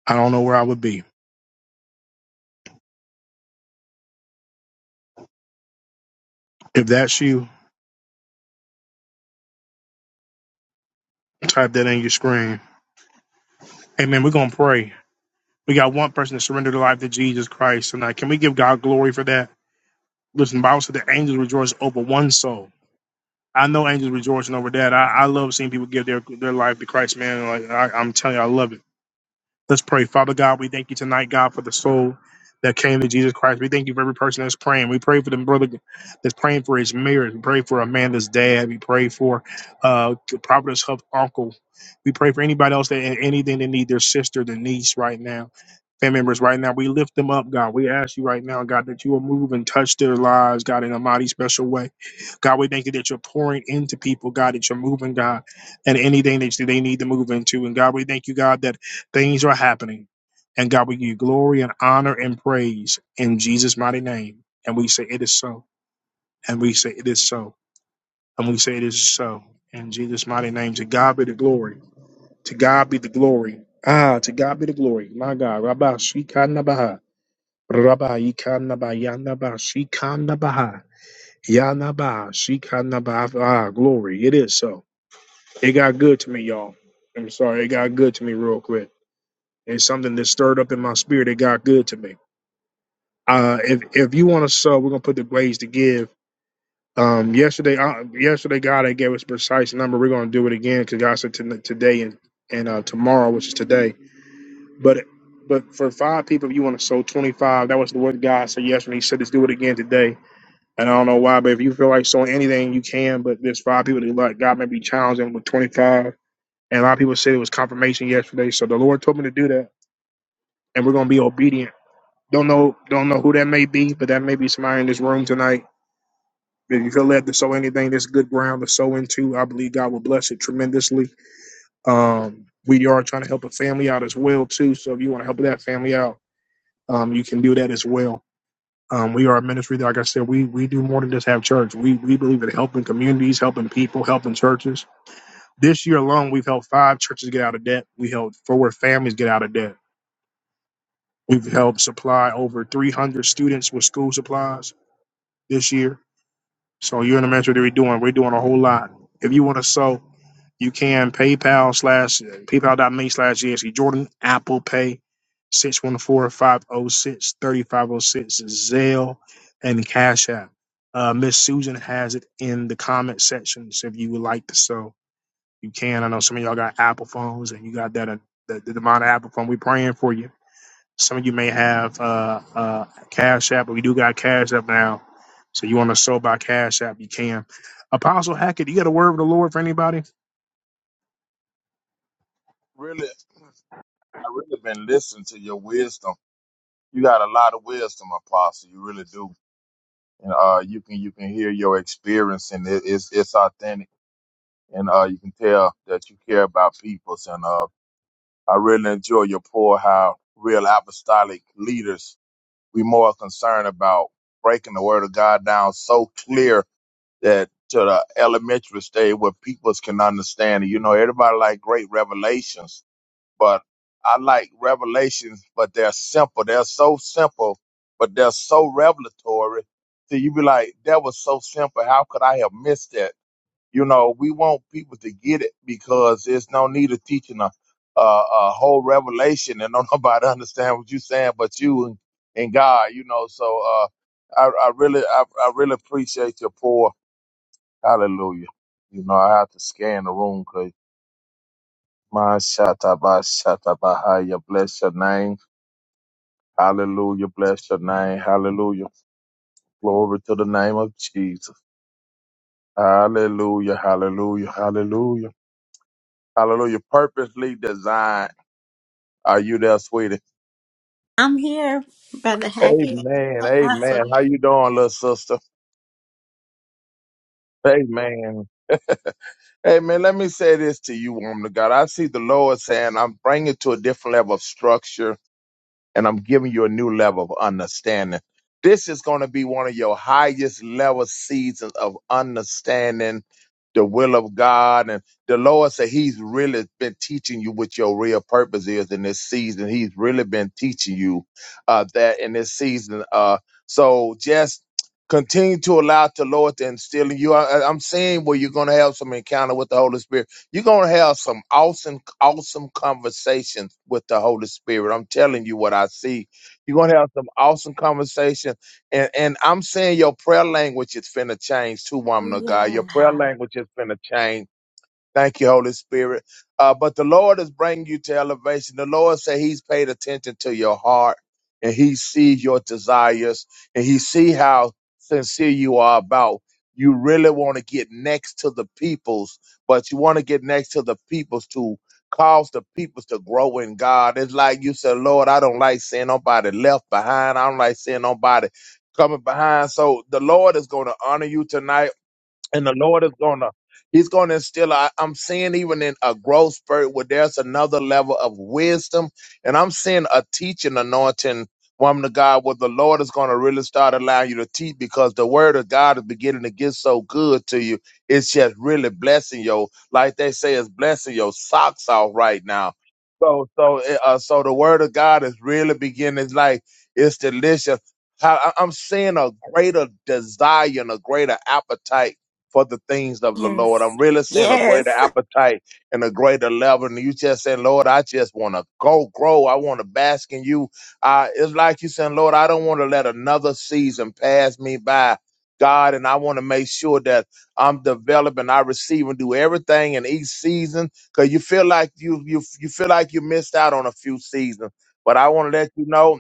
I don't know where I would be. If that's you, type that in your screen. Amen. We're gonna pray. We got one person to surrender their life to Jesus Christ tonight. Can we give God glory for that? Listen, the Bible said the angels rejoice over one soul. I know angels rejoicing over that. I, I love seeing people give their their life to Christ, man. Like I, I'm telling you, I love it. Let's pray, Father God. We thank you tonight, God, for the soul that came to Jesus Christ. We thank you for every person that's praying. We pray for the brother that's praying for his marriage. We pray for Amanda's dad. We pray for uh Providence Hub uncle. We pray for anybody else that anything they need, their sister, their niece, right now family members right now. We lift them up, God. We ask you right now, God, that you will move and touch their lives, God, in a mighty special way. God, we thank you that you're pouring into people, God, that you're moving, God, and anything that they need to move into. And God, we thank you, God, that things are happening. And God, we give you glory and honor and praise in Jesus' mighty name. And we say it is so. And we say it is so. And we say it is so. In Jesus' mighty name, to God be the glory. To God be the glory. Ah, to God be the glory. My God. Rabbi Shikanabaha. Rabba Ikanaba Yanaba Shikanabaha Yanaba ba. Shikana ba Ah, glory. It is so. It got good to me, y'all. I'm sorry, it got good to me real quick. It's something that stirred up in my spirit. It got good to me. Uh if if you want to sub, we're gonna put the ways to give. Um yesterday uh, yesterday God had gave us precise number. We're gonna do it again because God said to, today and, and uh tomorrow, which is today. But but for five people, if you want to sow 25, that was the word God said yesterday. he said, let's do it again today And I don't know why, but if you feel like selling anything, you can. But there's five people that like God Maybe be challenging with 25. And a lot of people said it was confirmation yesterday. So the Lord told me to do that, and we're gonna be obedient. Don't know, don't know who that may be, but that may be somebody in this room tonight. If you feel led to sow anything, that's good ground to sow into. I believe God will bless it tremendously. Um, we are trying to help a family out as well too. So if you want to help that family out, um, you can do that as well. Um, we are a ministry that, like I said, we we do more than just have church. We we believe in helping communities, helping people, helping churches. This year alone, we've helped five churches get out of debt. We helped four families get out of debt. We've helped supply over 300 students with school supplies this year. So you're in the ministry that we're doing. We're doing a whole lot. If you want to sow, You can PayPal slash PayPal.me slash GSC Jordan, Apple Pay, six one four five zero six thirty five zero six Zelle, and Cash App. Uh, Miss Susan has it in the comment section. So if you would like to so you can. I know some of y'all got Apple phones and you got that uh, the, the amount of Apple phone. We're praying for you. Some of you may have uh, uh, Cash App, but we do got Cash App now. So you want to sow by Cash App, you can. Apostle Hackett, you got a word of the Lord for anybody? really, I really been listening to your wisdom. You got a lot of wisdom, Apostle. You really do, and uh, you can you can hear your experience, and it, it's it's authentic, and uh, you can tell that you care about peoples, and uh, I really enjoy your pour. How real apostolic leaders we more concerned about breaking the word of God down so clear that to the elementary stage where peoples can understand it. You know, everybody like great revelations but I like revelations, but they're simple. They're so simple, but they're so revelatory. So you be like, that was so simple. How could I have missed that? You know, we want people to get it because there's no need of teaching a, a, a whole revelation and don't nobody understand what you're saying but you and, and God, you know. So uh, I, I really I, I really appreciate your pour. Hallelujah. You know, I have to scan the room 'cause Mashata Bashata Bahaya. Bless your name. Hallelujah. Bless your name. Hallelujah. Glory to the name of Jesus. Hallelujah. Hallelujah. Hallelujah. Hallelujah. Purposely designed. Are you there, sweetie? I'm here, Brother Hackett. Amen. Amen. How you doing, little sister? Amen. Amen. Let me say this to you, woman of God. I see the Lord saying, I'm bringing to a different level of structure and I'm giving you a new level of understanding. This is going to be one of your highest level seasons of understanding the will of God. And the Lord said He's really been teaching you what your real purpose is in this season. He's really been teaching you uh, that in this season. Uh, so just continue to allow the Lord to instill in you. I, I- I'm seeing where you're going to have some encounter with the Holy Spirit you're gonna have some awesome, awesome conversations with the Holy Spirit. I'm telling you what I see. You're gonna have some awesome conversations, and and I'm saying your prayer language is finna change too, woman of God. Your Hallelujah. prayer language is finna change Thank you, Holy Spirit. Uh, but the Lord is bringing you to elevation. The Lord said He's paid attention to your heart and He sees your desires and He see how sincere you are about. You really want to get next to the peoples, but you want to get next to the peoples to cause the peoples to grow in God. It's like you said, Lord, I don't like seeing nobody left behind. I don't like seeing nobody coming behind. So the Lord is going to honor you tonight and the Lord is gonna He's gonna instill. I, I'm seeing even in a growth spurt where there's another level of wisdom, and I'm seeing a teaching anointing. Woman of God, where the Lord is going to really start allowing you to teach because the word of God is beginning to get so good to you. It's just really blessing your, like they say, it's blessing your socks off right now. So, so, eh, uh, so the word of God is really beginning. It's like, it's delicious. How- I- I'm seeing a greater desire and a greater appetite for the things of the Lord. Yes. I'm really seeing a greater appetite and a greater level. And you just saying, Lord, I just want to go grow. I want to bask in you. Uh, it's like you saying, Lord, I don't want to let another season pass me by. God, and I want to make sure that I'm developing, I receive and do everything in each season. Cause you feel like you you you feel like you missed out on a few seasons. But I want to let you know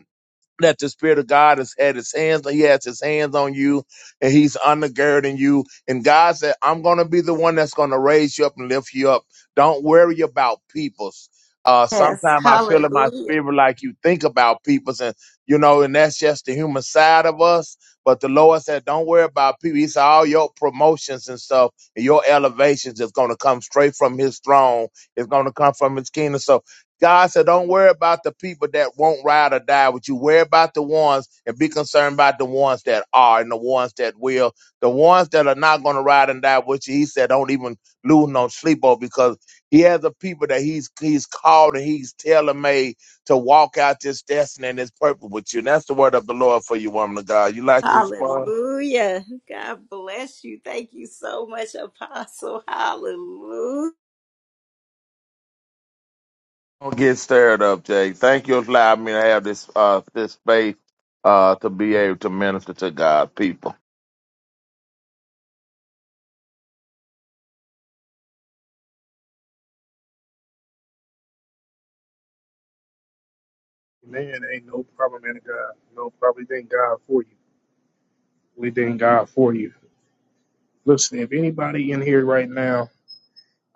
that the Spirit of God has had his hands, he has his hands on you and he's undergirding you. And God said, I'm going to be the one that's going to raise you up and lift you up. Don't worry about peoples. Uh, Yes. sometimes I feel in my Hallelujah. spirit like you think about peoples and, you know, and that's just the human side of us. But the Lord said, don't worry about people. He said, all your promotions and stuff and your elevations is going to come straight from his throne. It's going to come from his kingdom. So. God said, don't worry about the people that won't ride or die with you. Worry about the ones and be concerned about the ones that are and the ones that will. The ones that are not going to ride and die with you, he said, don't even lose no sleep over because he has a people that he's he's called and he's tailor made to walk out this destiny and his purpose with you. And that's the word of the Lord for you, woman of God. You like to respond? Hallelujah. God bless you. Thank you so much, Apostle. Hallelujah. Don't get stirred up, Jay. Thank you for allowing me to have this uh this space uh to be able to minister to God's people. Man, ain't no problem, man of God. No problem. We thank God for you. We thank God for you. Listen, if anybody in here right now,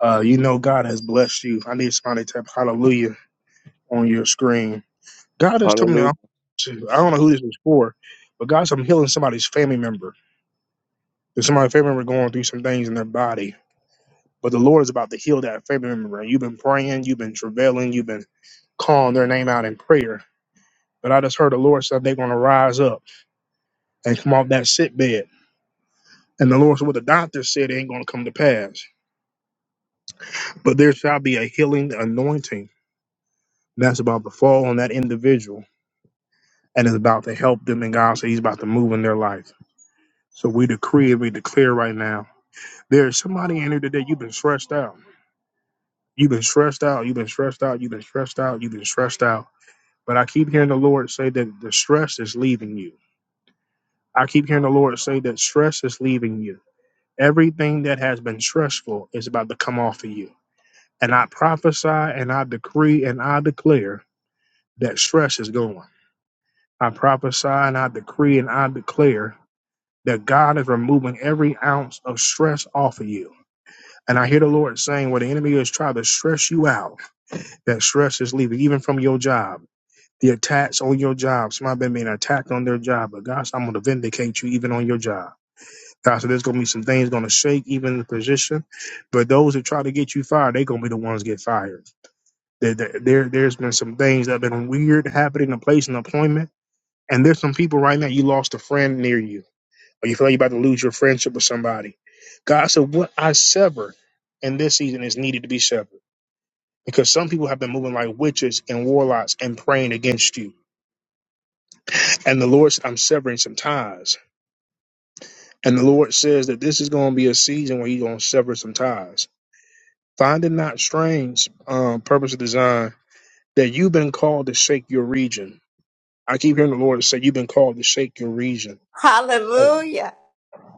uh, you know God has blessed you. I need somebody to type hallelujah on your screen. God has told me, Hallelujah. to, I don't know who this is for, but God's I'm healing somebody's family member. There's somebody's family member going through some things in their body. But the Lord is about to heal that family member. And you've been praying, you've been travailing, you've been calling their name out in prayer. But I just heard the Lord said they're going to rise up and come off that sick bed And the Lord said, What the doctor said ain't going to come to pass, but there shall be a healing anointing that's about to fall on that individual and is about to help them. And God said, He's about to move in their life. So we decree and we declare right now there's somebody in here today, you've been stressed out. You've been stressed out. You've been stressed out. You've been stressed out. You've been stressed out. But I keep hearing the Lord say that the stress is leaving you. I keep hearing the Lord say that stress is leaving you. Everything that has been stressful is about to come off of you And I prophesy and I decree and I declare that stress is going. I prophesy and I decree and I declare that God is removing every ounce of stress off of you. And I hear the Lord saying, where the enemy is trying to stress you out, that stress is leaving, even from your job. The attacks on your job, somebody been being attacked on their job, but God said, I'm going to vindicate you even on your job. God said, there's going to be some things going to shake even the position, but those that try to get you fired, they're going to be the ones get fired. There, there, there- there's been some things that have been weird happening in place and employment. And there's some people right now, you lost a friend near you, or you feel like you're about to lose your friendship with somebody. God said, What I sever in this season is needed to be severed. Because some people have been moving like witches and warlocks and praying against you. And the Lord said, I'm severing some ties. And the Lord says that this is going to be a season where you're going to sever some ties. Find it not strange, um, purpose of design, that you've been called to shake your region I keep hearing the Lord say, You've been called to shake your region. Hallelujah.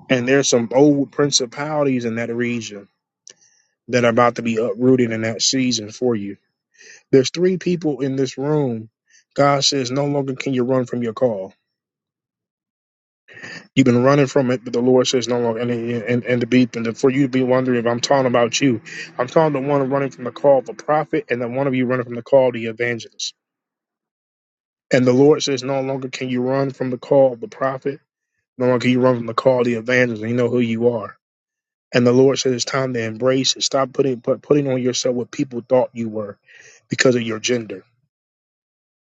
And there's some old principalities in that region that are about to be uprooted in that season for you. There's three people in this room. God says, No longer can you run from your call. You've been running from it, but the Lord says, No longer. And, and, and to be, and for you to be wondering if I'm talking about you, I'm talking to one running from the call of a prophet and then one of you running from the call of the evangelist. And the Lord says, No longer can you run from the call of the prophet, no longer can you run from the call of the evangelist. And you know who you are. And the Lord said it's time to embrace it. Stop putting put, putting on yourself what people thought you were because of your gender.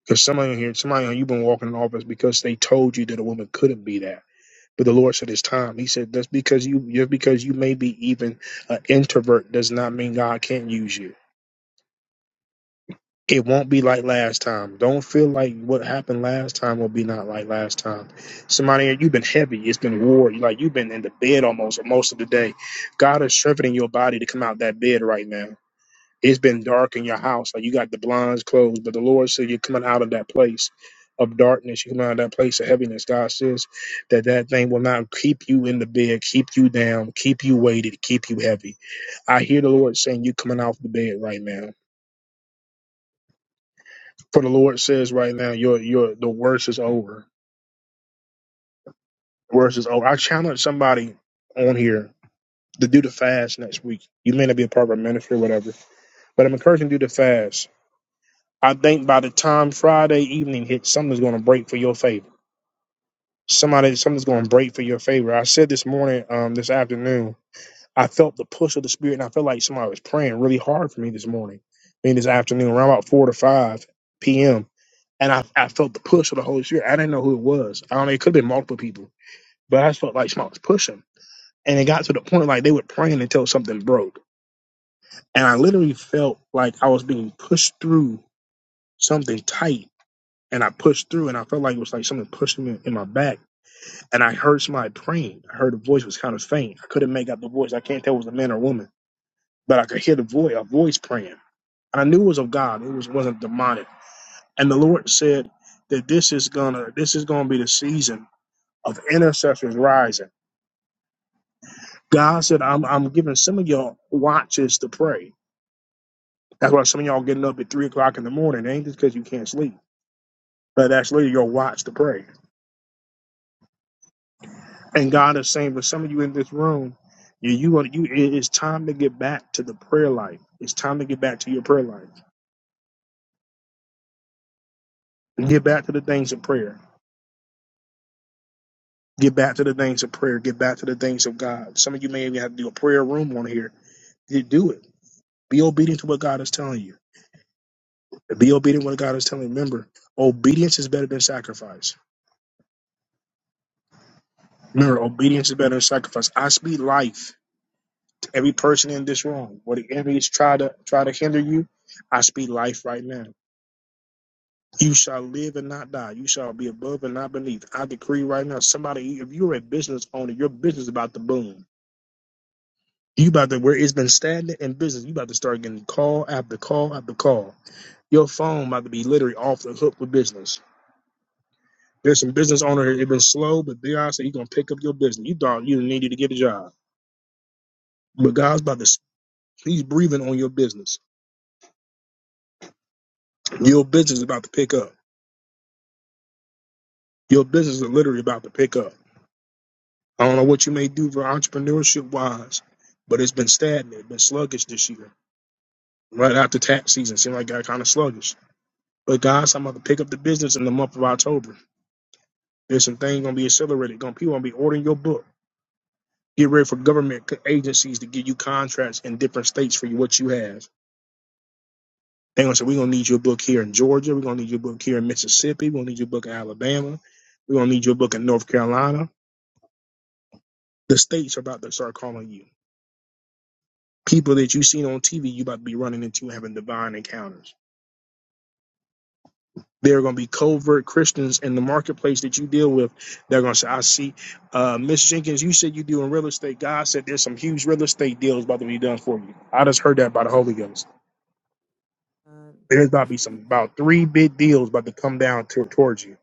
Because somebody in here, somebody on you've been walking in office because they told you that a woman couldn't be that. But the Lord said it's time. He said that's because you just because you may be even an introvert does not mean God can't use you. It won't be like last time. Don't feel like what happened last time will be not like last time. Somebody, in here, you've been heavy. It's been war. Like you've been in the bed almost most of the day. God is strengthening your body to come out that bed right now. It's been dark in your house. Like you got the blinds closed, but the Lord said you're coming out of that place of darkness. You're coming out of that place of heaviness. God says that that thing will not keep you in the bed, keep you down, keep you weighted, keep you heavy. I hear the Lord saying you're coming off the bed right now. For the Lord says right now, your your the worst is over. The worst is over. I challenge somebody on here to do the fast next week. You may not be a part of our ministry or whatever, but I'm encouraging you to do the fast I think by the time Friday evening hits, something's going to break for your favor. Somebody, something's going to break for your favor. I said this morning, um, this afternoon, I felt the push of the spirit, and I felt like somebody was praying really hard for me this morning. I mean, this afternoon, around about four to five p.m., and I, I felt the push of the Holy Spirit. I didn't know who it was. I don't know. It could have been multiple people, but I just felt like somebody was pushing, and it got to the point like they were praying until something broke, and I literally felt like I was being pushed through something tight and I pushed through, and I felt like it was like something pushing me in my back. And I heard somebody praying. I heard the voice was kind of faint. I couldn't make out the voice. I can't tell if it was a man or a woman, but I could hear the voice, a voice praying. And I knew it was of God. It was wasn't demonic. And the Lord said that this is gonna this is gonna be the season of intercessors rising. God said, I'm I'm giving some of y'all watches to pray. That's why some of y'all getting up at three o'clock in the morning. It ain't just because you can't sleep, but that's literally your watch to pray. And God is saying, for some of you in this room, you you are you. It is time to get back to the prayer life. It's time to get back to your prayer life. Get back to the things of prayer. Get back to the things of prayer. Get back to the things of God. Some of you may even have to do a prayer room on here. You do it. Be obedient to what God is telling you. Be obedient to what God is telling you. Remember, obedience is better than sacrifice. Remember, obedience is better than sacrifice. I speak life to every person in this room. What the enemy is trying to try to hinder you, I speak life right now. You shall live and not die. You shall be above and not beneath. I decree right now, somebody, if you're a business owner, your business is about to boom. You about to where it's been stagnant in business, you about to start getting call after call after call. Your phone about to be literally off the hook with business. There's some business owner here, it's been slow, but God said you gonna pick up your business. You thought you needed to get a job. But God's about to he's breathing on your business. Your business is about to pick up. Your business is literally about to pick up. I don't know what you may do for entrepreneurship wise, but it's been stagnant, it's been sluggish this year. Right after tax season, seemed like it got kind of sluggish. But guys, I'm about to pick up the business in the month of October. There's some things gonna be accelerated. Gonna people gonna be ordering your book. Get ready for government c- agencies to give you contracts in different states for you, what you have. They're gonna say we're gonna need your book here in Georgia. We're gonna need your book here in Mississippi. We're gonna need your book in Alabama. We're gonna need your book in North Carolina. The states are about to start calling you. People that you've seen on TV, you about to be running into having divine encounters. There are going to be covert Christians in the marketplace that you deal with. They're going to say, I see, uh, Miss Jenkins, you said you do in real estate. God said there's some huge real estate deals about to be done for you. I just heard that by the Holy Ghost. Uh, There's about to be some about three big deals about to come down to, towards you.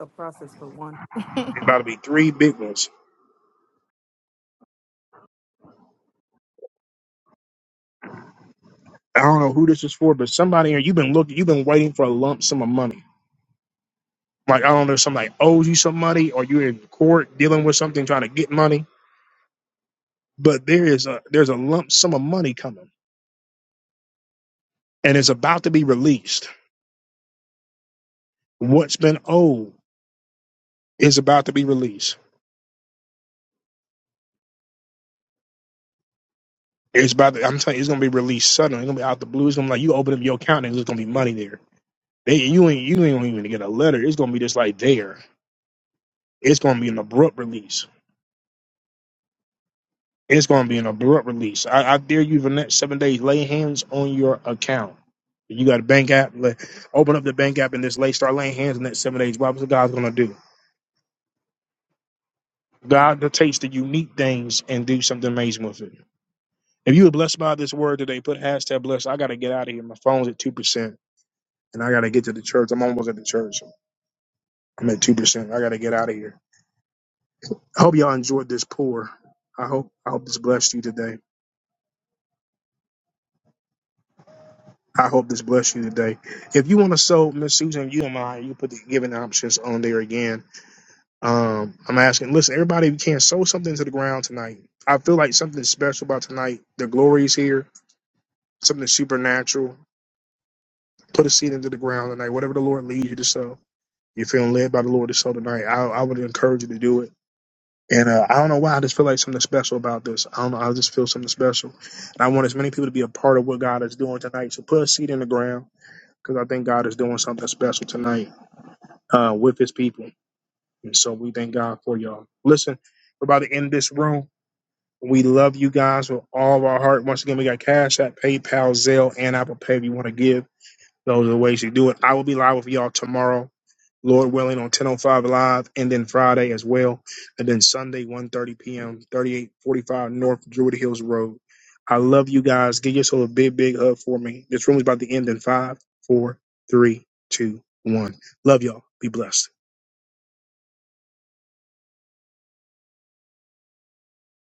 A process for one. There's about to be three big ones. I don't know who this is for, but somebody here, you've been looking, you've been waiting for a lump sum of money. Like, I don't know, somebody owes you some money or you're in court dealing with something trying to get money but there is a there's a lump sum of money coming and it's about to be released what's been owed is about to be released it's about to, i'm telling you it's going to be released suddenly it's going to be out the blue it's going to be like you open up your account and there's going to be money there they, you ain't you ain't even gonna get a letter it's going to be just like there it's going to be an abrupt release it's going to be an abrupt release i, I dare you for the next seven days lay hands on your account you got a bank app. Let, open up the bank app and just lay, start laying hands on that seven days. What was the God's gonna do? God to takes the unique things and do something amazing with it. If you were blessed by this word today, put hashtag blessed. I gotta get out of here. My phone's at two percent, and I gotta get to the church. I'm almost at the church. I'm at two percent. I gotta get out of here. I hope y'all enjoyed this pour. I hope I hope this blessed you today. I hope this blessed you today. If you want to sow, Miss Susan, you and I, you put the giving options on there again. Um, I'm asking, listen, everybody, if you can sow something to the ground tonight. I feel like something special about tonight. The glory is here, something supernatural put a seed into the ground tonight. Whatever the Lord leads you to sow, you're feeling led by the Lord to sow tonight. I, I would encourage you to do it. And uh, I don't know why I just feel like something special about this. I don't know. I just feel something special, and I want as many people to be a part of what God is doing tonight. So put a seed in the ground because I think God is doing something special tonight uh, with His people. And so we thank God for y'all. Listen, we're about to end this room. We love you guys with all of our heart. Once again, we got Cash App, PayPal, Zelle, and Apple Pay. If you want to give, those are the ways you do it. I will be live with y'all tomorrow Lord willing, on 10:05 live, and then Friday as well, and then Sunday 1:30 p.m. 3845 North Druid Hills Road. I love you guys. Give yourself a big, big hug for me. This room is about to end in five, four, three, two, one. Love y'all. Be blessed.